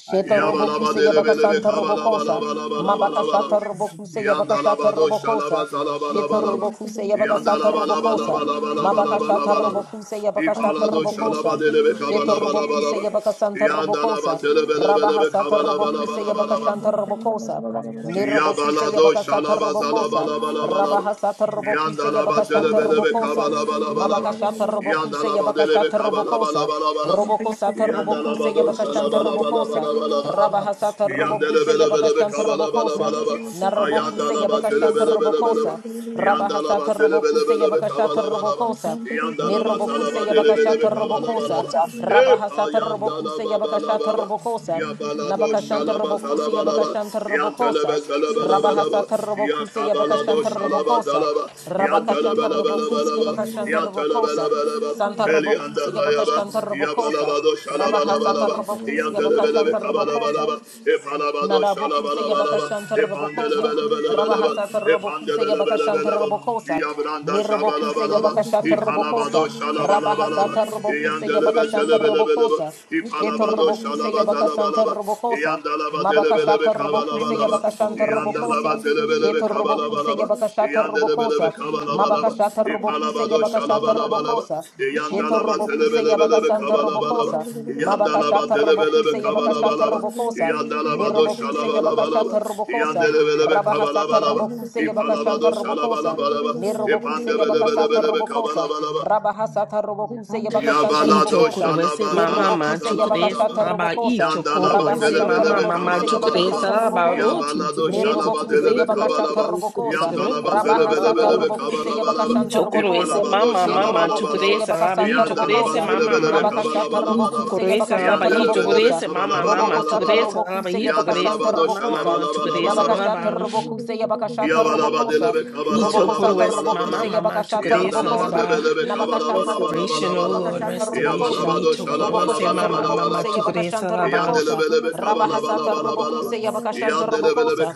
[SPEAKER 9] Sheta robokuse yabaka
[SPEAKER 2] Yabalabadelebelebe
[SPEAKER 9] santa
[SPEAKER 5] Thank you.
[SPEAKER 9] robokosa. Mabaka
[SPEAKER 2] kabalabalabalabalabalaba.
[SPEAKER 9] shata
[SPEAKER 5] Thank
[SPEAKER 9] robokuse yabaka shata
[SPEAKER 2] Yandalabado
[SPEAKER 9] robokosa. Sheta
[SPEAKER 2] shalabazalabalabalaba.
[SPEAKER 9] robokuse yabaka sata robokosa. Mabaka shata
[SPEAKER 2] Yandalabalabalabalabalabalaba.
[SPEAKER 9] robokuse yabaka shata
[SPEAKER 2] Ipalado
[SPEAKER 9] robokosa.
[SPEAKER 2] shalabadelebe
[SPEAKER 9] Sheta robokuse
[SPEAKER 2] kabalabalabalaba.
[SPEAKER 9] yabaka santa robokosa. Rabaha
[SPEAKER 2] Yandalabazelebelebelebe
[SPEAKER 9] sata robokuse yabaka
[SPEAKER 2] kabalabalabalabalaba.
[SPEAKER 9] shanta robokosa. Ne robokuse
[SPEAKER 2] Yabalado
[SPEAKER 9] yabaka sata
[SPEAKER 2] shalaba zalaba
[SPEAKER 9] robokosa.
[SPEAKER 2] laba laba laba.
[SPEAKER 9] Rabaha sata robokuse yabaka
[SPEAKER 2] Yandalaba
[SPEAKER 9] shanta
[SPEAKER 2] zelebelebe
[SPEAKER 9] robokosa.
[SPEAKER 2] kabalaba laba laba.
[SPEAKER 9] Mabaka shata robokuse
[SPEAKER 2] Yandalaba
[SPEAKER 9] yabaka
[SPEAKER 2] delebe
[SPEAKER 9] shata
[SPEAKER 2] kabalaba
[SPEAKER 9] robokosa.
[SPEAKER 2] laba laba laba.
[SPEAKER 11] Thank
[SPEAKER 9] Robokosa robokuse
[SPEAKER 2] Yandalaba do
[SPEAKER 9] yabaka shanta
[SPEAKER 2] shalaba laba laba
[SPEAKER 9] robokosa.
[SPEAKER 2] laba laba laba.
[SPEAKER 9] Rabahasata Robokuse
[SPEAKER 2] Yandelebelebelebe
[SPEAKER 9] Yabakashanta
[SPEAKER 2] kabalaba laba
[SPEAKER 9] Robokosa.
[SPEAKER 2] laba.
[SPEAKER 9] Narobokuse
[SPEAKER 2] Ayandalaba
[SPEAKER 9] Yabakashanta
[SPEAKER 2] zelebelebelebe
[SPEAKER 9] Robokosa.
[SPEAKER 2] laba. Yandalaba
[SPEAKER 9] Rabahasata Robokuse
[SPEAKER 2] telebelebelebe
[SPEAKER 9] Yabakashata
[SPEAKER 2] kabalabalaba.
[SPEAKER 5] you.
[SPEAKER 9] Robokosa.
[SPEAKER 2] Yandalaba
[SPEAKER 9] Nirobokuse
[SPEAKER 2] salaba telebelebe
[SPEAKER 9] Yabakashata
[SPEAKER 5] Thank
[SPEAKER 9] Robokosa.
[SPEAKER 2] kabalabalaba. Epa
[SPEAKER 9] Rabahasata Robokuse
[SPEAKER 2] yandalaba
[SPEAKER 9] Yabakashata
[SPEAKER 2] balababa.
[SPEAKER 9] Robokosa.
[SPEAKER 2] Yabalado
[SPEAKER 9] Nabakashanta
[SPEAKER 2] shalaba
[SPEAKER 9] Robokuse
[SPEAKER 2] salabalaba.
[SPEAKER 9] Yabakashanta
[SPEAKER 2] Yantelebe
[SPEAKER 9] Robokosa.
[SPEAKER 2] selebelebelebe.
[SPEAKER 9] Rabahasata Robokuse
[SPEAKER 2] Yakabalado
[SPEAKER 9] Yabakashanta
[SPEAKER 2] shalaba
[SPEAKER 9] Robokosa.
[SPEAKER 2] salaba.
[SPEAKER 9] Rabakashanta Robokuse
[SPEAKER 2] Yantelebelebelebelebe.
[SPEAKER 9] Yabakashanta Robokosa.
[SPEAKER 2] Yantelebelebelebe.
[SPEAKER 9] Santa Robokuse
[SPEAKER 2] Elianda Bayaba,
[SPEAKER 9] Yabakashanta Robokosa.
[SPEAKER 2] Yabalabado
[SPEAKER 9] Rabakasata
[SPEAKER 2] Shalabalabalaba,
[SPEAKER 9] Rabakusi
[SPEAKER 2] Yandelebelebe
[SPEAKER 9] Abakashanta Rabakosa
[SPEAKER 2] Kabalabalaba, Epalabado
[SPEAKER 9] Narabokuse
[SPEAKER 2] Shalabalabalaba,
[SPEAKER 9] Yabakashantar Robokosa.
[SPEAKER 2] Epandelebelebelebeleba,
[SPEAKER 9] Rabahasatar
[SPEAKER 11] you.
[SPEAKER 9] Robokuse Yabakashantar
[SPEAKER 2] Epandelebelebelebeleba.
[SPEAKER 9] Robokosa.
[SPEAKER 2] Yabranda
[SPEAKER 9] Nirobokuse
[SPEAKER 11] Thank
[SPEAKER 2] Shabalabalaba,
[SPEAKER 9] Yabakashatar
[SPEAKER 2] Ikalabado
[SPEAKER 9] Robokosa.
[SPEAKER 2] Shalabalabalaba,
[SPEAKER 9] Rabahasatar Robokuse
[SPEAKER 2] Yandelebe
[SPEAKER 9] Yabakashantar
[SPEAKER 5] you.
[SPEAKER 2] Zelebelebeleba,
[SPEAKER 9] Robokosa. Shetar
[SPEAKER 2] Ipalabado
[SPEAKER 9] Robokuse Yabakasantar
[SPEAKER 2] Shalabazalabalaba,
[SPEAKER 9] Robokosa.
[SPEAKER 5] Thank
[SPEAKER 2] Yandalaba Delebele,
[SPEAKER 9] Mabakashatar
[SPEAKER 2] Cabala
[SPEAKER 9] Robokuse
[SPEAKER 2] kabalabalaba.
[SPEAKER 9] Yabakashantar
[SPEAKER 2] Yandalaba
[SPEAKER 9] Robokosa.
[SPEAKER 2] zelebelebe
[SPEAKER 9] Shetar Robokuse
[SPEAKER 2] kabalabalaba.
[SPEAKER 9] Yabakashatar
[SPEAKER 2] Yandelebelebe
[SPEAKER 9] Robokosa.
[SPEAKER 2] kabalabalaba.
[SPEAKER 9] Mabakashatar Robokuse
[SPEAKER 2] İpalabado
[SPEAKER 9] Yabakashatar
[SPEAKER 2] şalabalabalaba.
[SPEAKER 9] Robokosa. Shetar
[SPEAKER 2] Yandalaba
[SPEAKER 9] Robokuse
[SPEAKER 2] zelebelebelebe
[SPEAKER 9] Yabakasantar
[SPEAKER 2] kabalabalaba.
[SPEAKER 9] Robokosa.
[SPEAKER 2] Yandalaba
[SPEAKER 9] Mabakashatar
[SPEAKER 2] zelebelebe
[SPEAKER 9] Robokuse Yabakashatar
[SPEAKER 2] kabalabalaba.
[SPEAKER 9] Robokosa.
[SPEAKER 2] Yandalabado
[SPEAKER 9] Nerobokuse
[SPEAKER 2] şalabalabalaba.
[SPEAKER 9] Yabakashata Robokosa,
[SPEAKER 2] Yandelebelebe
[SPEAKER 9] Rabahasata
[SPEAKER 2] kabalabalaba.
[SPEAKER 9] Robokuse Yabakashanta
[SPEAKER 2] İpalabado
[SPEAKER 9] Robokosa,
[SPEAKER 2] şalabalabalaba.
[SPEAKER 9] Nerobokuse Yabakasata
[SPEAKER 2] İpandebelebelebelebe
[SPEAKER 9] Robokosa,
[SPEAKER 2] kabalabalaba.
[SPEAKER 9] Rabahasata Robokuse Yabakashanta
[SPEAKER 4] I
[SPEAKER 2] Yabalado
[SPEAKER 11] you.
[SPEAKER 9] Robokosa,
[SPEAKER 4] chokoro ese
[SPEAKER 2] shalaba
[SPEAKER 4] mama
[SPEAKER 11] Thank
[SPEAKER 2] salaba
[SPEAKER 4] ma
[SPEAKER 9] Nerobokuse
[SPEAKER 2] dalaba
[SPEAKER 4] chukure
[SPEAKER 2] daba.
[SPEAKER 9] Yabakashata
[SPEAKER 5] you.
[SPEAKER 4] saraba i
[SPEAKER 9] Robokosa,
[SPEAKER 4] chokoro
[SPEAKER 2] Yandalaba
[SPEAKER 5] I was
[SPEAKER 4] ese
[SPEAKER 9] Rabahasata
[SPEAKER 4] mama
[SPEAKER 2] zelebelebe
[SPEAKER 4] mama
[SPEAKER 9] Robokuse
[SPEAKER 2] kabalaba
[SPEAKER 4] chukure
[SPEAKER 2] laba.
[SPEAKER 9] Yabakashata
[SPEAKER 4] saraba ro
[SPEAKER 9] Robokosa,
[SPEAKER 4] ti
[SPEAKER 2] Yabalado
[SPEAKER 4] chukure ti
[SPEAKER 2] shalaba
[SPEAKER 9] Nerobokuse
[SPEAKER 4] chukure
[SPEAKER 2] delebe
[SPEAKER 4] chukure
[SPEAKER 9] Yabakashata
[SPEAKER 2] kabalaba.
[SPEAKER 4] chukure chukure
[SPEAKER 9] Robokosa,
[SPEAKER 4] chukure
[SPEAKER 2] Yandalaba
[SPEAKER 4] mama
[SPEAKER 9] Rabahasata
[SPEAKER 4] mama
[SPEAKER 2] zelebelebelebe
[SPEAKER 9] Robokuse
[SPEAKER 2] kabalaba laba.
[SPEAKER 4] i
[SPEAKER 9] Yabakashanta
[SPEAKER 4] chokoro ese
[SPEAKER 9] Robokosa,
[SPEAKER 2] İpalabado
[SPEAKER 4] mama
[SPEAKER 9] Sheto
[SPEAKER 2] shalaba
[SPEAKER 4] mama
[SPEAKER 2] laba
[SPEAKER 9] Robokuse
[SPEAKER 4] chukure
[SPEAKER 2] laba.
[SPEAKER 4] saraba i
[SPEAKER 9] Yabakasanta
[SPEAKER 4] chokore
[SPEAKER 2] Yandalaba
[SPEAKER 4] ese
[SPEAKER 9] Robokosa,
[SPEAKER 4] mama
[SPEAKER 2] zelebelebe
[SPEAKER 4] mama
[SPEAKER 2] kabalaba
[SPEAKER 9] Nabakashata
[SPEAKER 2] laba
[SPEAKER 4] i
[SPEAKER 2] laba.
[SPEAKER 9] Robokuse
[SPEAKER 4] chokoro ese saraba
[SPEAKER 9] Yabakashata
[SPEAKER 4] i chokore
[SPEAKER 2] Yandelebelebe
[SPEAKER 9] Robokosa,
[SPEAKER 4] ese mama
[SPEAKER 2] kabalaba laba
[SPEAKER 4] mama
[SPEAKER 9] Robokosa
[SPEAKER 2] laba
[SPEAKER 4] chukure
[SPEAKER 2] laba.
[SPEAKER 4] saraba
[SPEAKER 9] terrobokuse
[SPEAKER 4] i chokore ese
[SPEAKER 9] yabakashanta
[SPEAKER 2] Yandalabado
[SPEAKER 4] mama
[SPEAKER 2] shalaba
[SPEAKER 9] robokosa.
[SPEAKER 4] mama
[SPEAKER 2] laba
[SPEAKER 4] chukure
[SPEAKER 2] laba laba.
[SPEAKER 9] nabakasha,
[SPEAKER 4] saraba
[SPEAKER 9] robokuse yabakasha, robokosa.
[SPEAKER 2] Yabalabadelebe
[SPEAKER 4] Nito
[SPEAKER 9] Robokosa
[SPEAKER 4] Korowesi, Mama,
[SPEAKER 9] terrobokuse
[SPEAKER 2] kabalabalabalabalabalaba.
[SPEAKER 4] Mama,
[SPEAKER 9] yabakasha,
[SPEAKER 4] Tukoresa,
[SPEAKER 9] robokosa.
[SPEAKER 4] Laba,
[SPEAKER 2] Yandalabadelebe
[SPEAKER 9] nabakasha,
[SPEAKER 4] restoration,
[SPEAKER 9] robokuse
[SPEAKER 4] oh
[SPEAKER 2] kabalabalabalabalaba.
[SPEAKER 4] Lord,
[SPEAKER 9] yabakasha,
[SPEAKER 4] restoration.
[SPEAKER 9] robokosa.
[SPEAKER 2] Yabalabado
[SPEAKER 4] ito Korowesi,
[SPEAKER 9] Robokoshata
[SPEAKER 4] Mama, Mama,
[SPEAKER 9] robokuse
[SPEAKER 2] shalabalabalabalaba.
[SPEAKER 4] Tukoresa,
[SPEAKER 9] yabakashanta
[SPEAKER 4] Laba,
[SPEAKER 9] robokosa.
[SPEAKER 2] Yandelebelebe
[SPEAKER 9] Rabahasata
[SPEAKER 2] kabalabalabalabalaba.
[SPEAKER 9] robokuse yabakashanta
[SPEAKER 2] Yandelebelebe
[SPEAKER 9] robokosa.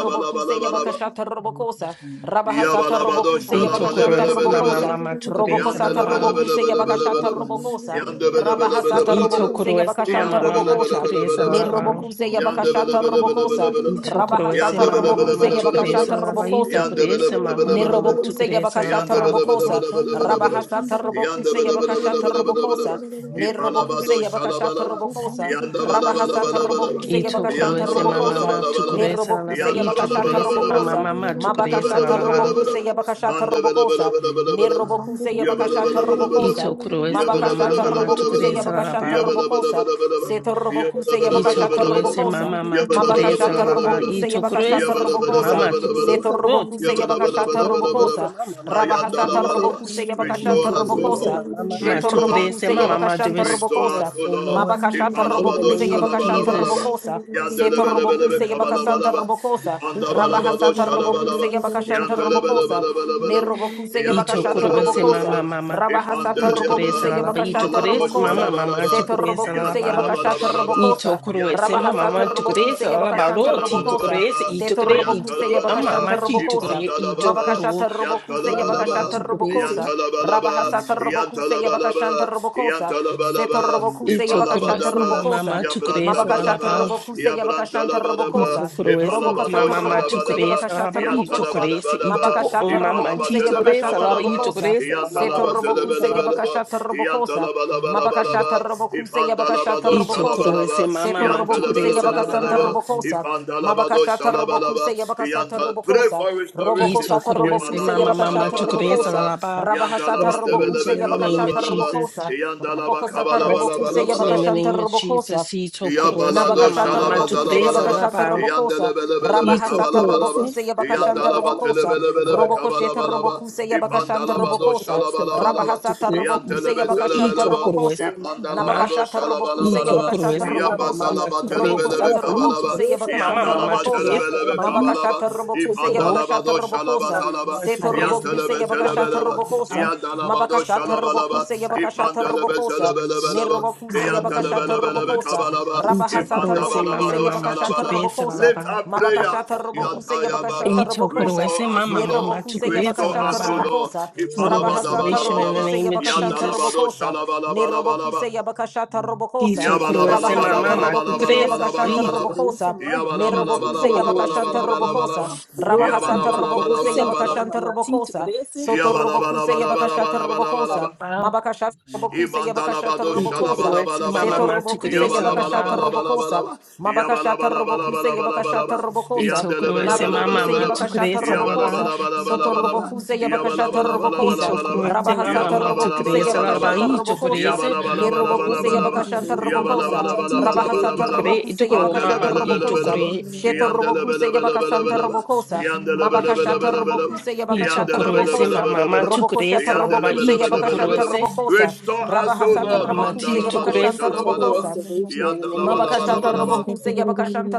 [SPEAKER 5] Thank you.
[SPEAKER 9] yabakasha,
[SPEAKER 11] you.
[SPEAKER 5] Every
[SPEAKER 9] robokosa.
[SPEAKER 5] question is I will
[SPEAKER 9] Rabahasata
[SPEAKER 11] Rabba
[SPEAKER 2] Yabalabado
[SPEAKER 5] question
[SPEAKER 9] robokuse
[SPEAKER 5] the
[SPEAKER 4] Ito
[SPEAKER 5] master.
[SPEAKER 9] yabakashanta
[SPEAKER 4] Korowesi, Mama,
[SPEAKER 2] şalabalebelebelebelebe.
[SPEAKER 9] robokosa.
[SPEAKER 4] Mama, Tukoresa,
[SPEAKER 9] Robokosata
[SPEAKER 4] Laba,
[SPEAKER 9] robokuse
[SPEAKER 5] Every
[SPEAKER 9] yabakasha,
[SPEAKER 2] Yandelebelebelebelebelebe.
[SPEAKER 5] question is
[SPEAKER 9] robokosa.
[SPEAKER 5] I will have I
[SPEAKER 9] Rabahasata
[SPEAKER 5] will
[SPEAKER 4] Ito
[SPEAKER 2] Yandelebelebelebelebelebe.
[SPEAKER 9] Robokuse
[SPEAKER 5] question.
[SPEAKER 4] Korowesi,
[SPEAKER 9] Yabakashanta
[SPEAKER 4] Mama, Mama,
[SPEAKER 9] Robokosa.
[SPEAKER 5] Every
[SPEAKER 4] Tukoresa,
[SPEAKER 2] Yandelebelebelebelebelebe.
[SPEAKER 5] question is
[SPEAKER 4] Laba,
[SPEAKER 9] Nirobokuse
[SPEAKER 5] I will have
[SPEAKER 9] Yabakashata
[SPEAKER 5] I
[SPEAKER 9] Robokosa.
[SPEAKER 5] will
[SPEAKER 2] Yandelebelebelebelebelebe.
[SPEAKER 4] Ito
[SPEAKER 5] question.
[SPEAKER 2] Yandelebelebelebelebelebe.
[SPEAKER 4] Korowesi,
[SPEAKER 9] Rabahasata
[SPEAKER 4] Mama,
[SPEAKER 9] Robokuse
[SPEAKER 4] Mama,
[SPEAKER 5] Every
[SPEAKER 9] Yabakashata
[SPEAKER 4] Tukoresa,
[SPEAKER 2] Yandelebelebelebelebelebe.
[SPEAKER 4] Laba, Ito
[SPEAKER 9] Robokosa.
[SPEAKER 4] Korowesi, Mama, Mama,
[SPEAKER 9] Nerobokuse
[SPEAKER 4] Tukoresa, Laba,
[SPEAKER 9] Yabakashata Robokosa,
[SPEAKER 5] question is I will question.
[SPEAKER 2] Yandelebelebelebelebelebe.
[SPEAKER 9] Rabahasata
[SPEAKER 5] Every
[SPEAKER 9] Robokuse Yabakashata
[SPEAKER 2] Yandelebelebelebelebelebe.
[SPEAKER 9] Robokosa,
[SPEAKER 5] question is
[SPEAKER 2] İpalabado
[SPEAKER 9] Nerobokuse
[SPEAKER 5] I will
[SPEAKER 9] Yabakashata
[SPEAKER 2] şalabalaba.
[SPEAKER 5] question. Every question is
[SPEAKER 9] Robokosa,
[SPEAKER 5] I will question. Every question
[SPEAKER 9] Rabahasata
[SPEAKER 5] is I
[SPEAKER 2] Yandabalabalabalaba.
[SPEAKER 9] Robokuse
[SPEAKER 4] Ito
[SPEAKER 9] Yabakashanta
[SPEAKER 4] Korowesi, Mama,
[SPEAKER 9] Robokosa,
[SPEAKER 4] Mama,
[SPEAKER 2] Yandabalabalabalaba.
[SPEAKER 5] will
[SPEAKER 4] Tukoresa,
[SPEAKER 9] Nerobokuse
[SPEAKER 4] Laba, Ito
[SPEAKER 9] Yabakashata
[SPEAKER 4] Korowesi,
[SPEAKER 5] question.
[SPEAKER 4] Mama,
[SPEAKER 9] Robokosa,
[SPEAKER 2] Yandabalabalabalaba.
[SPEAKER 5] I will question.
[SPEAKER 4] Mama,
[SPEAKER 5] I will
[SPEAKER 4] Tukoresa,
[SPEAKER 5] question. Every question is
[SPEAKER 9] Mabakashata
[SPEAKER 5] I
[SPEAKER 4] Laba,
[SPEAKER 5] will
[SPEAKER 9] Robokuse Yabakashata
[SPEAKER 5] question.
[SPEAKER 9] Robokosa,
[SPEAKER 11] Thank
[SPEAKER 9] Nerobokuse Yabakashata Robokosa,
[SPEAKER 4] Ito Korowesi, Mama,
[SPEAKER 9] Mabakashata
[SPEAKER 5] I
[SPEAKER 4] Mama,
[SPEAKER 9] Robokuse
[SPEAKER 4] Tukoresa,
[SPEAKER 5] will
[SPEAKER 9] Yabakashanta
[SPEAKER 5] question.
[SPEAKER 4] Laba,
[SPEAKER 9] Robokosa,
[SPEAKER 5] I
[SPEAKER 9] Seto
[SPEAKER 5] love
[SPEAKER 9] Robokuse
[SPEAKER 4] You took
[SPEAKER 9] Yabakashata
[SPEAKER 4] us,
[SPEAKER 9] Robokosa,
[SPEAKER 4] Mama, Mama, took us.
[SPEAKER 9] Mabakashata
[SPEAKER 4] Lord, You
[SPEAKER 9] Robokuse
[SPEAKER 4] took us,
[SPEAKER 9] Yabakashata
[SPEAKER 4] took
[SPEAKER 9] Robokosa, Seto robokuse yabakashata
[SPEAKER 4] us, took us,
[SPEAKER 9] robokosa.
[SPEAKER 2] Yabba
[SPEAKER 4] Mama, Mama, took
[SPEAKER 9] Rabahasata
[SPEAKER 4] us.
[SPEAKER 2] Ayandalabalaba.
[SPEAKER 9] robokuse
[SPEAKER 4] You
[SPEAKER 9] yabakashanta
[SPEAKER 2] Restore
[SPEAKER 4] took
[SPEAKER 2] us, O
[SPEAKER 4] us,
[SPEAKER 9] robokosa.
[SPEAKER 2] Lord.
[SPEAKER 4] Mama, Mama,
[SPEAKER 9] Sheto
[SPEAKER 4] took
[SPEAKER 2] Restore us,
[SPEAKER 4] us.
[SPEAKER 2] O
[SPEAKER 9] robokuse
[SPEAKER 4] Mama,
[SPEAKER 2] Lord.
[SPEAKER 4] Mama, to
[SPEAKER 9] yabakashanta
[SPEAKER 2] Restore
[SPEAKER 4] restore
[SPEAKER 2] us,
[SPEAKER 9] robokosa.
[SPEAKER 4] us,
[SPEAKER 2] O
[SPEAKER 4] O
[SPEAKER 2] Lord.
[SPEAKER 4] Lord,
[SPEAKER 9] Mabakashata
[SPEAKER 4] in the
[SPEAKER 2] Ipalabado
[SPEAKER 9] robokuse
[SPEAKER 4] name of
[SPEAKER 9] yabakashata
[SPEAKER 2] shalabalabalaba.
[SPEAKER 4] Jesus.
[SPEAKER 9] robokosa. Seto
[SPEAKER 2] Yandelebelebelebe
[SPEAKER 9] robokuse yabakasanta
[SPEAKER 2] kabalabalaba.
[SPEAKER 9] robokosa.
[SPEAKER 2] Ipandabalabado
[SPEAKER 9] Rabahasata
[SPEAKER 2] shalabalaba.
[SPEAKER 9] robokuse yabakashanta robokosa. Ne
[SPEAKER 2] Yandelebelebelebelebe.
[SPEAKER 9] robokuse yabakashata
[SPEAKER 4] Itokorowese
[SPEAKER 9] robokosa.
[SPEAKER 4] mama
[SPEAKER 2] Yandelebelebelebelebe.
[SPEAKER 4] mama.
[SPEAKER 9] Rabahasata
[SPEAKER 4] Utukorese
[SPEAKER 9] robokuse
[SPEAKER 2] Ipandeliaba.
[SPEAKER 4] lalaba.
[SPEAKER 9] yabakashanta
[SPEAKER 2] Alado
[SPEAKER 4] Itokorese mama
[SPEAKER 9] robokosa.
[SPEAKER 4] mama.
[SPEAKER 2] shalabalaba,
[SPEAKER 9] Seto
[SPEAKER 4] Tukorese
[SPEAKER 9] robokuse
[SPEAKER 4] lalaba.
[SPEAKER 9] yabakashata
[SPEAKER 2] yantalabalaba,
[SPEAKER 9] robokosa.
[SPEAKER 5] you.
[SPEAKER 4] Itokorowese mama
[SPEAKER 9] Rabahasata
[SPEAKER 4] mama.
[SPEAKER 2] yantalabalaba,
[SPEAKER 9] robokuse
[SPEAKER 4] Tukorese lalaba.
[SPEAKER 9] yabakashanta
[SPEAKER 5] Thank
[SPEAKER 4] Roti
[SPEAKER 5] you.
[SPEAKER 9] robokosa.
[SPEAKER 4] tokorese.
[SPEAKER 2] yantalabalaba,
[SPEAKER 9] Seto
[SPEAKER 4] Itokore
[SPEAKER 9] robokuse
[SPEAKER 4] itokore.
[SPEAKER 2] ayantalabalaba,
[SPEAKER 9] yabakashanta
[SPEAKER 4] Amama
[SPEAKER 9] robokosa.
[SPEAKER 4] chitokore.
[SPEAKER 2] ipantalababa,
[SPEAKER 4] Itokoro.
[SPEAKER 9] Mabakashata robokuse
[SPEAKER 4] Mama mama.
[SPEAKER 2] yantalabalaba,
[SPEAKER 9] yabakashata
[SPEAKER 4] Tukorese.
[SPEAKER 9] robokosa.
[SPEAKER 2] yantalabalaba,
[SPEAKER 9] Rabahasata robokuse yabakashanta robokosa.
[SPEAKER 2] yantalabalaba,
[SPEAKER 9] Seto
[SPEAKER 2] yantalabalaba,
[SPEAKER 9] robokuse yabakashata
[SPEAKER 4] Itokorowese
[SPEAKER 2] ipalabadaba,
[SPEAKER 4] mama
[SPEAKER 9] robokosa.
[SPEAKER 4] mama. Tukorese
[SPEAKER 9] Mabakashata
[SPEAKER 2] yabrandabalaba,
[SPEAKER 4] lalaba.
[SPEAKER 9] robokuse yabakashanta
[SPEAKER 2] yabrandalabalaba,
[SPEAKER 9] robokosa.
[SPEAKER 4] Itokorowese
[SPEAKER 2] ipalabado
[SPEAKER 4] mama
[SPEAKER 9] Robokasata
[SPEAKER 4] mama.
[SPEAKER 9] robokuse
[SPEAKER 4] Tukorese
[SPEAKER 2] shalabalaba,
[SPEAKER 9] yabakashata
[SPEAKER 4] lalaba.
[SPEAKER 9] robokosa.
[SPEAKER 4] Itokorese.
[SPEAKER 2] Yantalabadabadaba,
[SPEAKER 4] Itoko.
[SPEAKER 9] Mabakashata
[SPEAKER 4] Mama
[SPEAKER 9] robokuse
[SPEAKER 4] chitokorese
[SPEAKER 9] yabakashata
[SPEAKER 4] lalaba.
[SPEAKER 2] Ipalabatelebekabalaba,
[SPEAKER 9] robokosa.
[SPEAKER 4] Itokorese mama
[SPEAKER 9] Seto
[SPEAKER 4] mama. Tukorese
[SPEAKER 9] robokuse
[SPEAKER 4] lalaba.
[SPEAKER 2] Yantalabatelebelebeleba,
[SPEAKER 9] yabakashata robokosa. Mabakashata
[SPEAKER 2] Yantalabalabalaba,
[SPEAKER 9] robokuse yabakashata
[SPEAKER 4] Ito
[SPEAKER 9] robokosa.
[SPEAKER 4] koroese
[SPEAKER 2] Ipandalabadosalabalaba,
[SPEAKER 4] mama
[SPEAKER 9] Seto
[SPEAKER 4] ma
[SPEAKER 9] robokuse
[SPEAKER 4] tukurese
[SPEAKER 9] yabakasanta
[SPEAKER 2] Yantelebelebelebeleba,
[SPEAKER 4] lalaba.
[SPEAKER 9] robokosa. Mabakashata Robokuse
[SPEAKER 2] Ipandalabadosalabalaba,
[SPEAKER 9] Yabakasata
[SPEAKER 2] Yanta- Pray
[SPEAKER 9] Robokosa,
[SPEAKER 2] for
[SPEAKER 5] Thank
[SPEAKER 2] restoration.
[SPEAKER 4] Ito
[SPEAKER 9] Robokosata
[SPEAKER 4] koroese
[SPEAKER 9] Robokuse
[SPEAKER 2] Imalado
[SPEAKER 4] mama mama
[SPEAKER 9] Yabakashata
[SPEAKER 4] tukurese
[SPEAKER 2] shalabalabalaba,
[SPEAKER 9] Robokosa,
[SPEAKER 4] lalaba.
[SPEAKER 9] Rabahasata Robokuse
[SPEAKER 4] Restoration in the name of
[SPEAKER 9] Yabakashata
[SPEAKER 2] Yandalabadebelebekabalabalaba,
[SPEAKER 4] Jesus.
[SPEAKER 9] Robokosa, Robokosata Robokuse
[SPEAKER 4] Restoration in
[SPEAKER 2] Yandalabakabalabalabalaba.
[SPEAKER 4] the
[SPEAKER 9] Yabakashanta
[SPEAKER 4] name of
[SPEAKER 9] Robokosa,
[SPEAKER 4] Jesus. Ito koroese
[SPEAKER 2] Yabalado
[SPEAKER 4] mama
[SPEAKER 9] Nabakashata
[SPEAKER 4] mama
[SPEAKER 9] Robokuse
[SPEAKER 4] tukurese
[SPEAKER 2] şalabazalabalaba
[SPEAKER 9] Yabakashata
[SPEAKER 4] lalaba.
[SPEAKER 9] Robokosa,
[SPEAKER 2] yandelebelebelebe
[SPEAKER 4] Ito
[SPEAKER 9] Rabahasata
[SPEAKER 2] kabalabalaba
[SPEAKER 4] koroese
[SPEAKER 9] Robokuse
[SPEAKER 4] mama
[SPEAKER 9] Yabakashanta
[SPEAKER 2] yandalaba
[SPEAKER 4] mama
[SPEAKER 9] Robokosa,
[SPEAKER 4] tukurese
[SPEAKER 2] telebelebelebe
[SPEAKER 9] Robokosheta
[SPEAKER 4] lalaba.
[SPEAKER 9] Robokuse
[SPEAKER 2] be
[SPEAKER 9] Yabakashanta
[SPEAKER 2] ipandalabado
[SPEAKER 9] Robokosa,
[SPEAKER 4] Itokorowesema mama
[SPEAKER 2] şalabalabalaba
[SPEAKER 9] Rabahasata
[SPEAKER 4] tukurese
[SPEAKER 9] Robokuse
[SPEAKER 4] itokore
[SPEAKER 9] Yabakashanta
[SPEAKER 2] yantelebelebelebe
[SPEAKER 9] Robokosa,
[SPEAKER 4] itokorowesema mama
[SPEAKER 2] ipandalabado
[SPEAKER 9] Nabakashata Robokuse
[SPEAKER 2] şalabalabalaba
[SPEAKER 9] Yabakashata
[SPEAKER 4] itokorowesema mama
[SPEAKER 9] Robokosa,
[SPEAKER 4] mama
[SPEAKER 2] yabazalaba
[SPEAKER 4] tukurese
[SPEAKER 2] telebelebe
[SPEAKER 9] Robokosata
[SPEAKER 4] lalaba
[SPEAKER 2] kabalaba
[SPEAKER 9] Robokuse
[SPEAKER 4] itokorese mama
[SPEAKER 9] Yabakashanta
[SPEAKER 4] mama
[SPEAKER 2] yandalaba
[SPEAKER 9] Robokosa,
[SPEAKER 4] tukurese
[SPEAKER 2] telebelebe
[SPEAKER 4] lalaba
[SPEAKER 2] kabalaba
[SPEAKER 9] Mabakashata Robokuse
[SPEAKER 4] itokoro
[SPEAKER 9] Yabakashata
[SPEAKER 2] ipandalabado şalabalabalaba
[SPEAKER 9] Robokosa,
[SPEAKER 4] mama
[SPEAKER 2] Zalaba,
[SPEAKER 4] mama
[SPEAKER 9] Seto
[SPEAKER 4] tukurese
[SPEAKER 12] Hallelujah.
[SPEAKER 9] Robokuse
[SPEAKER 2] Yantelebe
[SPEAKER 11] you.
[SPEAKER 9] Yabakashata
[SPEAKER 2] Zelebeleba,
[SPEAKER 9] Robokosa,
[SPEAKER 4] lalaba
[SPEAKER 2] Yandalabado
[SPEAKER 9] Mabakashata
[SPEAKER 2] Shalabalaba,
[SPEAKER 9] Robokuse
[SPEAKER 5] you.
[SPEAKER 9] Yabakashata
[SPEAKER 2] Ipandelebe
[SPEAKER 9] Robokosa,
[SPEAKER 5] Thank
[SPEAKER 2] Zelebelebeleba,
[SPEAKER 9] Nerobokuse Yabakashata
[SPEAKER 2] Yantelebelebelebe
[SPEAKER 9] Robokosa,
[SPEAKER 2] Kabalaba,
[SPEAKER 9] Rabahasata
[SPEAKER 4] itokorowesema
[SPEAKER 9] Robokuse
[SPEAKER 4] mama
[SPEAKER 2] Ipandabalabado
[SPEAKER 4] mama
[SPEAKER 9] Yabakashata
[SPEAKER 2] Shalabalaba.
[SPEAKER 4] tukurese
[SPEAKER 9] Robokosa,
[SPEAKER 2] Lift
[SPEAKER 4] lalaba
[SPEAKER 2] up prayer,
[SPEAKER 9] Mabakashata Robokuse
[SPEAKER 2] Yantaya
[SPEAKER 9] Yabakashata
[SPEAKER 2] Baba,
[SPEAKER 9] Robokosa,
[SPEAKER 2] restore
[SPEAKER 4] itokorowesema
[SPEAKER 2] us, O
[SPEAKER 4] mama
[SPEAKER 2] Lord.
[SPEAKER 4] mama
[SPEAKER 9] Nerobokuse
[SPEAKER 4] tukurese
[SPEAKER 2] Restore
[SPEAKER 9] Yabakashata
[SPEAKER 2] us, O
[SPEAKER 4] lalaba
[SPEAKER 2] Lord.
[SPEAKER 9] Robokosa,
[SPEAKER 4] for the
[SPEAKER 9] Rabahasata
[SPEAKER 4] restoration in the
[SPEAKER 2] Ipalabadabalabalaba,
[SPEAKER 9] Robokuse
[SPEAKER 4] name of
[SPEAKER 9] Yabakashanta
[SPEAKER 4] Jesus
[SPEAKER 2] Yandalabado
[SPEAKER 9] Robokosa,
[SPEAKER 2] Shalabalabalaba.
[SPEAKER 9] Nerobokuse Yabakashata
[SPEAKER 4] Y
[SPEAKER 9] Robokosa,
[SPEAKER 4] tokoro ese
[SPEAKER 9] Rabahasata
[SPEAKER 4] mama, tu
[SPEAKER 9] Robokuse
[SPEAKER 4] crees,
[SPEAKER 9] Yabakashanta
[SPEAKER 4] y tu
[SPEAKER 2] Yabalabalabalabalabalabalabalabalabalaba.
[SPEAKER 4] ese
[SPEAKER 9] Robokosa,
[SPEAKER 4] mama, y
[SPEAKER 9] Nerobokuse
[SPEAKER 4] tokoro ese
[SPEAKER 9] Yabakashanta
[SPEAKER 4] mama,
[SPEAKER 9] Robokosa,
[SPEAKER 2] Yabalabalabalabalabalabalabalabalaba.
[SPEAKER 4] roti
[SPEAKER 9] Rabahasata
[SPEAKER 4] tokoro
[SPEAKER 9] Robokuse
[SPEAKER 4] ese mama,
[SPEAKER 2] Yabalabalabalabalabalabalaba.
[SPEAKER 9] Yabakashanta
[SPEAKER 4] mama, ti tu
[SPEAKER 9] Robokosa,
[SPEAKER 4] crees,
[SPEAKER 9] Soto Robokuse Yabakashata
[SPEAKER 2] Yabalabalabalabalabalabalabalaba.
[SPEAKER 9] Robokosa,
[SPEAKER 4] alabao,
[SPEAKER 9] Mabakashata
[SPEAKER 5] you.
[SPEAKER 9] Robokuse Yabakashata
[SPEAKER 2] Ibandalabado
[SPEAKER 4] y
[SPEAKER 5] Thank you.
[SPEAKER 9] Robokosa,
[SPEAKER 4] tokoro ese mama,
[SPEAKER 2] shalabalabalaba.
[SPEAKER 4] mama, tu
[SPEAKER 9] Setorobokuse
[SPEAKER 4] crees,
[SPEAKER 9] Yabakashata
[SPEAKER 4] alabao,
[SPEAKER 9] Robokosa,
[SPEAKER 2] Yabalabalabalabalaba.
[SPEAKER 9] Mabakashata Robokuse Yabakashata
[SPEAKER 2] Yabalabalabalabalaba.
[SPEAKER 4] y
[SPEAKER 9] Robokosa,
[SPEAKER 4] tokoro ese mama,
[SPEAKER 9] Narabokuse
[SPEAKER 11] Thank
[SPEAKER 4] mama,
[SPEAKER 2] Yandelebelebelebelebeleba.
[SPEAKER 4] tu
[SPEAKER 11] you.
[SPEAKER 9] Yabakashata
[SPEAKER 4] crees, alabao,
[SPEAKER 9] Robokosa,
[SPEAKER 2] Yabalabalabalabalaba.
[SPEAKER 9] Sotorobokuse Yabakashata
[SPEAKER 4] y
[SPEAKER 9] Robokosa,
[SPEAKER 4] tokoro
[SPEAKER 2] Yabalabalabalabalaba.
[SPEAKER 4] ese mama,
[SPEAKER 9] Rabahasata
[SPEAKER 4] mama, tu
[SPEAKER 9] Robokuse
[SPEAKER 4] crees, alabao,
[SPEAKER 9] Yabakashata
[SPEAKER 4] y
[SPEAKER 2] Yabalabalabalabalaba.
[SPEAKER 4] tokoro
[SPEAKER 9] Robokosa,
[SPEAKER 4] ese
[SPEAKER 9] Nirobokuse
[SPEAKER 4] roti
[SPEAKER 2] Yabalabalabalabalaba.
[SPEAKER 9] Yabakashanta
[SPEAKER 4] tokoro ese mama,
[SPEAKER 9] Robokosa,
[SPEAKER 4] mama, ti tu crees, y
[SPEAKER 9] Rabahasata
[SPEAKER 4] tu
[SPEAKER 2] Yabalabalabalabalaba.
[SPEAKER 4] crees, y
[SPEAKER 9] Robokuse
[SPEAKER 4] tokoro
[SPEAKER 9] Yabakashata
[SPEAKER 4] mama, y
[SPEAKER 9] Robokosa,
[SPEAKER 2] Andelebelebelebeleba.
[SPEAKER 4] tokoro
[SPEAKER 9] Shetorobokuse Yabakasanta
[SPEAKER 2] Yandelebelebelebeleba.
[SPEAKER 9] Robokosa, Mabakashata
[SPEAKER 2] Yandelebelebelebeleba.
[SPEAKER 9] Robokuse
[SPEAKER 4] I
[SPEAKER 9] Yabakashanta
[SPEAKER 4] tokoro ese
[SPEAKER 9] Robokosa,
[SPEAKER 4] mama ma
[SPEAKER 2] Yandelebelebelebelebe.
[SPEAKER 4] tukure
[SPEAKER 9] Robokoshata
[SPEAKER 4] ese la la ba
[SPEAKER 9] Robokuse
[SPEAKER 4] i tokoro
[SPEAKER 9] Yabakashanta
[SPEAKER 2] Yandelebelebelebelebe.
[SPEAKER 4] ese
[SPEAKER 9] Robokosa,
[SPEAKER 2] Restore us, O
[SPEAKER 9] Rabahasata
[SPEAKER 2] Lord.
[SPEAKER 4] mama ma
[SPEAKER 9] Robokuse
[SPEAKER 4] ti
[SPEAKER 2] Mandalabado
[SPEAKER 4] tukure
[SPEAKER 9] Yabakashanta
[SPEAKER 4] ese total
[SPEAKER 9] Robokosa
[SPEAKER 2] shalabalaba.
[SPEAKER 4] restoration in the name of
[SPEAKER 9] Mabakashata
[SPEAKER 2] Yandalabalabalabalaba.
[SPEAKER 4] Jesus.
[SPEAKER 9] Robokuse Yabakashanta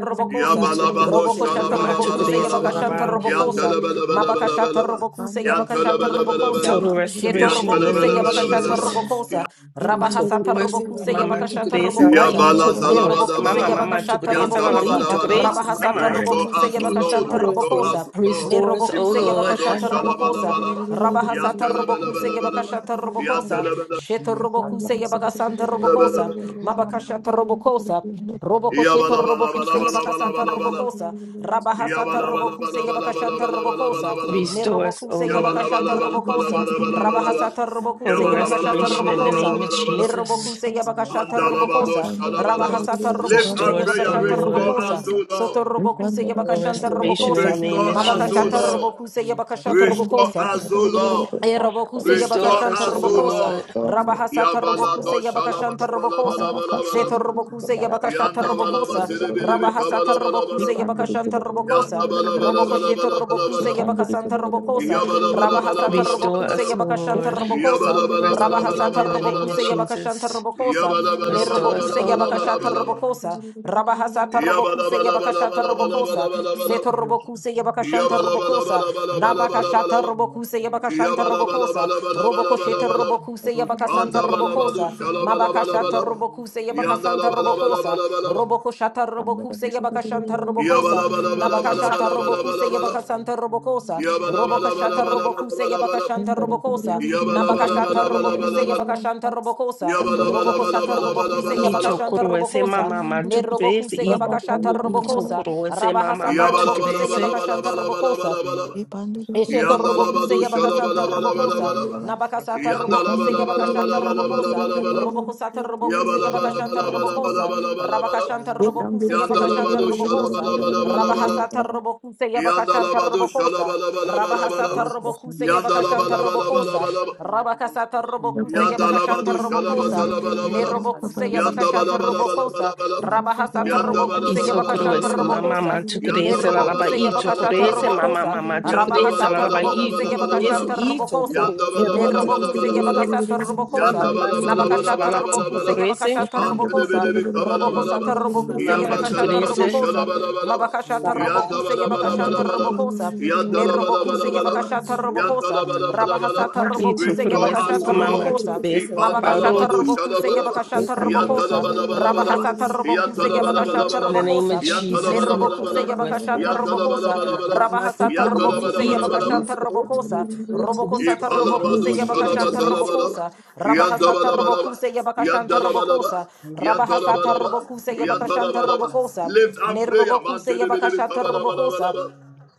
[SPEAKER 4] I
[SPEAKER 9] Robokosa
[SPEAKER 4] tokoro
[SPEAKER 2] Yabalabado
[SPEAKER 4] ese mama
[SPEAKER 9] Robokoshata
[SPEAKER 4] ma
[SPEAKER 9] Robokuse
[SPEAKER 4] tukure ese la
[SPEAKER 2] shalabalabalabalaba.
[SPEAKER 4] la
[SPEAKER 5] Thank
[SPEAKER 9] Yabakashanta Robokosa Mabakashata
[SPEAKER 2] Yantelebelebelebelebelebe.
[SPEAKER 11] Thank
[SPEAKER 9] Robokuse Yabakashata Robokosa
[SPEAKER 4] total
[SPEAKER 2] Yantelebelebelebelebe.
[SPEAKER 9] Sheto
[SPEAKER 4] restoration in the
[SPEAKER 9] Robokuse
[SPEAKER 4] name of
[SPEAKER 9] Yabakashata
[SPEAKER 4] Jesus.
[SPEAKER 2] Yantelebelebelebelebe.
[SPEAKER 9] Robokosa
[SPEAKER 4] I
[SPEAKER 9] Rabahasata
[SPEAKER 4] tokoro ese
[SPEAKER 9] Robokuse
[SPEAKER 4] mama ma
[SPEAKER 9] Yabakashata
[SPEAKER 4] tukure ese la la
[SPEAKER 9] Robokosa
[SPEAKER 4] i
[SPEAKER 2] Yabala
[SPEAKER 4] tokoro ese
[SPEAKER 2] zalabada
[SPEAKER 9] Nerobokuse
[SPEAKER 4] mama
[SPEAKER 2] badaba.
[SPEAKER 4] mama tukure
[SPEAKER 9] Yabakashata
[SPEAKER 4] ese la la
[SPEAKER 2] Yandala
[SPEAKER 4] i
[SPEAKER 9] Robokosa
[SPEAKER 4] tokoro
[SPEAKER 2] badaba.
[SPEAKER 4] ese
[SPEAKER 9] Rabahasata
[SPEAKER 4] mama
[SPEAKER 2] Restore
[SPEAKER 9] Robokuse
[SPEAKER 2] us, O
[SPEAKER 4] i
[SPEAKER 9] Yabakashanta
[SPEAKER 2] Lord.
[SPEAKER 4] tokoro
[SPEAKER 2] Restore
[SPEAKER 4] ese
[SPEAKER 9] Robokosa
[SPEAKER 2] us, O Lord.
[SPEAKER 4] restores
[SPEAKER 11] you.
[SPEAKER 4] oh
[SPEAKER 9] Nerobokuse
[SPEAKER 4] Lord
[SPEAKER 2] Ipalabado
[SPEAKER 9] Yabakashata
[SPEAKER 2] shalabala
[SPEAKER 9] Robokosa
[SPEAKER 2] balaba.
[SPEAKER 9] Rabahasata
[SPEAKER 2] Yantele bele
[SPEAKER 9] Robokuse
[SPEAKER 2] bele bele bele.
[SPEAKER 9] Yabakashata Robokosa
[SPEAKER 2] Yantele bele
[SPEAKER 9] Sheto Robokuse Yabakasanta
[SPEAKER 2] bele bele
[SPEAKER 9] Robokosa
[SPEAKER 2] bele.
[SPEAKER 9] Mabakashata robokosa. Robokosheta
[SPEAKER 2] Yabala bala bala
[SPEAKER 9] robokuse
[SPEAKER 2] bala bala
[SPEAKER 9] yabakasata
[SPEAKER 2] bala bala.
[SPEAKER 9] robokosa. Rabahasata
[SPEAKER 2] Yabala bala
[SPEAKER 9] robokuse
[SPEAKER 2] bala bala bala
[SPEAKER 9] yabakashanta
[SPEAKER 2] bala bala bala
[SPEAKER 9] robokosa.
[SPEAKER 2] bala bala.
[SPEAKER 4] restores oh
[SPEAKER 9] Nerobokuse
[SPEAKER 2] Yabala
[SPEAKER 4] Lord.
[SPEAKER 2] bala
[SPEAKER 9] yabakashata
[SPEAKER 2] bala bala
[SPEAKER 9] robokosa.
[SPEAKER 2] bala
[SPEAKER 5] you.
[SPEAKER 2] bala bala bala.
[SPEAKER 9] Rabahasata robokuse
[SPEAKER 4] Total
[SPEAKER 2] Yabala bala
[SPEAKER 9] yabakashata
[SPEAKER 2] bala
[SPEAKER 4] restoration in
[SPEAKER 2] bala
[SPEAKER 4] the
[SPEAKER 2] bala
[SPEAKER 9] robokosa.
[SPEAKER 4] name of
[SPEAKER 2] bala bala.
[SPEAKER 5] Thank you.
[SPEAKER 4] Jesus.
[SPEAKER 9] Nerobokuse yabakashata
[SPEAKER 11] Thank
[SPEAKER 2] Andalabado
[SPEAKER 9] robokosa.
[SPEAKER 2] shalabala.
[SPEAKER 9] Rabahasata
[SPEAKER 2] Lift
[SPEAKER 9] robokuse
[SPEAKER 2] our
[SPEAKER 4] Restore us, O
[SPEAKER 2] prayer.
[SPEAKER 9] yabakashata
[SPEAKER 4] Lord.
[SPEAKER 2] Restore
[SPEAKER 9] robokosa.
[SPEAKER 2] us, O Lord.
[SPEAKER 9] Soto robokuse
[SPEAKER 4] Total
[SPEAKER 9] yabakashanta
[SPEAKER 4] restoration in the
[SPEAKER 9] robokosa.
[SPEAKER 4] name of
[SPEAKER 2] Restore us, O
[SPEAKER 9] Mabakashata
[SPEAKER 4] Jesus.
[SPEAKER 2] Lord.
[SPEAKER 9] robokuse yabakashata
[SPEAKER 2] Restore
[SPEAKER 9] robokosa.
[SPEAKER 2] us, O Lord.
[SPEAKER 9] E
[SPEAKER 2] Restore
[SPEAKER 4] Restore
[SPEAKER 9] yabakashanta
[SPEAKER 4] us, O
[SPEAKER 2] us, O
[SPEAKER 9] robokosa.
[SPEAKER 2] Lord.
[SPEAKER 4] Lord.
[SPEAKER 9] Rabahasata robokuse
[SPEAKER 2] Yabalado
[SPEAKER 9] yabakashanta robokosa. Seto
[SPEAKER 2] shalabalabalabalabalaba.
[SPEAKER 9] robokuse yabakashata
[SPEAKER 2] Yanda balaba
[SPEAKER 9] robokosa.
[SPEAKER 2] zelebilebe
[SPEAKER 9] Rabahasata robokuse
[SPEAKER 2] kabalabalabalaba.
[SPEAKER 9] yabakashanta
[SPEAKER 2] Yanda
[SPEAKER 9] robokosa. Robokosheto robokuse
[SPEAKER 2] balabalabalabalabalabalaba.
[SPEAKER 9] yabakasanta robokosa. Rabahasata
[SPEAKER 4] Restore
[SPEAKER 9] robokuse
[SPEAKER 4] us,
[SPEAKER 2] Yabalabalabalabalabalabalaba.
[SPEAKER 4] O
[SPEAKER 9] yabakashanta
[SPEAKER 4] Lord.
[SPEAKER 9] robokosa.
[SPEAKER 4] Total restoration
[SPEAKER 9] Rabahasata
[SPEAKER 4] in the name of
[SPEAKER 9] robokuse yabakashanta
[SPEAKER 4] Jesus.
[SPEAKER 2] Yabalabalabalabalabalabalaba.
[SPEAKER 9] robokosa.
[SPEAKER 4] Restore us,
[SPEAKER 9] Nerobokuse
[SPEAKER 4] O
[SPEAKER 11] you.
[SPEAKER 4] Lord.
[SPEAKER 9] yabakashata
[SPEAKER 2] Yabalabalabalabalabalabalaba.
[SPEAKER 11] Thank
[SPEAKER 9] robokosa. Rabahasata robokuse yabakashata robokosa.
[SPEAKER 2] Yabalabalabalabalabalabalaba.
[SPEAKER 9] Seto
[SPEAKER 5] It was
[SPEAKER 9] robokuse yabakashanta robokosa. Nabakashata
[SPEAKER 2] Yabalabalabalabalabalabalaba.
[SPEAKER 9] robokuse yabakashanta
[SPEAKER 2] Yabala bala
[SPEAKER 9] robokosa.
[SPEAKER 2] bala bala bala bala
[SPEAKER 9] Robokosheta
[SPEAKER 2] bala
[SPEAKER 9] robokuse yabakasanta
[SPEAKER 2] Banda bala, badu
[SPEAKER 9] robokosa.
[SPEAKER 2] shala bala bala
[SPEAKER 9] Mabakashata
[SPEAKER 2] bala
[SPEAKER 9] robokuse
[SPEAKER 2] Yanda
[SPEAKER 9] yabakasanta
[SPEAKER 2] bala bala,
[SPEAKER 9] robokosa.
[SPEAKER 2] bala bala bala
[SPEAKER 9] Robokoshata robokuse yabakashanta robokosa.
[SPEAKER 2] Yabala bala bala, bala bala
[SPEAKER 9] Nabakashata
[SPEAKER 2] bala
[SPEAKER 9] robokuse
[SPEAKER 2] bala bala
[SPEAKER 9] yabakasanta robokosa.
[SPEAKER 2] Yabala bala bala
[SPEAKER 9] Robokashata
[SPEAKER 2] bala, bala
[SPEAKER 11] you.
[SPEAKER 9] robokuse
[SPEAKER 2] bala bala
[SPEAKER 9] yabakashanta robokosa.
[SPEAKER 2] Yabala bala
[SPEAKER 9] Nabakashata
[SPEAKER 2] bala bala bala
[SPEAKER 9] robokuse
[SPEAKER 2] bala,
[SPEAKER 9] yabakashanta robokosa.
[SPEAKER 2] Yabala bala bala
[SPEAKER 9] Robokosata
[SPEAKER 2] bala bala bala
[SPEAKER 9] robokuse
[SPEAKER 2] bala
[SPEAKER 9] yabakashanta
[SPEAKER 4] Itokoro ese
[SPEAKER 9] robokosa.
[SPEAKER 4] mama ma tukurese.
[SPEAKER 9] Nerobokuse yabakashata
[SPEAKER 4] Itokoro
[SPEAKER 9] robokosa.
[SPEAKER 4] itokoro ese mama
[SPEAKER 9] Rabahasata
[SPEAKER 4] ma
[SPEAKER 2] Yabala
[SPEAKER 9] robokuse
[SPEAKER 2] bala
[SPEAKER 4] tukurese.
[SPEAKER 9] yabakashanta robokosa.
[SPEAKER 2] bala,
[SPEAKER 5] Russian,
[SPEAKER 9] Esheto
[SPEAKER 2] bala bala shala shala yanda yanda
[SPEAKER 9] robokuse
[SPEAKER 2] badu shala
[SPEAKER 9] yabakasanta
[SPEAKER 2] bala
[SPEAKER 5] Yes,
[SPEAKER 2] bala
[SPEAKER 5] I will.
[SPEAKER 9] robokosa,
[SPEAKER 2] bala, Yandalabalabalabalaba.
[SPEAKER 5] Yes,
[SPEAKER 9] nabakasata
[SPEAKER 5] I will.
[SPEAKER 11] Thank
[SPEAKER 9] robokuse
[SPEAKER 11] you.
[SPEAKER 9] yabakashata
[SPEAKER 2] Yabalabalabalabalabalabalaba. bala bala bala
[SPEAKER 9] robokosa,
[SPEAKER 2] bala bala bala bala.
[SPEAKER 9] robokosata robokuse
[SPEAKER 2] Yabala bala
[SPEAKER 9] yabakashanta
[SPEAKER 2] bala bala bala
[SPEAKER 9] robokosa,
[SPEAKER 2] bala bala bala.
[SPEAKER 9] rabakashanta robokuse
[SPEAKER 2] Yanda la
[SPEAKER 9] yabakashanta
[SPEAKER 2] bado shala
[SPEAKER 9] robokosa,
[SPEAKER 2] bala bala bala bala.
[SPEAKER 9] rabahasata robokuse
[SPEAKER 2] Yanda la
[SPEAKER 9] yabakashanta robokosa,
[SPEAKER 2] Yabalabalabalabalabalabalabalabala.
[SPEAKER 9] rabahasata
[SPEAKER 2] la şalabalabalabalabala. Yandalabado şalabalabalabalabala.
[SPEAKER 9] robokuse yabakashanta robokosa,
[SPEAKER 2] Yandalabalabalabalabala.
[SPEAKER 9] rabakasata robokuse
[SPEAKER 2] Yanda laba
[SPEAKER 9] yabakashanta
[SPEAKER 2] do shalaba
[SPEAKER 9] robokosa,
[SPEAKER 2] zalaba laba laba.
[SPEAKER 9] nerobokuse
[SPEAKER 2] Yanda ba
[SPEAKER 9] yabakashata
[SPEAKER 2] laba laba laba
[SPEAKER 9] robokosa,
[SPEAKER 2] laba laba.
[SPEAKER 9] rabahasata
[SPEAKER 2] Yanda ba
[SPEAKER 9] robokuse
[SPEAKER 2] laba laba
[SPEAKER 9] yabakashanta
[SPEAKER 4] Itokurese mama
[SPEAKER 2] laba
[SPEAKER 9] robokosa,
[SPEAKER 4] mama tukurese lalaba
[SPEAKER 9] nerobokuse yabakashata
[SPEAKER 2] laba
[SPEAKER 4] itokurese
[SPEAKER 2] laba.
[SPEAKER 4] mama
[SPEAKER 9] robokosa,
[SPEAKER 4] mama
[SPEAKER 2] Yanda
[SPEAKER 9] Rabaha
[SPEAKER 2] ba
[SPEAKER 4] tukurese
[SPEAKER 9] sata
[SPEAKER 2] laba laba
[SPEAKER 4] lalaba
[SPEAKER 2] laba
[SPEAKER 9] robokuse
[SPEAKER 2] laba laba
[SPEAKER 4] itokurese
[SPEAKER 9] yabakashanta
[SPEAKER 2] laba.
[SPEAKER 9] robokosa.
[SPEAKER 2] Yanda ba
[SPEAKER 4] itokurese
[SPEAKER 2] laba
[SPEAKER 4] roti
[SPEAKER 2] laba laba laba
[SPEAKER 9] Nedrobokuse
[SPEAKER 2] laba
[SPEAKER 4] tukurese
[SPEAKER 2] laba.
[SPEAKER 9] yabakasata
[SPEAKER 2] Yanda
[SPEAKER 9] robokosa.
[SPEAKER 2] ba laba laba laba laba laba. Yanda
[SPEAKER 4] mama
[SPEAKER 2] ba
[SPEAKER 4] mama
[SPEAKER 2] laba laba
[SPEAKER 4] tukurese
[SPEAKER 2] laba
[SPEAKER 9] Nabakashata
[SPEAKER 4] lalaba
[SPEAKER 2] laba laba
[SPEAKER 9] robokuse
[SPEAKER 2] laba.
[SPEAKER 4] itokurese
[SPEAKER 9] yabakashata
[SPEAKER 5] Yes, I
[SPEAKER 2] Ante
[SPEAKER 5] will.
[SPEAKER 2] de be
[SPEAKER 9] robokosa.
[SPEAKER 2] de be kaba laba
[SPEAKER 5] Yellow
[SPEAKER 9] Robokosata
[SPEAKER 5] Russian
[SPEAKER 4] mama
[SPEAKER 5] is
[SPEAKER 9] robokuse
[SPEAKER 2] laba.
[SPEAKER 5] a
[SPEAKER 4] mama
[SPEAKER 9] yabakashata
[SPEAKER 5] European
[SPEAKER 2] Rabazalabadu
[SPEAKER 4] tukurese
[SPEAKER 9] robokosa.
[SPEAKER 2] Shalabalaba,
[SPEAKER 5] Russian.
[SPEAKER 9] Mabakashata
[SPEAKER 4] lalaba
[SPEAKER 9] robokuse
[SPEAKER 11] Thank
[SPEAKER 9] yabakashanta
[SPEAKER 2] Yandabalabalaba,
[SPEAKER 9] robokosa. Nedrobokuse
[SPEAKER 2] Yandalabalabalaba,
[SPEAKER 9] yabakashata robokosa. Rabahasata
[SPEAKER 2] Yandalabalabalaba,
[SPEAKER 9] robokuse
[SPEAKER 2] restore
[SPEAKER 4] itokurese
[SPEAKER 2] us,
[SPEAKER 4] mama
[SPEAKER 9] yabakashata
[SPEAKER 2] O
[SPEAKER 4] mama
[SPEAKER 2] Lord.
[SPEAKER 9] robokosa.
[SPEAKER 4] tukurese lalaba
[SPEAKER 9] Mabakashata
[SPEAKER 2] Ipandalabadu
[SPEAKER 4] roti
[SPEAKER 9] robokuse
[SPEAKER 4] tukurese
[SPEAKER 2] Shalabalaba,
[SPEAKER 11] you.
[SPEAKER 9] yabakashata
[SPEAKER 4] tukurese
[SPEAKER 9] robokosa.
[SPEAKER 2] Yandalabalabalabalaba,
[SPEAKER 9] Rabahasata robokuse
[SPEAKER 4] for
[SPEAKER 9] yabakashanta
[SPEAKER 4] restoration in the
[SPEAKER 2] Yandalabalabalabalaba,
[SPEAKER 4] name of
[SPEAKER 9] robokosa.
[SPEAKER 4] Jesus
[SPEAKER 9] Nerobokuse
[SPEAKER 2] Yandalabalabalabalaba,
[SPEAKER 4] itokurese
[SPEAKER 9] yabakashata robokosa.
[SPEAKER 4] mama
[SPEAKER 2] Yandalabalabalabalaba,
[SPEAKER 4] mama
[SPEAKER 9] Rabahasata
[SPEAKER 4] tukurese
[SPEAKER 9] Robokuse
[SPEAKER 2] Yandalabalabalabalaba,
[SPEAKER 9] Yabakashanta
[SPEAKER 4] itokurese tukurese
[SPEAKER 9] Robokosa,
[SPEAKER 4] tukurese tukurese
[SPEAKER 9] Robokosata Robokuse
[SPEAKER 2] İpalabadu
[SPEAKER 4] tukurese
[SPEAKER 2] şalaba
[SPEAKER 9] Yabakashanta
[SPEAKER 4] tukurese
[SPEAKER 2] zalaba
[SPEAKER 9] Robokosa,
[SPEAKER 2] yanda
[SPEAKER 9] Rabahasata
[SPEAKER 2] balaba Yandabalabalaba.
[SPEAKER 9] Robokuse Yabakashanta
[SPEAKER 2] Yandalabalaba.
[SPEAKER 9] Robokosa,
[SPEAKER 2] Yantalabalaba.
[SPEAKER 9] Rabahasata
[SPEAKER 2] balaba,
[SPEAKER 9] Robokuse
[SPEAKER 2] yanda
[SPEAKER 9] Yabakashanta
[SPEAKER 2] balaba
[SPEAKER 9] Robokosa,
[SPEAKER 2] Lift up prayer.
[SPEAKER 9] Nerobokuse
[SPEAKER 2] Mantelebilebi
[SPEAKER 9] Yabakashata Robokosa,
[SPEAKER 2] balaba.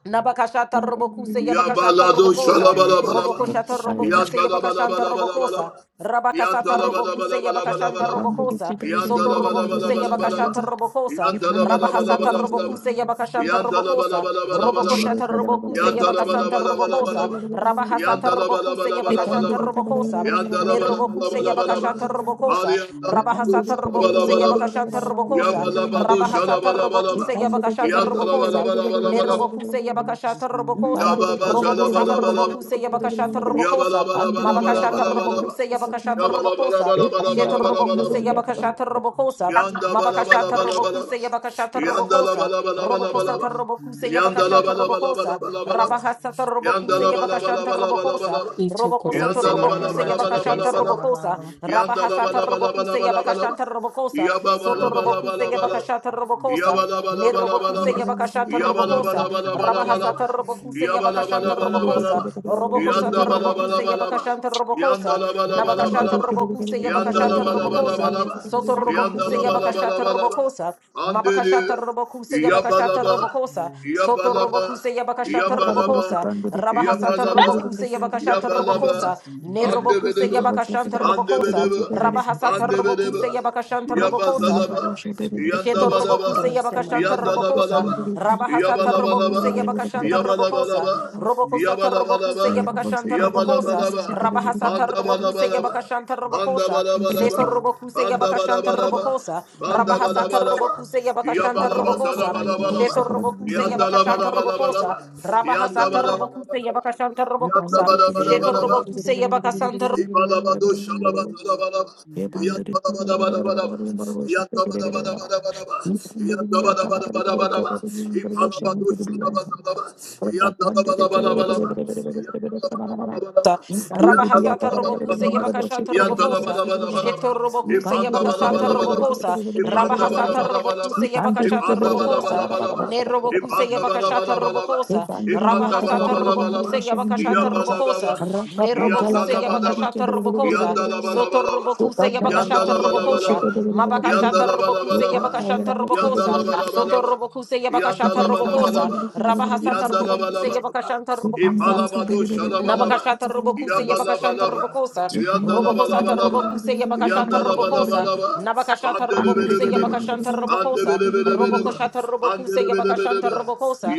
[SPEAKER 9] Nabakashata Robokuse Yabakashata
[SPEAKER 2] Yabalado
[SPEAKER 9] Robokosa,
[SPEAKER 2] shalabalabalaba.
[SPEAKER 9] Robokoshata Robokuse Yabakashanta Robokosa,
[SPEAKER 2] Yandalabalabalabalaba.
[SPEAKER 9] Rabakasata Robokuse Yabakashanta
[SPEAKER 5] Thank
[SPEAKER 2] Yandalabalabalabalaba.
[SPEAKER 9] Robokosa, Soto Robokuse
[SPEAKER 2] Yandalabalabalabalaba.
[SPEAKER 9] Yabakashata
[SPEAKER 2] Yandalabalabalabalaba.
[SPEAKER 9] Robokosa, Rabahasata
[SPEAKER 2] Yandalabalabalabalaba.
[SPEAKER 9] Robokuse Yabakashanta Robokosa,
[SPEAKER 11] Thank
[SPEAKER 9] Robokoshata Robokuse Yabakasanta Robokosa,
[SPEAKER 2] Yandalabalabalabalaba.
[SPEAKER 9] Rabahasata Robokuse
[SPEAKER 11] you.
[SPEAKER 9] Yabakashanta
[SPEAKER 2] Yandalabalabalabalaba.
[SPEAKER 9] Robokosa, ne Nerobokuse
[SPEAKER 2] Yandalabalabalabalaba.
[SPEAKER 9] Yabakashata
[SPEAKER 2] Ali
[SPEAKER 9] Robokosa,
[SPEAKER 2] yandalabado
[SPEAKER 9] Rabahasata Robokuse
[SPEAKER 2] shalabalabalaba.
[SPEAKER 9] Yabakashanta Robokosa,
[SPEAKER 2] Yabalabado
[SPEAKER 9] Rabahasata
[SPEAKER 2] shalabalabalaba.
[SPEAKER 9] Robokuse Yabakashata Robokosa,
[SPEAKER 2] Yandalabalabalabalaba.
[SPEAKER 9] Nerobokuse Yabakashata
[SPEAKER 2] Ya
[SPEAKER 9] Robokosa,
[SPEAKER 2] baba zalaba
[SPEAKER 9] Robokosata
[SPEAKER 2] laba laba
[SPEAKER 9] Robokuse
[SPEAKER 2] laba.
[SPEAKER 9] Yabakashata
[SPEAKER 2] Yabala
[SPEAKER 9] Robokosa,
[SPEAKER 2] bala bala bala bala
[SPEAKER 9] Mabakashata
[SPEAKER 2] bala bala.
[SPEAKER 9] Robokuse Yabakashata
[SPEAKER 2] Yabala bala
[SPEAKER 9] Robokosa,
[SPEAKER 2] bala bala
[SPEAKER 9] Sheta
[SPEAKER 2] bala bala bala
[SPEAKER 9] Robokuse
[SPEAKER 2] bala.
[SPEAKER 9] Yabakashata Robokosa,
[SPEAKER 2] Yanda bala bala
[SPEAKER 9] Mabakashata
[SPEAKER 2] bala bala
[SPEAKER 9] Robokuse
[SPEAKER 5] you.
[SPEAKER 2] bala.
[SPEAKER 9] Yabakashata
[SPEAKER 2] Yanda la
[SPEAKER 9] Robokosa,
[SPEAKER 2] bala bala bala bala
[SPEAKER 9] Robokosata
[SPEAKER 5] Thank
[SPEAKER 2] bala.
[SPEAKER 5] you.
[SPEAKER 9] Robokuse
[SPEAKER 2] Yanda la
[SPEAKER 9] Yabakashata
[SPEAKER 2] bala bala bala
[SPEAKER 9] Robokosa, Rabahasata Robokuse Yabakashanta
[SPEAKER 2] bala bala
[SPEAKER 9] Robokosa,
[SPEAKER 2] bala.
[SPEAKER 9] Robokosata
[SPEAKER 4] Itokoroese
[SPEAKER 2] Yanda la bala
[SPEAKER 9] Robokuse
[SPEAKER 4] mama
[SPEAKER 2] bala bala bala
[SPEAKER 9] Yabakashanta
[SPEAKER 4] tokorese
[SPEAKER 2] bala bala.
[SPEAKER 4] lalaba.
[SPEAKER 9] Robokosa,
[SPEAKER 2] Yanda la
[SPEAKER 9] Rabahasata
[SPEAKER 2] bala bala bala
[SPEAKER 9] Robokuse
[SPEAKER 2] bala bala bala. Yanda la bala bala bala bala bala bala.
[SPEAKER 9] Yabakashanta Robokosa,
[SPEAKER 2] baba
[SPEAKER 9] Soto
[SPEAKER 2] la bala
[SPEAKER 9] Robokuse
[SPEAKER 2] bala bala.
[SPEAKER 9] Yabakashata Robokosa, Nerobokuse
[SPEAKER 2] Yabalabalabalaba.
[SPEAKER 9] Yabakasha Tarabokosa, Rabahasa
[SPEAKER 2] Yabalabalabalaba.
[SPEAKER 9] Tarabokuse Yabakashan
[SPEAKER 11] I
[SPEAKER 9] Tarabokosa,
[SPEAKER 2] Yabalabalabalaba.
[SPEAKER 9] Robokosa Tarabokuse
[SPEAKER 2] Yandabalabalabalaba.
[SPEAKER 9] Yabakashan Tarabokosa, Nabakasha
[SPEAKER 2] Yandalabalabalabalaba.
[SPEAKER 9] Tarabokuse Yabakasha Tarabokosa,
[SPEAKER 2] Yandalabalabalabalaba.
[SPEAKER 9] Soto Robokuse Yabakasha
[SPEAKER 2] Yandalabalabalabalaba.
[SPEAKER 9] Tarabokosa,
[SPEAKER 2] Andeli.
[SPEAKER 9] Mabakasha Tarabokuse Yabakasha
[SPEAKER 2] Yabalaba.
[SPEAKER 9] Tarabokosa, Soto
[SPEAKER 2] Yabalaba,
[SPEAKER 9] Robokuse Yabakasha
[SPEAKER 2] Yabalaba,
[SPEAKER 9] Tarabokosa, Rabahasa
[SPEAKER 2] Yabalaba,
[SPEAKER 9] Tarabokuse Yabakasha
[SPEAKER 2] Yabalaba,
[SPEAKER 9] Tarabokosa, Nerobokuse
[SPEAKER 2] Bandebedeba,
[SPEAKER 9] Yabakashan Tarabokosa,
[SPEAKER 2] Bandebedeba,
[SPEAKER 5] Deus, nós
[SPEAKER 9] Rabahasa
[SPEAKER 5] somos
[SPEAKER 2] Bandebedeba,
[SPEAKER 9] Tarabokuse
[SPEAKER 5] a
[SPEAKER 9] Yabakashan
[SPEAKER 5] família
[SPEAKER 9] Tarabokosa,
[SPEAKER 5] do
[SPEAKER 2] Yabazalaba,
[SPEAKER 5] Cristo, nós somos
[SPEAKER 9] Sheto
[SPEAKER 2] Yandabadaba,
[SPEAKER 9] robokuse
[SPEAKER 4] Itokoroese
[SPEAKER 5] a
[SPEAKER 4] mama.
[SPEAKER 9] yabakashanta
[SPEAKER 4] ma
[SPEAKER 9] robokosa.
[SPEAKER 2] Yandalabalaba,
[SPEAKER 5] família
[SPEAKER 9] Rabahasa
[SPEAKER 2] Yabalabalaba,
[SPEAKER 9] tarobokuse yabakashanta robokosa.
[SPEAKER 2] Yabalabalaba,
[SPEAKER 9] Robokosa
[SPEAKER 2] Yabalabalaba,
[SPEAKER 9] tarobokuse
[SPEAKER 11] am also
[SPEAKER 9] yabakashanta
[SPEAKER 11] doing
[SPEAKER 9] robokosa.
[SPEAKER 2] Yabalabalaba,
[SPEAKER 9] Rabahasa tarobokuse
[SPEAKER 2] Bandabalabalaba,
[SPEAKER 9] yabakashanta
[SPEAKER 2] Panda
[SPEAKER 9] robokosa.
[SPEAKER 2] bada bada ba.
[SPEAKER 9] Seto robokuse
[SPEAKER 2] Panda bada
[SPEAKER 9] yabakashanta
[SPEAKER 2] bada ba.
[SPEAKER 9] robokosa.
[SPEAKER 2] Panda bada
[SPEAKER 9] Rabahasa
[SPEAKER 11] this.
[SPEAKER 2] bada ba.
[SPEAKER 9] tarobokuse
[SPEAKER 2] ya
[SPEAKER 9] yabakashanta
[SPEAKER 11] Thank
[SPEAKER 2] Yabala basala
[SPEAKER 9] robokosa.
[SPEAKER 2] bala bala ba.
[SPEAKER 9] Sheto robokuse
[SPEAKER 2] Yanda la bala
[SPEAKER 9] yabakashanta
[SPEAKER 2] bala bala ba.
[SPEAKER 9] robokosa.
[SPEAKER 2] Yanda
[SPEAKER 9] Rabahasa
[SPEAKER 2] bada bada
[SPEAKER 9] tarobokuse
[SPEAKER 2] bada ba.
[SPEAKER 9] yabakashanta
[SPEAKER 2] Yanda
[SPEAKER 9] robokosa.
[SPEAKER 2] bada bada
[SPEAKER 9] Sheto
[SPEAKER 2] bada ba.
[SPEAKER 9] robokuse
[SPEAKER 2] Ibalabado bala bala bala bala
[SPEAKER 5] do
[SPEAKER 2] Ipalabado
[SPEAKER 5] Cristo,
[SPEAKER 2] bala bala bala
[SPEAKER 5] Thank
[SPEAKER 2] Iyadabadabadabadaba. bala bala Ipandabadabadabadaba.
[SPEAKER 9] Ta- Rabahasata Robokuse Yabakashata Robokosa, Sheto Robokuse Yabakasata Robokosa, Rabahasata Robokuse Yabakashata Robokosa,
[SPEAKER 2] Ipandabadabadabadaba.
[SPEAKER 11] you.
[SPEAKER 9] Nerobokuse Yabakashata
[SPEAKER 2] Ipandabadabadabadaba.
[SPEAKER 9] Robokosa,
[SPEAKER 11] Thank
[SPEAKER 9] Rabahasata
[SPEAKER 2] Ipandabadabadabadaba.
[SPEAKER 9] Robokuse Yabakashata Robokosa,
[SPEAKER 2] Iyabadabadaba.
[SPEAKER 9] Nerobokuse
[SPEAKER 2] Yazalabadaba,
[SPEAKER 9] Yabakashata Robokosa, Soto
[SPEAKER 2] Yandalabalabalaba,
[SPEAKER 9] Robokuse Yabakashata Robokosa,
[SPEAKER 2] Yandalabalabalaba,
[SPEAKER 9] Mabakashata Robokuse
[SPEAKER 2] Yandalabalabalaba,
[SPEAKER 9] Yabakashanta Robokosa, Soto
[SPEAKER 2] Yandalabalabalaba,
[SPEAKER 9] Robokuse Yabakashata Robokosa,
[SPEAKER 2] Yandalabalabalaba,
[SPEAKER 9] Rabahasata Robokuse
[SPEAKER 2] Yandalabalabalaba,
[SPEAKER 9] Yabakashanta Robokosa,
[SPEAKER 2] Ipalabado Shalabalaba,
[SPEAKER 9] Nabakashata Robokuse Yabakashanta
[SPEAKER 2] Yabalabalaba,
[SPEAKER 9] Robokosa, Robokosata
[SPEAKER 2] Yandalabalabalaba,
[SPEAKER 9] Robokuse Yabakashata Robokosa,
[SPEAKER 2] Yandalabalabalaba,
[SPEAKER 9] Nabakashata Robokuse
[SPEAKER 2] Pandelebelebeleba,
[SPEAKER 9] Yabakashanta Robokosa,
[SPEAKER 2] Pandelebelebeleba,
[SPEAKER 9] Robokoshata Robokuse Yabakashanta
[SPEAKER 2] Pandelebelebeleba,
[SPEAKER 5] you.
[SPEAKER 9] Robokosa,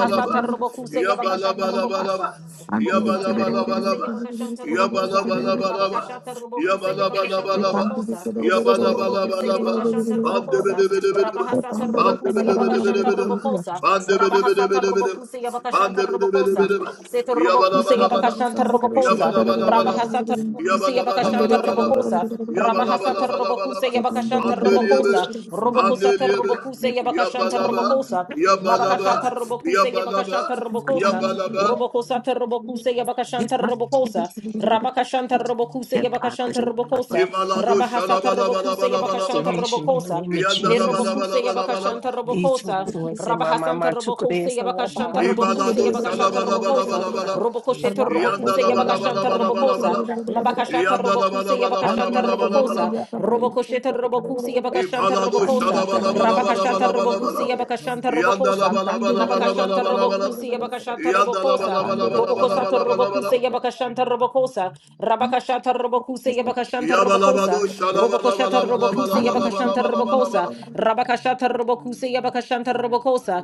[SPEAKER 5] Thank
[SPEAKER 9] Robokuse Yabakashata
[SPEAKER 11] you.
[SPEAKER 9] Robokosa,
[SPEAKER 2] Yabalabalaba,
[SPEAKER 11] Yes,
[SPEAKER 9] Robokosata Robokuse
[SPEAKER 2] Yabalabalaba,
[SPEAKER 9] Yabakashanta Robokosa,
[SPEAKER 2] Yabalabalabalaba,
[SPEAKER 9] Mabakashata Robokuse Yabakashata
[SPEAKER 2] Yabalabalabalaba,
[SPEAKER 9] Robokosa, Soto Robokuse
[SPEAKER 2] Yabalabalabalaba,
[SPEAKER 9] Yabakashanta Robokosa,
[SPEAKER 2] Bandebedebedebedeba,
[SPEAKER 9] Rabahasata Robokuse Yabakashanta
[SPEAKER 2] Bandebedebedebedeba,
[SPEAKER 9] Robokosa, Rabahasata
[SPEAKER 2] Bandebedebedebedeba,
[SPEAKER 9] Robokuse Yabakashanta Robokosa,
[SPEAKER 2] Bandebedebedebedeba,
[SPEAKER 9] Sete robokuse
[SPEAKER 2] Yabalabalabalaba,
[SPEAKER 9] yabakashanta robokosa.
[SPEAKER 2] Yabalabalabalaba,
[SPEAKER 9] Rabahasata robokuse yabakashanta
[SPEAKER 2] Yabalabalabalaba,
[SPEAKER 9] robokosa. Rabahasata robokuse
[SPEAKER 2] Yabalabalabalaba,
[SPEAKER 9] yabakashanta
[SPEAKER 2] Bandeliyebe,
[SPEAKER 9] robokosa. Robokusata
[SPEAKER 2] Bandeliyebe,
[SPEAKER 9] robokuse yabakashanta
[SPEAKER 2] Yabalaba,
[SPEAKER 9] robokosa. Mabakashata
[SPEAKER 2] Yabalaba,
[SPEAKER 9] robokuse
[SPEAKER 2] Yabalaba,
[SPEAKER 9] yabakashanta robokosa.
[SPEAKER 2] Yabalaba,
[SPEAKER 9] Robokosata robokuse yabakashanta
[SPEAKER 5] you.
[SPEAKER 9] robokosa. Rabakashanta
[SPEAKER 5] Thank
[SPEAKER 9] robokuse yabakashanta robokosa.
[SPEAKER 2] Imalado
[SPEAKER 9] Rabahasata robokuse yabakashanta
[SPEAKER 2] shalabalabalabalabalaba.
[SPEAKER 4] Restoration in the
[SPEAKER 9] robokosa.
[SPEAKER 4] name of Jesus.
[SPEAKER 11] ma'am.
[SPEAKER 9] Nirobokuse
[SPEAKER 2] Iyandalabalabalabalaba.
[SPEAKER 9] yabakashanta robokosa.
[SPEAKER 4] Itokoroese mama
[SPEAKER 9] Rabahasanta Robocusa
[SPEAKER 4] tokorese
[SPEAKER 11] Thank
[SPEAKER 9] Yabakashanta
[SPEAKER 4] lalaba.
[SPEAKER 9] Robocusa
[SPEAKER 2] Ibalado
[SPEAKER 9] Yabakashanta Robocosa,
[SPEAKER 2] shalabalabalabalabalaba.
[SPEAKER 9] Robocosheta Robocusa Yabakashanta Robocosa,
[SPEAKER 2] Iyandalabalabalabalabalabalaba.
[SPEAKER 9] Mabakashata Robocusa Yabakashanta
[SPEAKER 11] you.
[SPEAKER 9] Robocosa,
[SPEAKER 2] Iyandalabalabalabalabalabalaba.
[SPEAKER 9] Robocosheta Robocusa Yabakashanta
[SPEAKER 2] Ipalado
[SPEAKER 9] Robocosa, Rabakashata Robocusa
[SPEAKER 2] shalabalabalabalabalabalabalaba.
[SPEAKER 9] Yabakashanta Robocosa, Nabakashanta
[SPEAKER 2] Iyandalabalabalabalabalabalaba.
[SPEAKER 9] Robocusa Yabakashanta Robocosa, Robocosata Robocusa
[SPEAKER 2] Iyandalabalabalabalabalabalaba.
[SPEAKER 9] Yabakashanta Robocosa, Rabakashata Robocusa Yabakashanta
[SPEAKER 2] Iyabalabado
[SPEAKER 9] Robocosa, Robocoshata Robocusa Yabakashanta Robocosa,
[SPEAKER 2] shalabalabalabalabalabalabalaba.
[SPEAKER 9] Rabakashata Robokuse Yabakashanta Robokosa,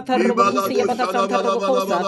[SPEAKER 5] you.
[SPEAKER 9] Robokuse
[SPEAKER 2] Ibalado
[SPEAKER 9] Yabakasanta Robokosa,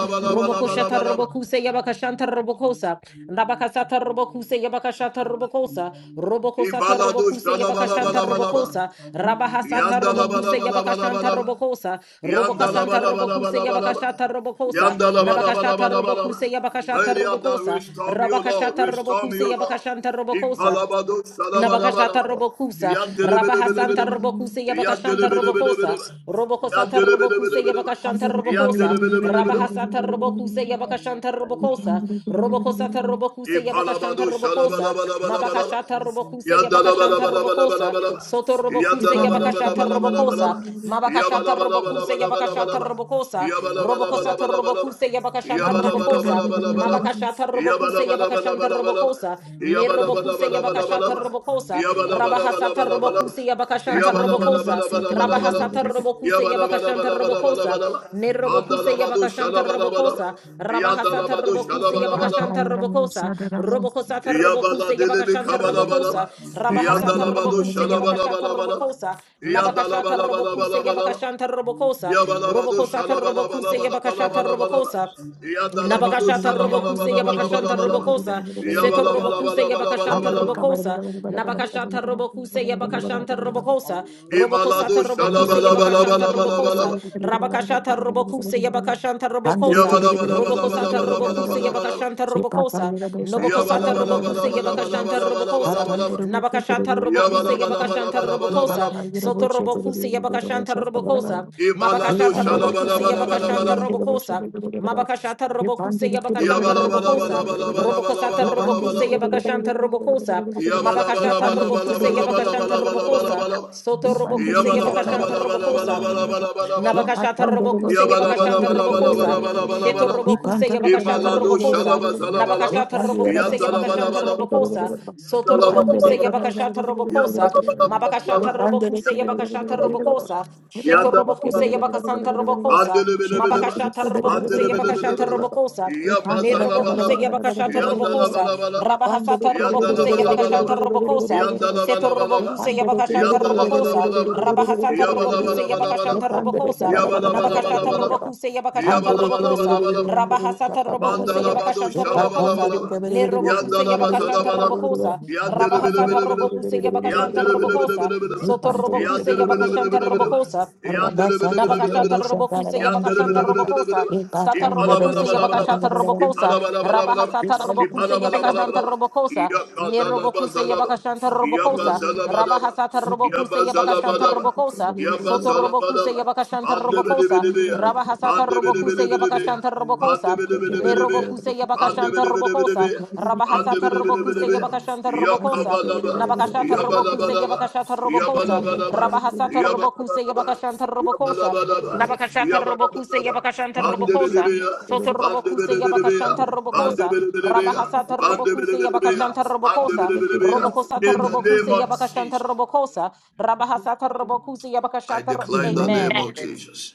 [SPEAKER 5] I want
[SPEAKER 9] Robokoshata
[SPEAKER 5] to see the
[SPEAKER 9] Robokuse Yabakashanta Robokosa, Rabakasata Robokuse Yabakashata Robokosa, Robokosata
[SPEAKER 2] Ibalado
[SPEAKER 9] Robokuse Yabakashanta
[SPEAKER 2] shalabalabalaba.
[SPEAKER 9] Robokosa, Rabahasata Robokuse Yabakashanta
[SPEAKER 2] Yandalabalabalabalaba.
[SPEAKER 9] Robokosa, Robokasanta Robokuse
[SPEAKER 2] Yandalabalabalabalaba.
[SPEAKER 9] Yabakashata Robokosa, Nabakashata
[SPEAKER 2] Yandalabalabalabalaba.
[SPEAKER 9] Robokuse Yabakashata
[SPEAKER 2] Holy and thou
[SPEAKER 9] Robokosa,
[SPEAKER 2] restore me, O Lord.
[SPEAKER 9] Rabakashata
[SPEAKER 2] Restore me,
[SPEAKER 9] Robokuse
[SPEAKER 2] O Lord.
[SPEAKER 9] Yabakashanta Robokosa,
[SPEAKER 2] Ibalabado shalabala bala
[SPEAKER 9] Nabakashata
[SPEAKER 2] ba
[SPEAKER 12] Hallelujah.
[SPEAKER 9] Robokusa,
[SPEAKER 2] Yandele bele bele
[SPEAKER 9] Rabahasanta
[SPEAKER 2] bele ba
[SPEAKER 9] Robokuse
[SPEAKER 2] Yandele
[SPEAKER 9] Yabakashanta
[SPEAKER 2] bele bele bele
[SPEAKER 9] Robokosa,
[SPEAKER 2] ba Ipalabado shalabalabalaba.
[SPEAKER 9] Robokosata Robokuse
[SPEAKER 2] Yandelebelebelebeleba. Yandelebelebelebeleba.
[SPEAKER 9] Yabakashanta
[SPEAKER 11] Under the
[SPEAKER 9] Robokosa,
[SPEAKER 2] Yandelebelebelebeleba. ba.
[SPEAKER 9] Rabahasata Robokuse Yabakashanta Robokosa, Robokosata Robokuse
[SPEAKER 5] world.
[SPEAKER 9] Yabakashanta
[SPEAKER 2] İpalabadu
[SPEAKER 9] Robokosa,
[SPEAKER 2] şalabalabalabalabala.
[SPEAKER 9] Mabakashata
[SPEAKER 5] Thank
[SPEAKER 9] Robokuse Yabakashanta Robokosa,
[SPEAKER 2] Yandalabalabalabalabala.
[SPEAKER 9] Soto Robokuse Yabakashata Robokosa,
[SPEAKER 2] Yandalabalabalabalabala.
[SPEAKER 9] Mabakashata Robokuse Yabakashata
[SPEAKER 2] Yabalabalabalabalabala.
[SPEAKER 9] Robokosa, Robokosata
[SPEAKER 2] Yabalabalabalabalabala.
[SPEAKER 9] Robokuse
[SPEAKER 2] Yabalabalabalabalabala.
[SPEAKER 9] Yabakashanta Robokosa,
[SPEAKER 2] Yabalabalabalabalabala.
[SPEAKER 9] Mabakashata Robokuse Yabakashanta
[SPEAKER 2] Yabalabalabalabalabala.
[SPEAKER 9] Robokosa, Nerobokuse Yabakashata Robokosa, Rabahasata
[SPEAKER 2] Yabalabalabalabalabala.
[SPEAKER 9] Robokuse Yabakashanta Robokosa, Rabahasata Robokuse Yabakashanta
[SPEAKER 2] Yabalabalabalabalabala.
[SPEAKER 9] Robokosa,
[SPEAKER 2] Yabalabalabalabalabala.
[SPEAKER 9] Nerobokuse
[SPEAKER 2] Andalabadu
[SPEAKER 9] Yabakashanta
[SPEAKER 2] şalabalabala.
[SPEAKER 9] Robokosa, Rabahasata
[SPEAKER 2] Yandalabadu
[SPEAKER 9] Robokuse
[SPEAKER 2] şalabalabala.
[SPEAKER 9] Yabakashanta Robokosa, Robokosata
[SPEAKER 2] Yabala
[SPEAKER 9] Robokuse
[SPEAKER 2] delebe
[SPEAKER 9] Yabakashanta
[SPEAKER 2] kabala
[SPEAKER 9] Robokosa,
[SPEAKER 2] balaba.
[SPEAKER 9] Rabahasata
[SPEAKER 2] Yandala badu
[SPEAKER 9] Robokuse
[SPEAKER 2] şalabala
[SPEAKER 9] Yabakashanta
[SPEAKER 2] bala bala.
[SPEAKER 9] Robokosa,
[SPEAKER 2] Yandala
[SPEAKER 9] Nabakashata
[SPEAKER 2] bala bala
[SPEAKER 5] you.
[SPEAKER 9] Robokuse
[SPEAKER 2] bala bala.
[SPEAKER 9] Yabakashanta
[SPEAKER 5] Thank
[SPEAKER 9] Robokosa,
[SPEAKER 2] Yabala badu
[SPEAKER 9] Robokosata
[SPEAKER 2] şalabala
[SPEAKER 9] Robokuse
[SPEAKER 2] bala bala bala
[SPEAKER 9] Yabakashata
[SPEAKER 2] bala bala.
[SPEAKER 9] Robokosa,
[SPEAKER 2] Yandala badu
[SPEAKER 9] Nabakashata
[SPEAKER 2] şalabala
[SPEAKER 9] Robokuse
[SPEAKER 2] bala bala bala
[SPEAKER 9] Yabakashanta
[SPEAKER 2] bala.
[SPEAKER 9] Robokosa, Seto
[SPEAKER 2] Yabala bala
[SPEAKER 9] Robokuse
[SPEAKER 2] bala bala
[SPEAKER 9] Yabakashanta
[SPEAKER 2] bala
[SPEAKER 11] Andrika
[SPEAKER 2] bala.
[SPEAKER 9] Robokosa, Nabakashata Robokuse Yabakashanta Robokosa, Robokosata
[SPEAKER 2] İmaladu
[SPEAKER 9] Robokuse
[SPEAKER 11] Thank
[SPEAKER 2] şalabala bala
[SPEAKER 9] Yabakashanta
[SPEAKER 2] bala bala
[SPEAKER 9] Robokosa,
[SPEAKER 2] bala.
[SPEAKER 9] Rabakashata Robokuse Yabakashanta Robokosa,
[SPEAKER 2] Yabala bala bala bala
[SPEAKER 9] Robokosata
[SPEAKER 2] bala
[SPEAKER 9] Robokuse
[SPEAKER 2] bala bala bala.
[SPEAKER 9] Yabakashanta Robokosa,
[SPEAKER 2] Yabala
[SPEAKER 9] Nobokosata
[SPEAKER 2] bala bala
[SPEAKER 9] Robokuse
[SPEAKER 2] bala bala
[SPEAKER 9] Yabakashanta
[SPEAKER 2] bala bala bala
[SPEAKER 9] Robokosa,
[SPEAKER 2] bala.
[SPEAKER 9] Nabakashata Robokuse
[SPEAKER 2] Yabala bala
[SPEAKER 11] you.
[SPEAKER 2] bala
[SPEAKER 9] Yabakashanta
[SPEAKER 2] bala
[SPEAKER 11] Thank
[SPEAKER 2] bala
[SPEAKER 9] Robokosa,
[SPEAKER 2] bala.
[SPEAKER 9] Soto
[SPEAKER 5] you.
[SPEAKER 9] Robokuse Yabakashanta
[SPEAKER 5] Thank
[SPEAKER 9] Robokosa,
[SPEAKER 2] Imalado
[SPEAKER 9] Mabakashata Robokuse Yabakashanta
[SPEAKER 2] shalabalabalabalabalaba.
[SPEAKER 9] Robokosa, Mabakashata Robokuse Yabakashanta Robokosa, Robokosata Robokuse
[SPEAKER 2] Iyabalabalabalabalabalabalabalaba.
[SPEAKER 9] Yabakashanta Robokosa, Mabakashata Robokuse Yabakashanta Robokosa,
[SPEAKER 2] Iyabalabalabalabalabalabalabalaba.
[SPEAKER 9] Soto Robokuse Yabakashanta Robokosa,
[SPEAKER 2] Iyabalabalabalabalabalabalabalaba.
[SPEAKER 9] Nabakashata Robokuse Yabakashanta Robokosa, Sheto
[SPEAKER 2] Yabalabalabalabalabalabalabalaba.
[SPEAKER 9] Robokuse Yabakashata
[SPEAKER 2] Imalado
[SPEAKER 9] Robokosa,
[SPEAKER 2] shalaba zalabalaba.
[SPEAKER 9] Nabakashata
[SPEAKER 5] you.
[SPEAKER 9] Robokuse
[SPEAKER 5] Everything,
[SPEAKER 9] Yabakashanta
[SPEAKER 2] Yandalabalabalabalaba.
[SPEAKER 9] Robokosa, Soto Robokuse
[SPEAKER 2] Yandalabalabalabalaba.
[SPEAKER 9] Yabakashata Robokosa,
[SPEAKER 11] you.
[SPEAKER 2] Yandalabalabalabalaba.
[SPEAKER 9] Mabakashata
[SPEAKER 11] Thank
[SPEAKER 9] Robokuse Yabakashata
[SPEAKER 2] Yandalabalabalabalaba.
[SPEAKER 9] Robokosa, Sheto Robokuse
[SPEAKER 2] Yandalabalabalabalaba.
[SPEAKER 9] Yabakasanta Robokosa,
[SPEAKER 2] Andelebelebeleba.
[SPEAKER 9] Mabakashata Robokuse Yabakashata
[SPEAKER 2] Andelebelebeleba.
[SPEAKER 9] Robokosa, Nerobokuse
[SPEAKER 2] Yabazalabalaba.
[SPEAKER 9] Yabakashata Robokosa,
[SPEAKER 2] Yandalabalabalaba.
[SPEAKER 9] Rabahasata Robokuse
[SPEAKER 2] Yandalabalabalaba.
[SPEAKER 9] Yabakashanta Robokosa, Seto Robokuse
[SPEAKER 2] Yandalabalabalaba.
[SPEAKER 9] Yabakashanta Robokosa,
[SPEAKER 2] Yandalabalabalaba.
[SPEAKER 9] Rabahasata Robokuse
[SPEAKER 2] Yabalabalabalaba.
[SPEAKER 9] Yabakashanta Robokosa, Nabakashata
[SPEAKER 2] Yabalabalabalaba.
[SPEAKER 9] Robokuse Yabakashata Robokosa,
[SPEAKER 2] Yabalabalabalaba.
[SPEAKER 9] Rabahasata Robokuse
[SPEAKER 2] Mandala
[SPEAKER 5] everything,
[SPEAKER 2] badu Mandalabado
[SPEAKER 9] Yabakashanta Robokosa,
[SPEAKER 2] şalabalabalaba.
[SPEAKER 5] everything, everything,
[SPEAKER 9] Nerobokuse
[SPEAKER 5] everything.
[SPEAKER 2] Yandalaba
[SPEAKER 9] Yabakashanta
[SPEAKER 2] zalabalaba.
[SPEAKER 5] Thank
[SPEAKER 9] Robokosa,
[SPEAKER 5] you.
[SPEAKER 2] Yandere bile
[SPEAKER 9] Rabahasata
[SPEAKER 2] bile bile.
[SPEAKER 9] Robokuse Yabakashanta
[SPEAKER 2] Yandere bile
[SPEAKER 11] you.
[SPEAKER 2] bile
[SPEAKER 9] Robokosa,
[SPEAKER 2] bile bile.
[SPEAKER 9] Soto
[SPEAKER 11] Thank
[SPEAKER 9] Robokuse
[SPEAKER 2] Yandere bile bile
[SPEAKER 9] Yabakashanta
[SPEAKER 2] bile bile.
[SPEAKER 9] Robokosa,
[SPEAKER 2] Yandere bile bile bile bile.
[SPEAKER 9] Nabakashata Robokuse
[SPEAKER 2] Yandere bile
[SPEAKER 9] Yabakashanta
[SPEAKER 2] bile bile bile.
[SPEAKER 9] Robokosa. Sata Robokuse
[SPEAKER 2] İpalabalabalabalaba.
[SPEAKER 9] Yabakashata Robokosa.
[SPEAKER 2] İpalabalabalabalaba.
[SPEAKER 9] Rabahasata Robokuse Yabakashanta
[SPEAKER 2] İpalabalabalabalaba.
[SPEAKER 9] Robokosa.
[SPEAKER 2] Yakadalaba
[SPEAKER 9] Nerobokuse
[SPEAKER 2] zalaba.
[SPEAKER 9] Yabakashanta Robokosa.
[SPEAKER 2] Yabazalabadaba.
[SPEAKER 9] Rabahasata Robokuse Yabakashanta
[SPEAKER 2] Yabazalabadaba.
[SPEAKER 9] Robokosa. Soto Robokuse
[SPEAKER 2] Yabazalabadaba.
[SPEAKER 9] Yabakashanta
[SPEAKER 2] Andebele bile
[SPEAKER 9] Robokosa.
[SPEAKER 2] bile. bile.
[SPEAKER 9] Rabahasata
[SPEAKER 2] In the
[SPEAKER 9] Robokuse Yabakashanta Robokosa. Nerobokuse Yabakashanta Robokosa. Rabahasata Robokuse Yabakashanta Robokosa. Nabakashata Robokuse Yabakashata Robokosa. Rabahasata Robokuse Yabakashanta
[SPEAKER 5] Thank
[SPEAKER 9] Robokosa.
[SPEAKER 11] you.
[SPEAKER 9] Nabakashata Robokuse Yabakashanta Robokosa. Soto Robokuse Yabakashanta Robokosa. Rabahasata Robokuse Yabakashanta Robokosa. Robokosata
[SPEAKER 2] name
[SPEAKER 9] Robokuse
[SPEAKER 2] of
[SPEAKER 9] Yabakashanta
[SPEAKER 2] Jesus,
[SPEAKER 9] Robokosa. Rabahasata Robokuse
[SPEAKER 2] I
[SPEAKER 9] Yabakashata. Ro-
[SPEAKER 2] declare in the
[SPEAKER 11] Amen.
[SPEAKER 2] name
[SPEAKER 9] Amen.
[SPEAKER 2] of
[SPEAKER 5] you.
[SPEAKER 2] Jesus.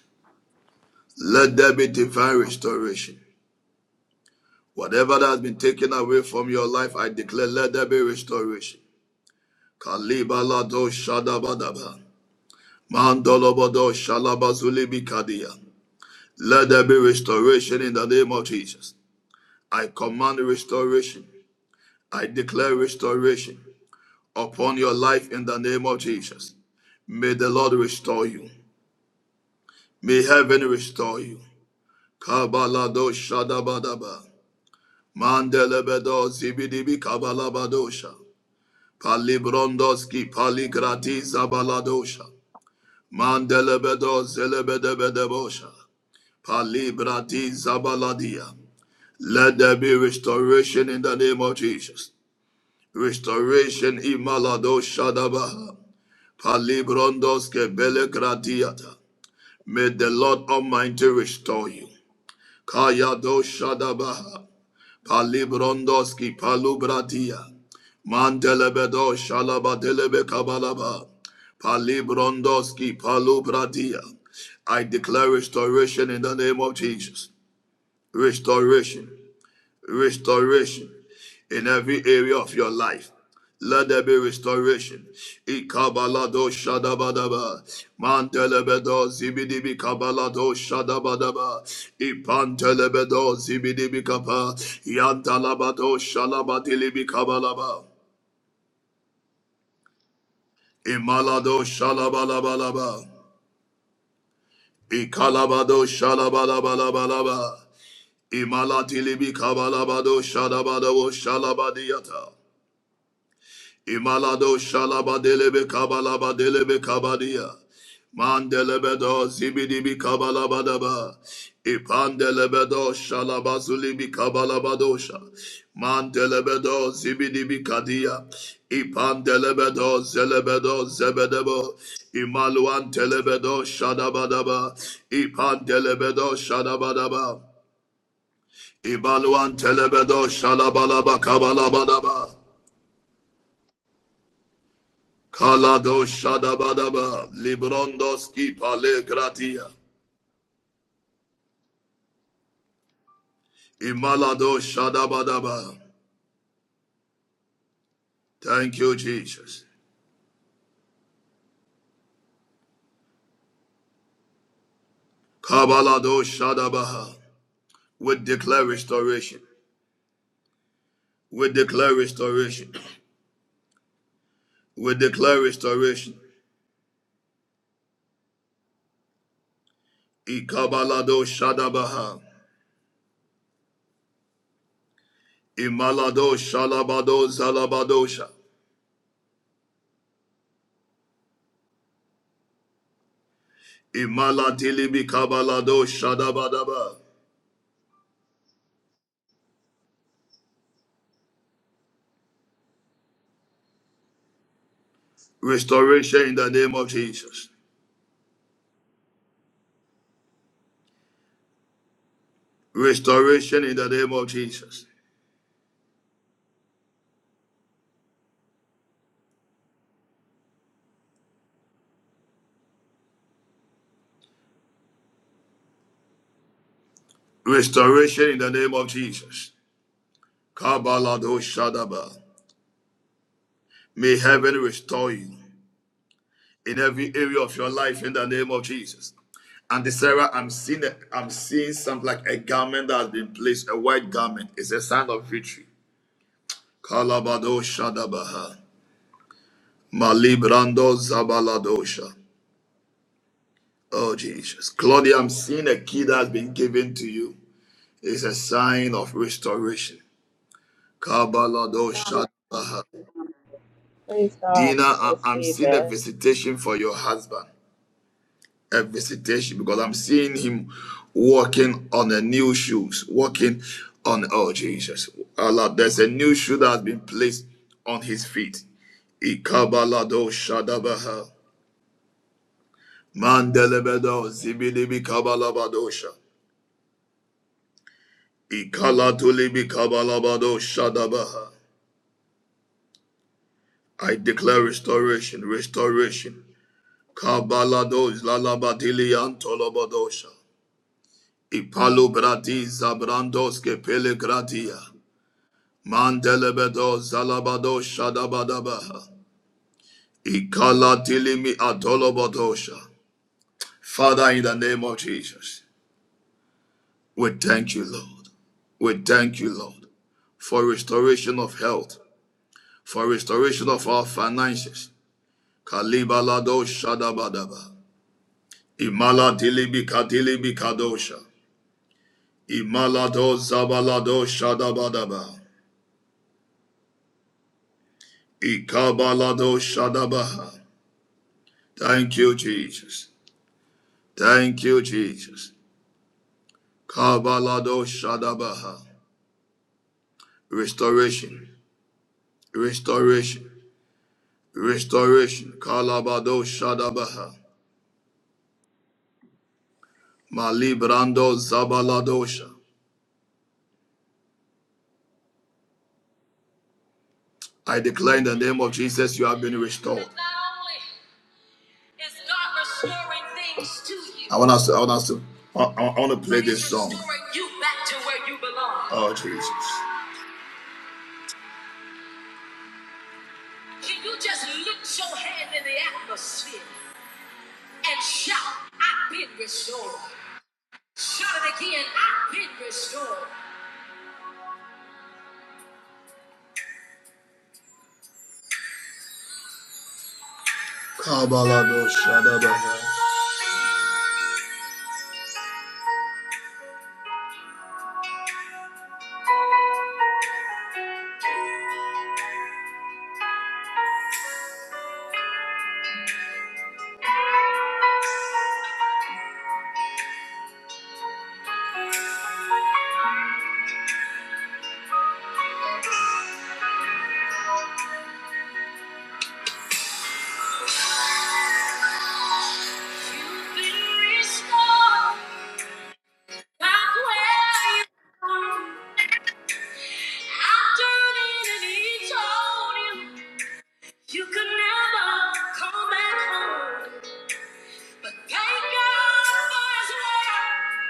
[SPEAKER 2] Let there be divine restoration. Whatever that has been taken away from your life, I declare, let there be restoration. Kalibalado shadabadaba. Mandolobodo shalabazulibi kadia. Let there be restoration in the name of Jesus. I command restoration. I declare restoration upon your life in the name of Jesus. May the Lord restore you. May heaven restore you. Kabalado shadabadaba. Mandelebedo zibidibi kabalabadosha. Palibrondoski paligratiza baladosha. Mandelebedo zelebedebedebosha. Palibratiza baladia. Let there be restoration in the name of Jesus. Restoration imalado shadabaha. Palibrondoske belegratiata. May the Lord Almighty restore you. Kayado dabaha. Palibrondoski palubratia. Mantelebedo shalabatelebe kabalaba. Palibrondoski palubratia. I declare restoration in the name of Jesus. Restoration. Restoration in every area of your life. Let there be restoration. Ikabalado shadabadaba. Mantelebedo zibidibi kabalado shadabadaba. Ipantelebedo zibidibi kapa. Yantalabado shalabadilibi kabalaba. Imalado shalabalabalaba. Ikalabado shalabalabalaba. Imalatilibi kabalabado shadabadabo shalabadiyata. Imalado shalaba delebe kabalaba delebe kabadia. Mandelebedo zibidibi kabalabadaba. Ipandelebedo shalaba zulibi kabalabadosha. Mandelebedo zibidibi kadia. Ipandelebedo zelebedo zebedebo. Imaluan telebedo shadabadaba. Ipandelebedo shadabadaba. Ibaluan telebedo shalabalaba kabalabadaba. Kalado Shadabadaba, Librondoski Pale Gratia, Imalado Shadabadaba. Thank you, Jesus. Kabalado Shadabaha. We declare restoration. We declare restoration. We declare restoration. Ikabalado Shadabaha. Imalado Shalabado Zalabadosha. Imalatilibi Kabalado Shadabadaba. Restoration in the name of Jesus. Restoration in the name of Jesus. Restoration in the name of Jesus. Kabalado Shadaba. May heaven restore you in every area of your life in the name of Jesus. And Sarah, I'm seeing a, I'm seeing something like a garment that has been placed, a white garment. It's a sign of victory. Kalabado Shadabaha. Malibrando Zabaladosha. Oh Jesus. Claudia, I'm seeing a key that has been given to you. It's a sign of restoration. Kabalado Shadabaha.
[SPEAKER 8] Praise God.
[SPEAKER 2] Dina,
[SPEAKER 8] I
[SPEAKER 2] I- I'm
[SPEAKER 8] receive
[SPEAKER 2] seeing a
[SPEAKER 8] that.
[SPEAKER 2] visitation for your husband. A visitation because I'm seeing him walking on a new shoes, walking on oh Jesus. Allah, there's a new shoe that has been placed on his feet. Ikabalado Shadabaha. Mandelebedo Zibilibi Kabalabadosha. Ikaladulibi Kabalabado Shadabaha. I declare restoration, restoration. Kabalados Lalabadili Antolabadosha. Ipalu brati zabrandos ke pele gratia. Mandelebedo zalabado shadabadaba. Ikala tilimi adolobodosha. Father, in the name of Jesus, we thank you, Lord. We thank you, Lord, for restoration of health, for restoration of our finances. Kalibalado shadabadaba. Imala dilibi kadilibi kadosha. Imalado zabalado shadabadaba. Ikabalado Shadabaha. Thank you, Jesus. Thank you, Jesus. Kabalado Shadabaha. Restoration. Restoration. Restoration. Kalabado Shadabaha. Malibrando Zabaladosha. I declare in the name of Jesus, you have been restored. I want us to, I want us to, I, I want to play this song. Oh, Jesus. Can you just lift your hand in the atmosphere? and shout, I've been restored. Shout it again, I've been restored. Kabalabo Shadabaha. I've done it and he told him, you could never come back home. But thank God for his love.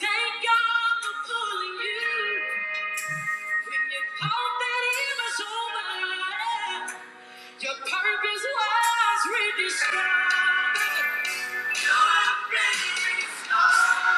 [SPEAKER 2] Thank God for pulling you. When you thought that it was over, your purpose was rediscovered. You're a ready, ready star.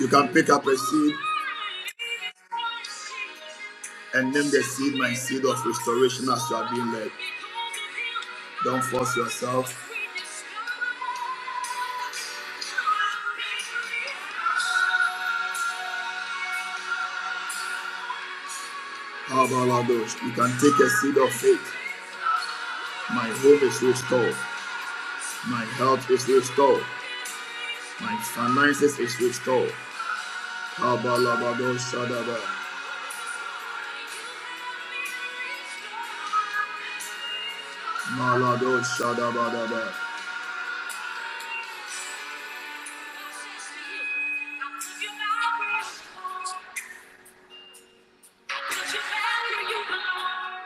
[SPEAKER 2] You can pick up a seed and name the seed my seed of restoration as you are being led. Don't force yourself. How about all those? You can take a seed of faith. My home is restored. My health is restored. My finances is restored. Abalabado Shadaba. Malado Shadabadaba. You belong,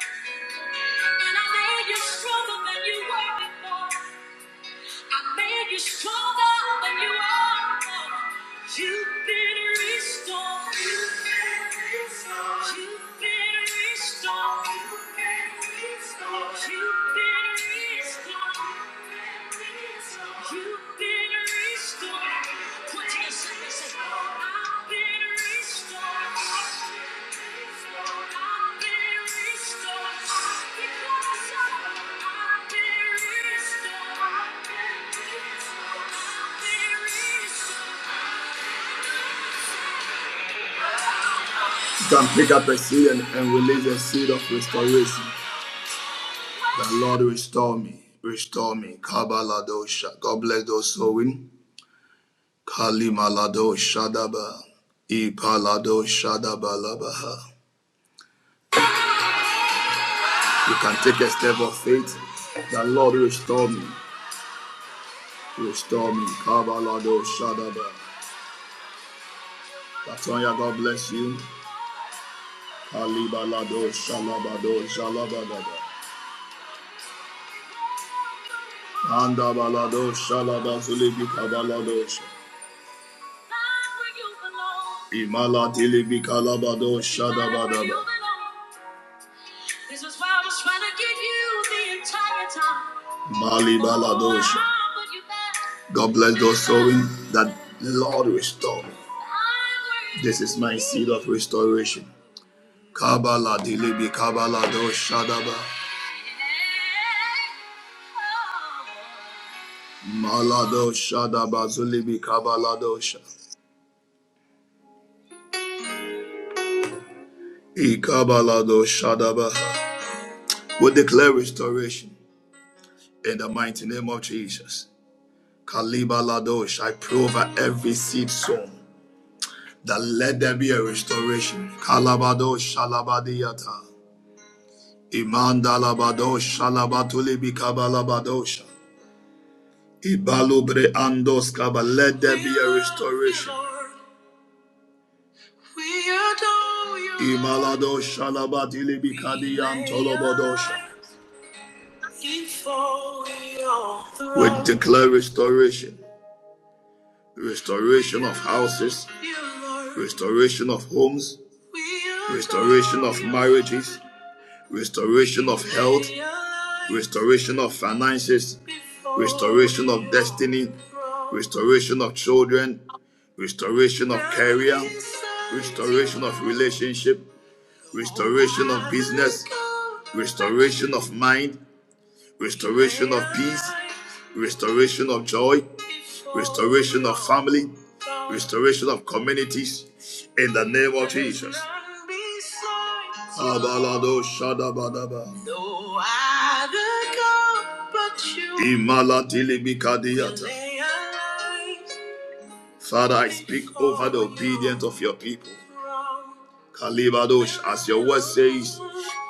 [SPEAKER 2] and I made you stronger than you were before. I made you stronger than you are. You've been restored. You've been restored. You've been restored. You've been restored. You've been restored. You've been restored. Point to yourself I've been restored. Come pick up a seed and, and release a seed of restoration. The Lord restore me. Restore me. Kabbalah dosha. God bless those sowing. Palimalado Shadaba. Ipalado Shadaba Labaha. You can take a step of faith. The Lord will restore me. Restore me. Kabalado Shadaba. Latonya, God bless you. Kalibalado Shalabado shalabada. Andabalado Shalaba Zulibi Kabalado Sha- Imalatilibi Kalabado Shadabadaba. This is why I was trying to get you the entire time. Mali Baladosh. God bless those sowing that the Lord restore me. This is my seed of restoration. Kabala dilibi kabalado shadaba. Malado shadaba zulibi kabaladosha, sha. Ikabalado shadaba. We declare restoration in the mighty name of Jesus. Kalibalado I pray over every seed sown. that let there be a restoration. Kalabado shalabadiyata. Imandalabado shalabatuli kabalabadosha. Ibalubre andos kaba. Let there be a restoration. Imalado shalabatili bikadi. andos. Declare restoration. Restoration of houses, restoration of homes, restoration of marriages, restoration of health, restoration of finances, restoration of destiny, restoration of children, restoration of career, restoration of relationship, restoration of business, restoration of mind, restoration of peace, restoration of joy, restoration of family, restoration of communities in the name of Jesus. Abalado shadabadaba. Imalatili bikadiyat. Father, I speak of your people. Kalibadosh, as your word says,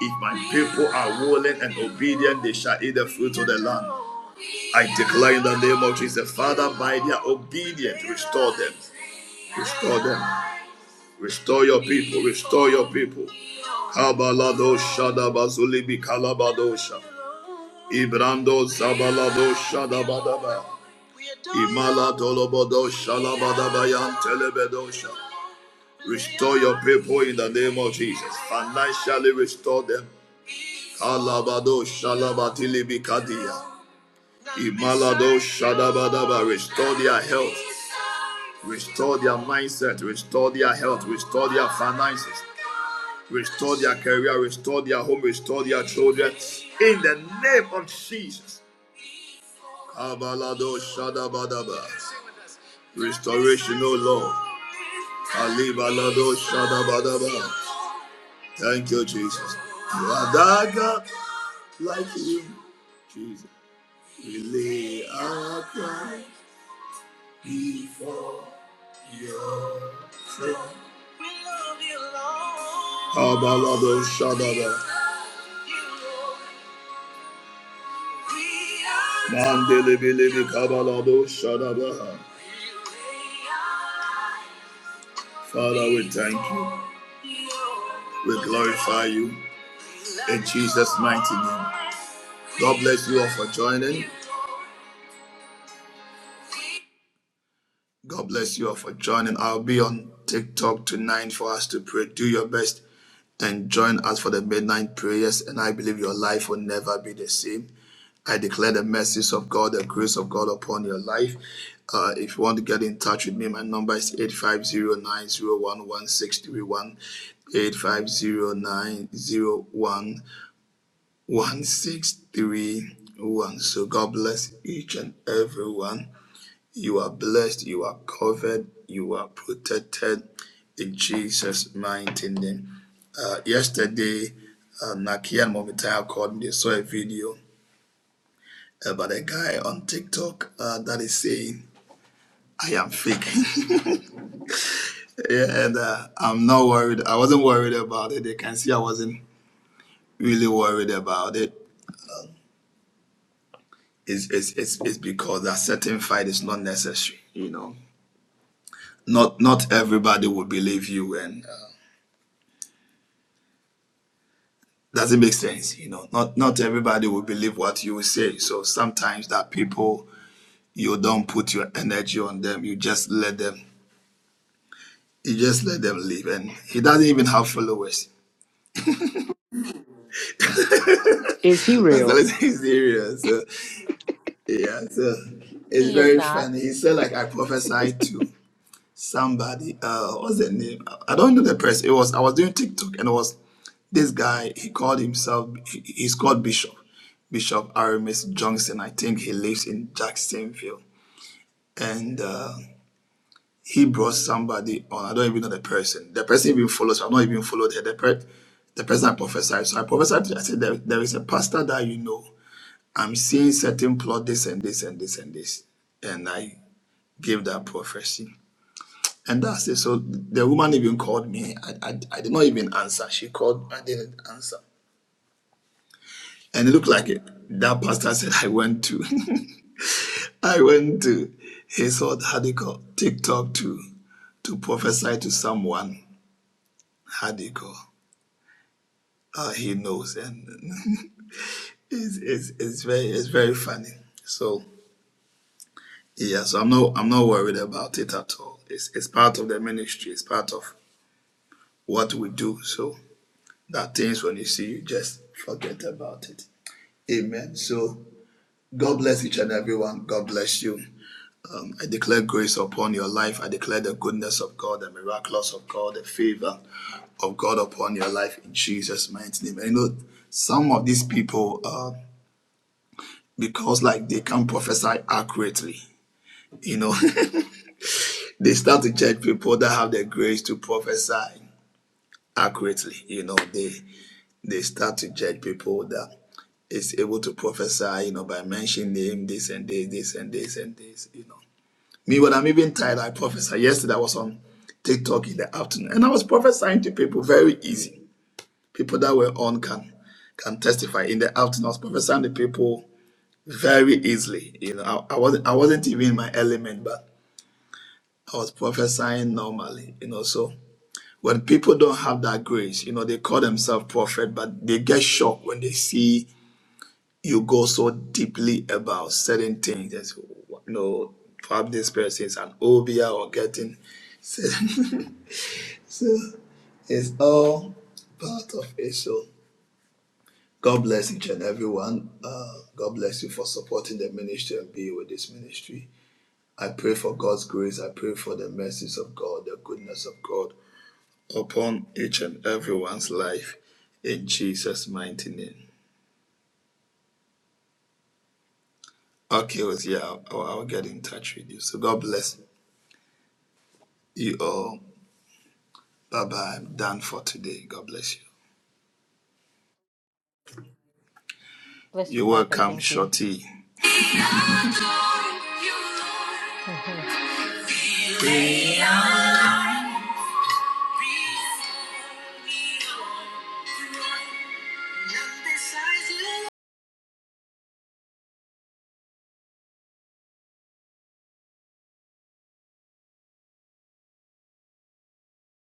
[SPEAKER 2] if my people are willing and obedient, they shall eat the fruit of the land. I declare in the name of Jesus, Father, by their obedience, restore them. Restore them. Restore your people. Restore your people. Kabaladosha dabazulibi kalabadosha. Ibrando zabaladosha dabadaba. Imala dolobodosha labadabayan telebedosha. Restore your people in the name of Jesus. Financially restore them. Alabado Shalabatili Bikadia. Imalado Shadabadaba. Restore their health. Restore their mindset. Restore their health. Restore their finances. Restore their career. Restore their home. Restore their children. In the name of Jesus. Kabalado Shadabadaba. Restoration, O Lord. Alibalado Shadabadaba. Thank you, Jesus. Radaga like you. Jesus. We lay our Abalado, shabalado, shadaba. Father, thank you. We glorify you in Jesus' mighty name. God bless you all for joining. God bless you all for joining. I'll be on TikTok tonight for us to pray. Do your best and join us for the midnight prayers. And I believe your life will never be the same. I declare the mercies of God, the grace of God upon your life. Uh, if you want to get in touch with me, my number is eight five zero nine zero one one six three one, eight five zero nine zero one one six three one. So God bless each and everyone. You are blessed, you are covered, you are protected in Jesus' mighty name. Uh, yesterday, uh, Nakia and Momitaya called me. They saw a video about a guy on TikTok uh, that is saying I am fake. (laughs) yeah, and uh, I'm not worried. I wasn't worried about it. They can see I wasn't really worried about it. It's it's it's, it's because that certain fight is not necessary. You know, not not everybody will believe you, and uh, doesn't make sense. You know, not not everybody will believe what you say. So sometimes that people you don't put your energy on them. You just let them. You just let them live, and he doesn't even have followers
[SPEAKER 7] Is he
[SPEAKER 2] That's
[SPEAKER 7] real?
[SPEAKER 2] always (laughs) his area. So yeah, so it's
[SPEAKER 9] He is
[SPEAKER 2] very
[SPEAKER 9] not.
[SPEAKER 2] funny. He said like I prophesied to somebody. Uh, what's the name? I I don't know the person. It was I was doing TikTok and it was this guy. He called himself. he- He's called Bishop. Bishop Aramis Johnson. I think he lives in Jacksonville. And uh, he brought somebody on. I don't even know the person. The person even follows. I've not even followed her. The, per- the person I prophesied. So I prophesied. to- I said there, there is a pastor that you know I'm seeing certain plot, this and this and this and this. And I gave that prophecy. And that's it. So the woman even called me. I, I, I did not even answer. She called, I didn't answer. And it looked like it. That pastor said, I went to, (laughs) I went to his, old how do you call, TikTok to, to prophesy to someone. How do you call? Uh, he knows. And (laughs) it's, it's, it's, very, it's very funny. So Yes, I'm not I'm not worried about it at all. It's it's part of the ministry, it's part of what we do. So that things when you see you just forget about it. Amen. So God bless each and everyone. God bless you. Um, I declare grace upon your life. I declare the goodness of God, the miraculous of God, the favor of God upon your life in Jesus' mighty name. And you know, some of these people, uh, because like they can prophesy accurately, you know, (laughs) They start to judge people that have the grace to prophesy accurately. You know, they they start to judge people that is able to prophesy, you know, by mentioning name, this and this, this and this and this, you know. Me, when I'm even tired, I prophesy. Yesterday I was on TikTok in the afternoon and I was prophesying to people very easy. People that were on can can testify in the afternoon. I was prophesying to people very easily. You know, I, I wasn't I wasn't even in my element, but I was prophesying normally, you know, so when people don't have that grace, you know, they call themselves prophet, but they get shocked when they see you go so deeply about certain things. There's, you know, perhaps this person is an obia or getting. (laughs) So, so it's all part of it. So God bless each and everyone. Uh, God bless you for supporting the ministry and being with this ministry. I pray for God's grace. I pray for the mercies of God, the goodness of God upon each and everyone's life in Jesus' mighty name. Okay, well, yeah, I'll, I'll I'll get in touch with you. So God bless you all. Bye bye. I'm done for today. God bless you.
[SPEAKER 9] Bless you,
[SPEAKER 2] You're
[SPEAKER 9] prophet.
[SPEAKER 2] welcome,
[SPEAKER 9] Thank you.
[SPEAKER 2] Shorty.
[SPEAKER 9] (laughs)